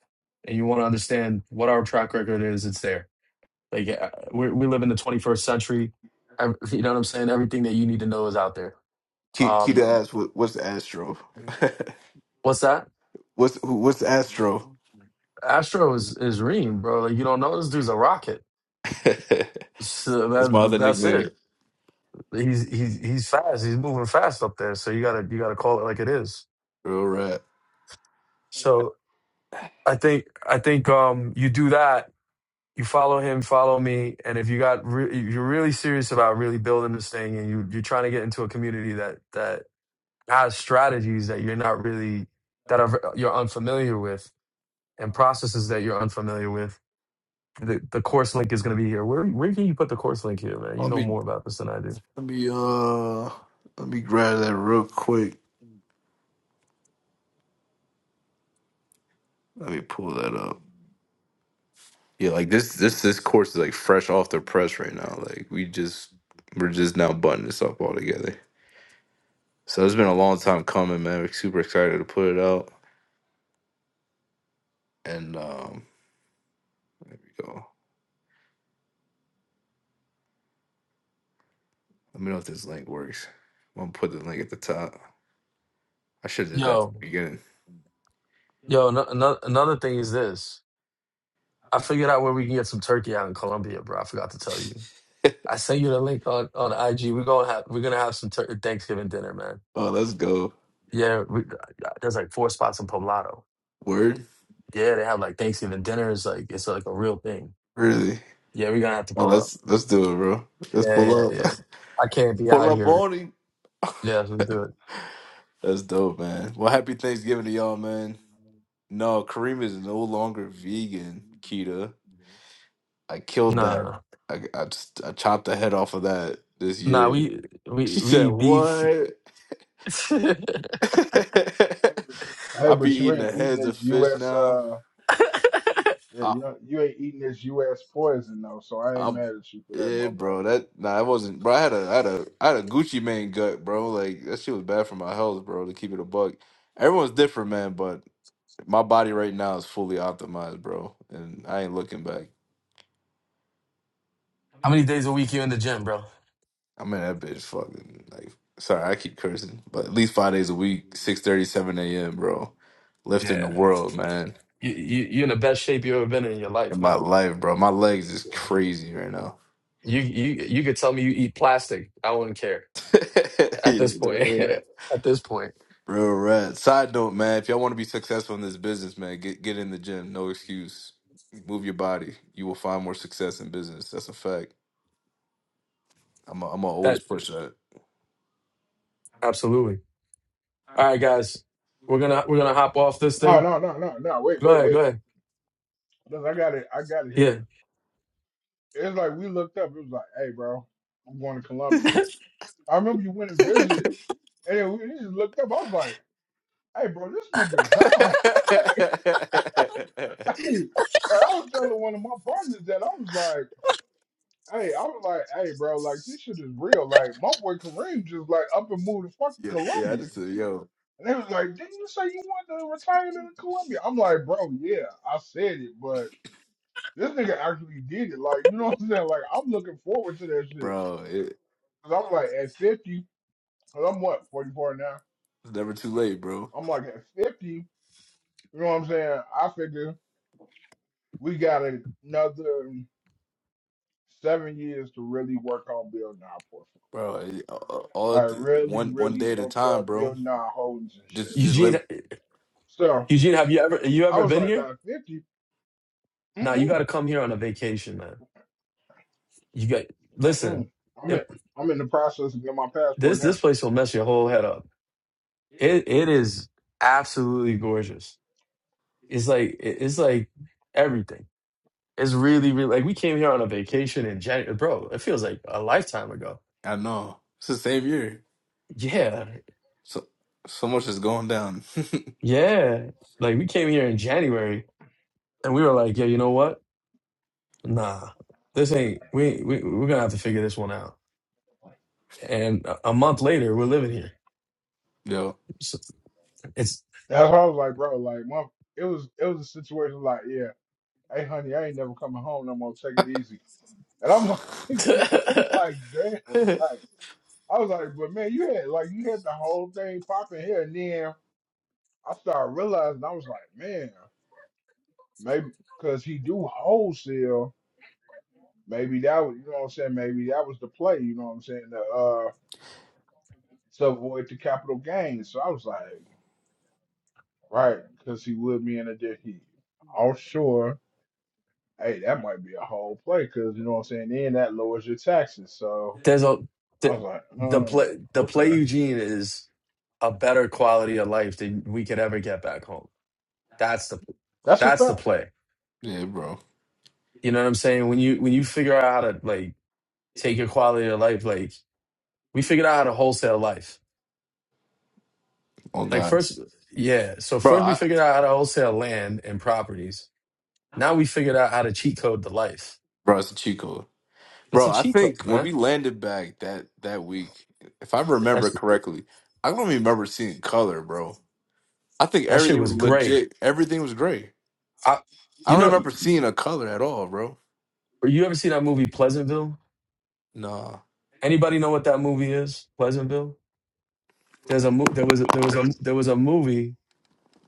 B: and you want to understand what our track record is, it's there. Like uh, we we live in the 21st century. Ev- You know what I'm saying? Everything that you need to know is out there.
A: Keep keep the
B: Um,
A: ass. What, what's the Astro?
B: what's that?
A: what's who, what's the Astro?
B: Astro is is Reem, bro. Like you don't know this dude's a rocket.
A: That's
B: So
A: my
B: that,
A: other
B: that's
A: nickname.
B: it. He's he's he's fast. He's moving fast up there. So you gotta you gotta call it like it is.
A: Real rap.
B: So I think I think um you do that you follow him, follow me. And if you got re- if you're really serious about really building this thing, and you you're trying to get into a community that that has strategies that you're not really that are you're unfamiliar with, and processes that you're unfamiliar with, the the course link is going to be here. Where where can you put the course link here, man? You
A: Let
B: know
A: me
B: more about this than I do.
A: let me uh let me grab that real quick. Let me pull that up. Yeah, like this this this course is like fresh off the press right now. Like we just we're just now buttoning this up all together. So it's been a long time coming, man. We're super excited to put it out. And um there we go. Let me know if this link works. I'm gonna put the link at the top. I should have did that from
B: Yo,
A: the beginning.
B: yo, no, no, another thing is this. I figured out where we can get some turkey out in Colombia, bro. I forgot to tell you. I sent you the link on, on IG. We're gonna have we're gonna have some tur- Thanksgiving dinner, man.
A: Oh, let's go.
B: Yeah, we, uh, uh, there's like four spots in Poblado.
A: Word?
B: Yeah, they have like Thanksgiving dinners. Like it's like a real thing.
A: Really?
B: Yeah, we're gonna have to
A: Oh,
B: pull up.
A: let's let's do it, bro. Let's
B: Yeah, yeah,
A: pull up.
B: yeah. I can't be
A: pull
B: out
A: up
B: here.
A: on him.
B: Yeah, let's do it.
A: That's dope, man. Well, happy Thanksgiving to y'all, man. No, Kareem is no longer vegan, Kita. I killed that.
B: Nah,
A: I, I just I chopped the head off of that this
B: nah.
A: year.
B: We we
A: She said,
B: we beef.
A: "What?"
B: How
A: I
D: Hey,
A: be
D: but you
A: eating
D: ain't
A: the
D: eating
A: heads of
D: this
A: fish
D: U.S.
A: now.
D: Uh, yeah, you know, you ain't eating this U.S. poison though, so I ain't
A: I'm
D: mad at you for that, my
A: yeah,
D: brother.
A: bro. That nah, it wasn't, bro. I had a, I had a, I had a Gucci Mane gut, bro. Like that shit was bad for my health, bro. To keep it a buck. Everyone's different, man. But my body right now is fully optimized, bro, and I ain't looking back.
B: many days a week you in the gym, bro?
A: I'm in that bitch, fucking like. Sorry, I keep cursing, but at least five days a week, six thirty, seven a.m., bro. Lifting the
B: Yeah,
A: world, man.
B: you, you you're in the best shape you ever been in your life,
A: In my
B: man.
A: life, bro. My legs is
B: Yeah.
A: crazy right now.
B: You you you could tell me you eat plastic. I wouldn't care at this point. at this point,
A: Real rad. Side note, man, if y'all want to be successful in this business, man, get get in the gym. No excuse. Move your body. You will find more success in business. That's a fact. I'm i I'm gonna always
B: that
A: push that.
B: absolutely. All right, guys, we're gonna we're gonna hop off this
D: No,
B: thing.
D: no, no, no, no. Wait,
B: Go
D: wait,
B: ahead, go
D: wait.
B: ahead.
D: Look, I gotta, I gotta hear
B: Yeah,
D: this. It's like we looked up. It was like, hey, bro, I'm going to Colombia. I remember you went and visited. And then we just looked up. I was like, hey, bro, this nigga gone. hey, like, I was telling one of my partners that I was like, hey, I was like, hey, bro, like this shit is real. Like my boy Kareem just like up and moved to fucking
A: yeah, yeah. I
D: Colombia."
A: just said, yo,
D: And they was like, didn't you say you wanted to retire in Colombia?" I'm like, bro, yeah, I said it, but this nigga actually did it. Like, you know what I'm saying? Like, I'm looking forward to that shit.
A: bro, it,
D: Cause I'm like, at 50, cause I'm what, 44 now?
A: it's never too late, bro.
D: I'm like, at 50, you know what I'm saying? I figure we got another seven years to really work on building our portfolio.
A: Bro, it- all
D: I
A: all-
D: really,
A: one one
D: really
A: day at a
D: bulk
A: time,
D: up,
A: bro.
D: building our holdings and
A: Just
D: shit.
A: just live.
B: Eugene,
D: So
B: Eugene, have you ever you
D: I
B: ever
D: was
B: been
D: like,
B: here?
D: by 50,
B: Nah, you got
D: mm-mm,
B: to come here on a vacation, man. You got
D: mm-mm.
B: listen.
D: I'm in,
B: it-
D: I'm in the process of getting my passport
B: this
D: now.
B: this place will mess your whole head up. It it is absolutely gorgeous. It's like it- it's like everything. It's really really like we came here on a vacation in January, bro. It feels like a lifetime ago.
A: I know it's the same year.
B: Yeah,
A: So so much is going down,
B: yeah. Like we came here in January, and we were like, yeah, you know what? Nah, this ain't. We we we're gonna have to figure this one out. And a a month later, we're living here.
A: yo.
B: So it's
D: That's why I was like, bro, like, my, it was, it was a situation like, yeah, hey, honey, I ain't never coming home no more. Take it easy. And I'm like, I'm like, damn, like, I was like, but man, you had like, you had the whole thing popping here, and then I started realizing, I was like, man. Maybe because he do wholesale. Maybe that was, you know what I'm saying. Maybe that was the play. You know what I'm saying. To, uh, to avoid the capital gains. So I was like, right, because he would be in a dickhead. Offshore, hey, that might be a whole play because you know what I'm saying. Then that lowers your taxes. So
B: there's a
D: I was
B: the
D: like,
B: the
D: um,
B: play the play
D: okay,
B: Eugene is a better quality of life than we could ever get back home. That's the
D: that's a
B: that's the
D: fact.
B: play.
A: yeah, bro.
B: You know what I'm saying? When you when you figure out how to like take your quality of life, like we figured out how to wholesale life.
A: On
B: Like
A: God.
B: first, yeah. So
A: Bro,
B: first we
A: I,
B: figured out how to wholesale land and properties. Now we figured out how to cheat code the life
A: Bro, it's a cheat code.
B: It's
A: Bro,
B: a
A: I
B: cheat code,
A: think when we
B: man.
A: landed back that that week, if I remember
B: That's
A: correctly, I don't remember seeing color, bro. I think
B: that shit
A: everything
B: was
A: was
B: great.
A: legit. Everything was gray.
B: I,
A: I
B: you
A: don't
B: know,
A: remember seeing a color at all, bro.
B: you ever see that movie Pleasantville?
A: Nah.
B: Anybody know what that movie is? Pleasantville. There's a mo- there was a, there was a there was a movie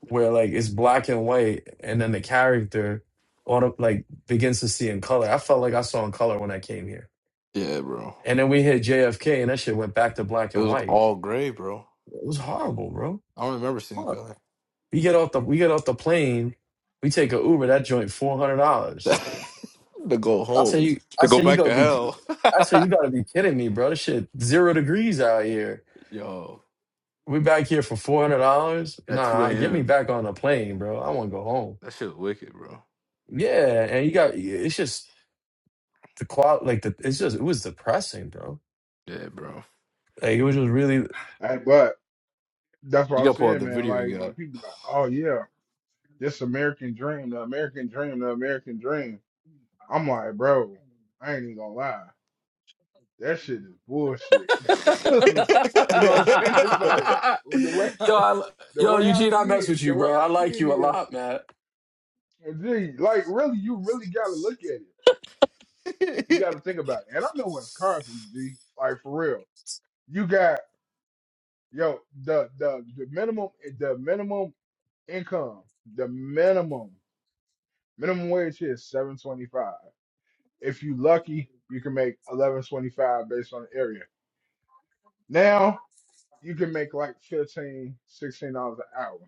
B: where like it's black and white, and then the character auto like begins to see in color. I felt like I saw in color when I came here,
A: Yeah, bro.
B: and then we hit JFK, and that shit went back to black
A: It
B: and
A: was
B: white.
A: all gray, bro.
B: It was horrible, bro.
A: I don't remember seeing
B: Horrible.
A: color.
B: We get off the we get off the plane, we take a Uber. That joint four hundred dollars
A: to go
B: I say
A: home.
B: you.
A: To
B: I
A: go
B: say you
A: back
B: gotta
A: to
B: be.
A: hell.
B: I say you gotta be kidding me, bro. This shit zero degrees out here.
A: Yo,
B: We back here for four hundred dollars.
A: at 2
B: Nah, get me
A: a.m.
B: back on a plane, bro. I want to go home.
A: That shit was wicked, bro.
B: Yeah, and you got. It's just the qual. Like the. It's just. It was depressing, bro.
A: Yeah, bro.
B: Like it was just really.
D: Hey, but that's
A: You
D: what I
A: gotta pull out
D: said,
A: the
D: man.
A: video
D: Like
A: you
D: when people like, oh yeah, this American dream, the American dream, the American dream. I'm like, bro, I ain't even gonna lie. that shit is bullshit. you
B: yo,
D: know what I'm saying? It's like
A: got.
B: I,
D: with the way I the
B: yo,
D: way I
B: Eugene, I
D: see
B: mess with
D: it, the
B: you,
D: way
B: bro. I
D: I see
B: like
D: it
B: you a
D: is,
B: lot, man.
D: and like really, you really gotta look at it. You gotta think about it. And I'm in Wisconsin, G, like for real. You got yo the the the minimum the minimum income, the minimum minimum wage here is seven twenty five. If you lucky, you can make eleven twenty five based on the area. Now you can make like 15, 16 dollars an hour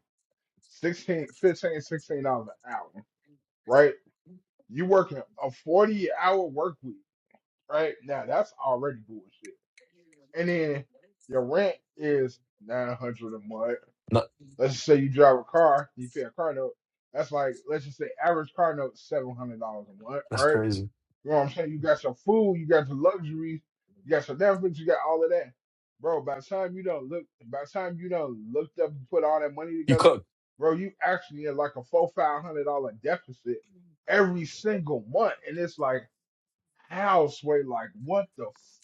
D: 16, 15, 16 dollars an hour, right? You working a 40 hour work week, right? Now that's already bullshit. And then your rent is 900 a month.
B: No,
D: Let's just say you drive a car, you pay a car note. That's like, let's just say average car note $700 a month,
B: that's
D: right?
B: crazy.
D: You know what I'm saying? You got your food, you got your luxuries, you got your Netflix, you got all of that. Bro, by the time you don't look by the time you don't looked up and put all that money
B: You
D: together,
B: cook.
D: bro, you actually in like a four five hundred dollar deficit every single month. And it's like house way, like what the f-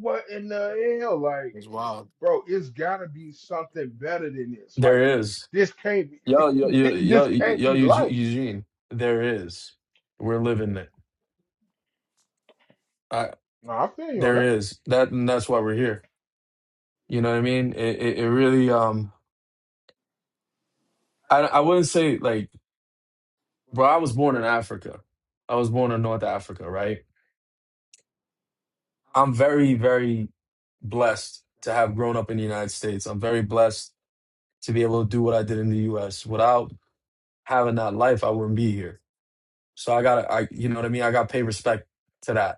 D: what in the hell? Like,
A: It's wild.
D: bro, it's gotta be something better than this. Like
B: There is.
D: this can't be
B: Yo, yo, yo, yo,
D: this can't
B: yo,
D: be
B: Eugene,
D: life.
B: Eugene, there is. We're living it. I,
D: No, I feel you on that.
B: there is that, and that's why we're here. You know what I mean? It, it, it really. Um, I, I wouldn't say like, bro. I was born in Africa. I was born in North Africa, right? I'm very, very blessed to have grown up in the United States. I'm very blessed to be able to do what I did in the U.S. Without having that life, I wouldn't be here. So I gotta, I, you know what I mean? I gotta pay respect to that.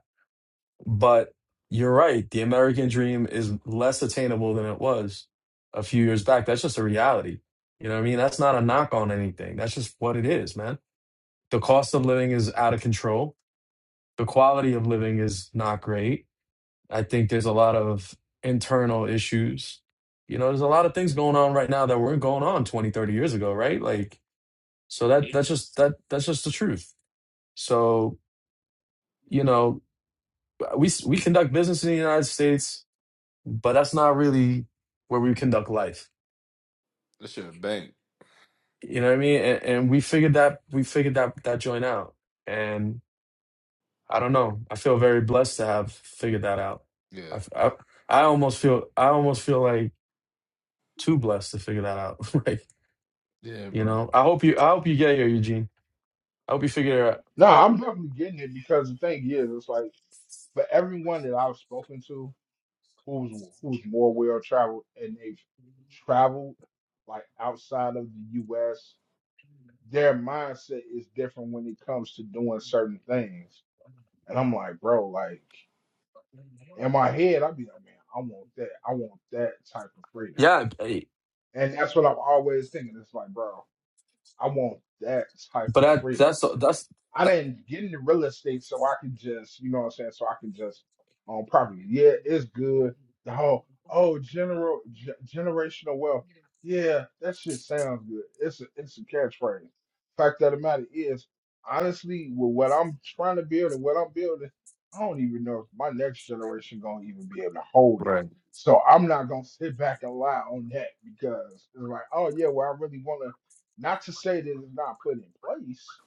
B: But you're right. The American dream is less attainable than it was a few years back. That's just a reality. You know what I mean? That's not a knock on anything. That's just what it is, man. The cost of living is out of control. The quality of living is not great. I think there's a lot of internal issues. You know, there's a lot of things going on right now that weren't going on 20, 30 years ago, right? Like, so that that's just that that's just the truth. So, you know, we we conduct business in the United States but that's not really where we conduct life.
A: That shit a bank.
B: You know what I mean? And, and we figured that we figured that that joint out. And I don't know. I feel very blessed to have figured that out. I I
A: Yeah.
B: I almost feel I almost feel like too blessed to figure that out. like
A: Yeah,
B: you
A: bro.
B: know, I hope you I hope you get here, Eugene. I hope you figure it out.
D: No, I'm definitely getting it because the thing is, it's like for everyone that I've spoken to who's who's more well traveled and they've traveled like outside of the US, their mindset is different when it comes to doing certain things. And I'm like, bro, like in my head, I'd be like, man, I want that. I want that type of freedom.
B: Yeah, eh,
D: And that's what I'm always thinking. It's like, bro, I want that type
B: but
D: of
B: that
D: freedom.
B: that's that's
D: I
B: that,
D: didn't get into real estate so I can just, you know what I'm saying, so I can just own property. Yeah, it's good. The whole, oh, general ge- generational wealth. Yeah, that shit sounds good. It's a it's a catchphrase. Fact of the matter is, honestly, with what I'm trying to build and what I'm building, I don't even know if my next generation gonna even be able to hold it.
A: Right.
D: So I'm not gonna sit back and lie on that because it's like, oh yeah, well I really wanna not to say that it's not put in place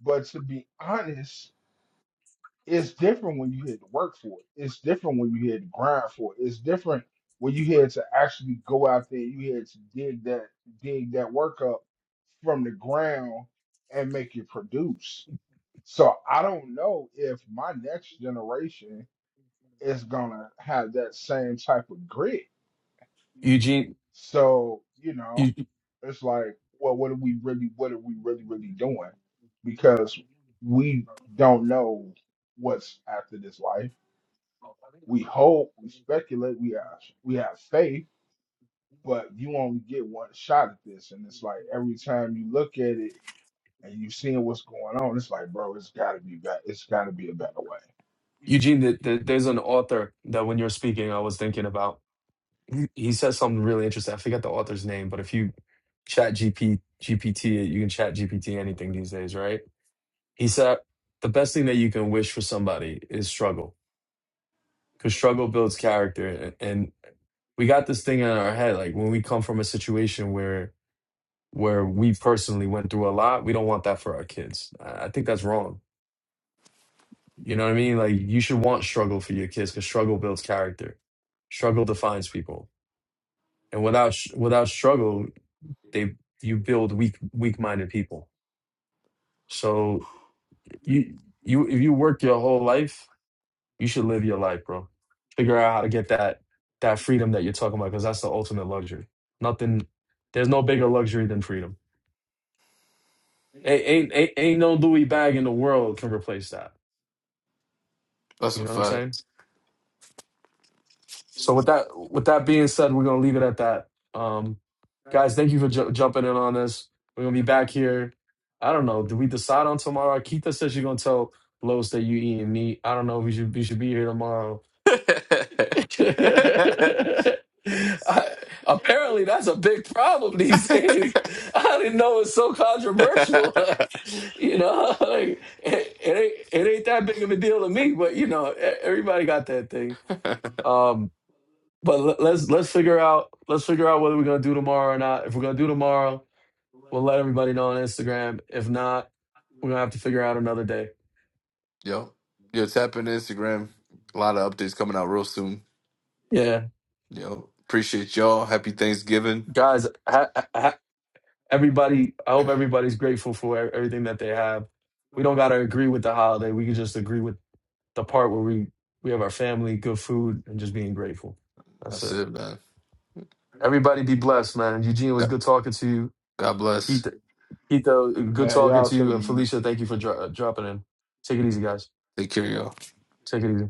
D: but to be honest, it's different when you had to work for it. It's different when you had to grind for it. It's different when you had to actually go out there. You had to dig that dig that work up from the ground and make it produce. So I don't know if my next generation is gonna have that same type of grit
B: Eugene.
D: So, you know,
B: Eu-
D: it's like, well, what are we really, what are we really, really doing? Because we don't know what's after this life. We hope, we speculate, we have, we have faith, but you only get one shot at this. And it's like every time you look at it and you seeing what's going on, it's like, bro, it's got to be better. It's got to be a better way.
B: Eugene, th- th- there's an author that when you're speaking, I was thinking about. he he says something really interesting. I forget the author's name, but if you chat G P G P T, you can chat GPT anything these days, right? He said the best thing that you can wish for somebody is struggle because struggle builds character. And we got this thing in our head, like when we come from a situation where where we personally went through a lot, we don't want that for our kids. I I think that's wrong. You know what I mean? Like you should want struggle for your kids because struggle builds character. Struggle defines people and without without struggle They you build weak weak-minded people. So you you if you work your whole life, you should live your life, bro. Figure out how to get that that freedom that you're talking about because that's the ultimate luxury. Nothing there's no bigger luxury than freedom. Ain't ain't ain't ain't no Louis bag in the world can replace that.
A: That's
B: You
A: a
B: know what I'm saying?
A: fact.
B: So with that with that being said, we're gonna leave it at that. Um, guys, thank you for ju- jumping in on this. We're gonna be back here. I don't know. Do we decide on tomorrow? Keita says you're gonna tell Los that you eating meat. I don't know. We should we should be here tomorrow. I- apparently, that's a big problem these days. I didn't know it's so controversial. you know, like, it, it ain't it ain't that big of a deal to me. But you know, e- everybody got that thing. Um, but let- let's let's figure out let's figure out whether we're gonna do tomorrow or not. If we're gonna do tomorrow, we'll let everybody know on Instagram. If not, we're gonna have to figure out another day.
A: Yo. Yo, tap in Instagram. A lot of updates coming out real soon.
B: Yeah,
A: Yo. Appreciate y'all. Happy Thanksgiving.
B: guys, ha, ha- everybody. I hope everybody's grateful for e- everything that they have. We don't gotta agree with the holiday. We can just agree with the part where we we have our family, good food, and just being grateful. That's
A: That's
B: it.
A: it, man.
B: Everybody be blessed, man. Eugene, it was
A: God,
B: good talking to you.
A: God
B: Keith,
A: bless.
B: Keith, uh, good
D: Man,
B: talking
D: y'all
B: to
D: too,
B: you, and
D: man.
B: Felicia. Thank you for dro- dropping in. Take it easy, guys.
A: Take care, y'all.
B: Take it easy.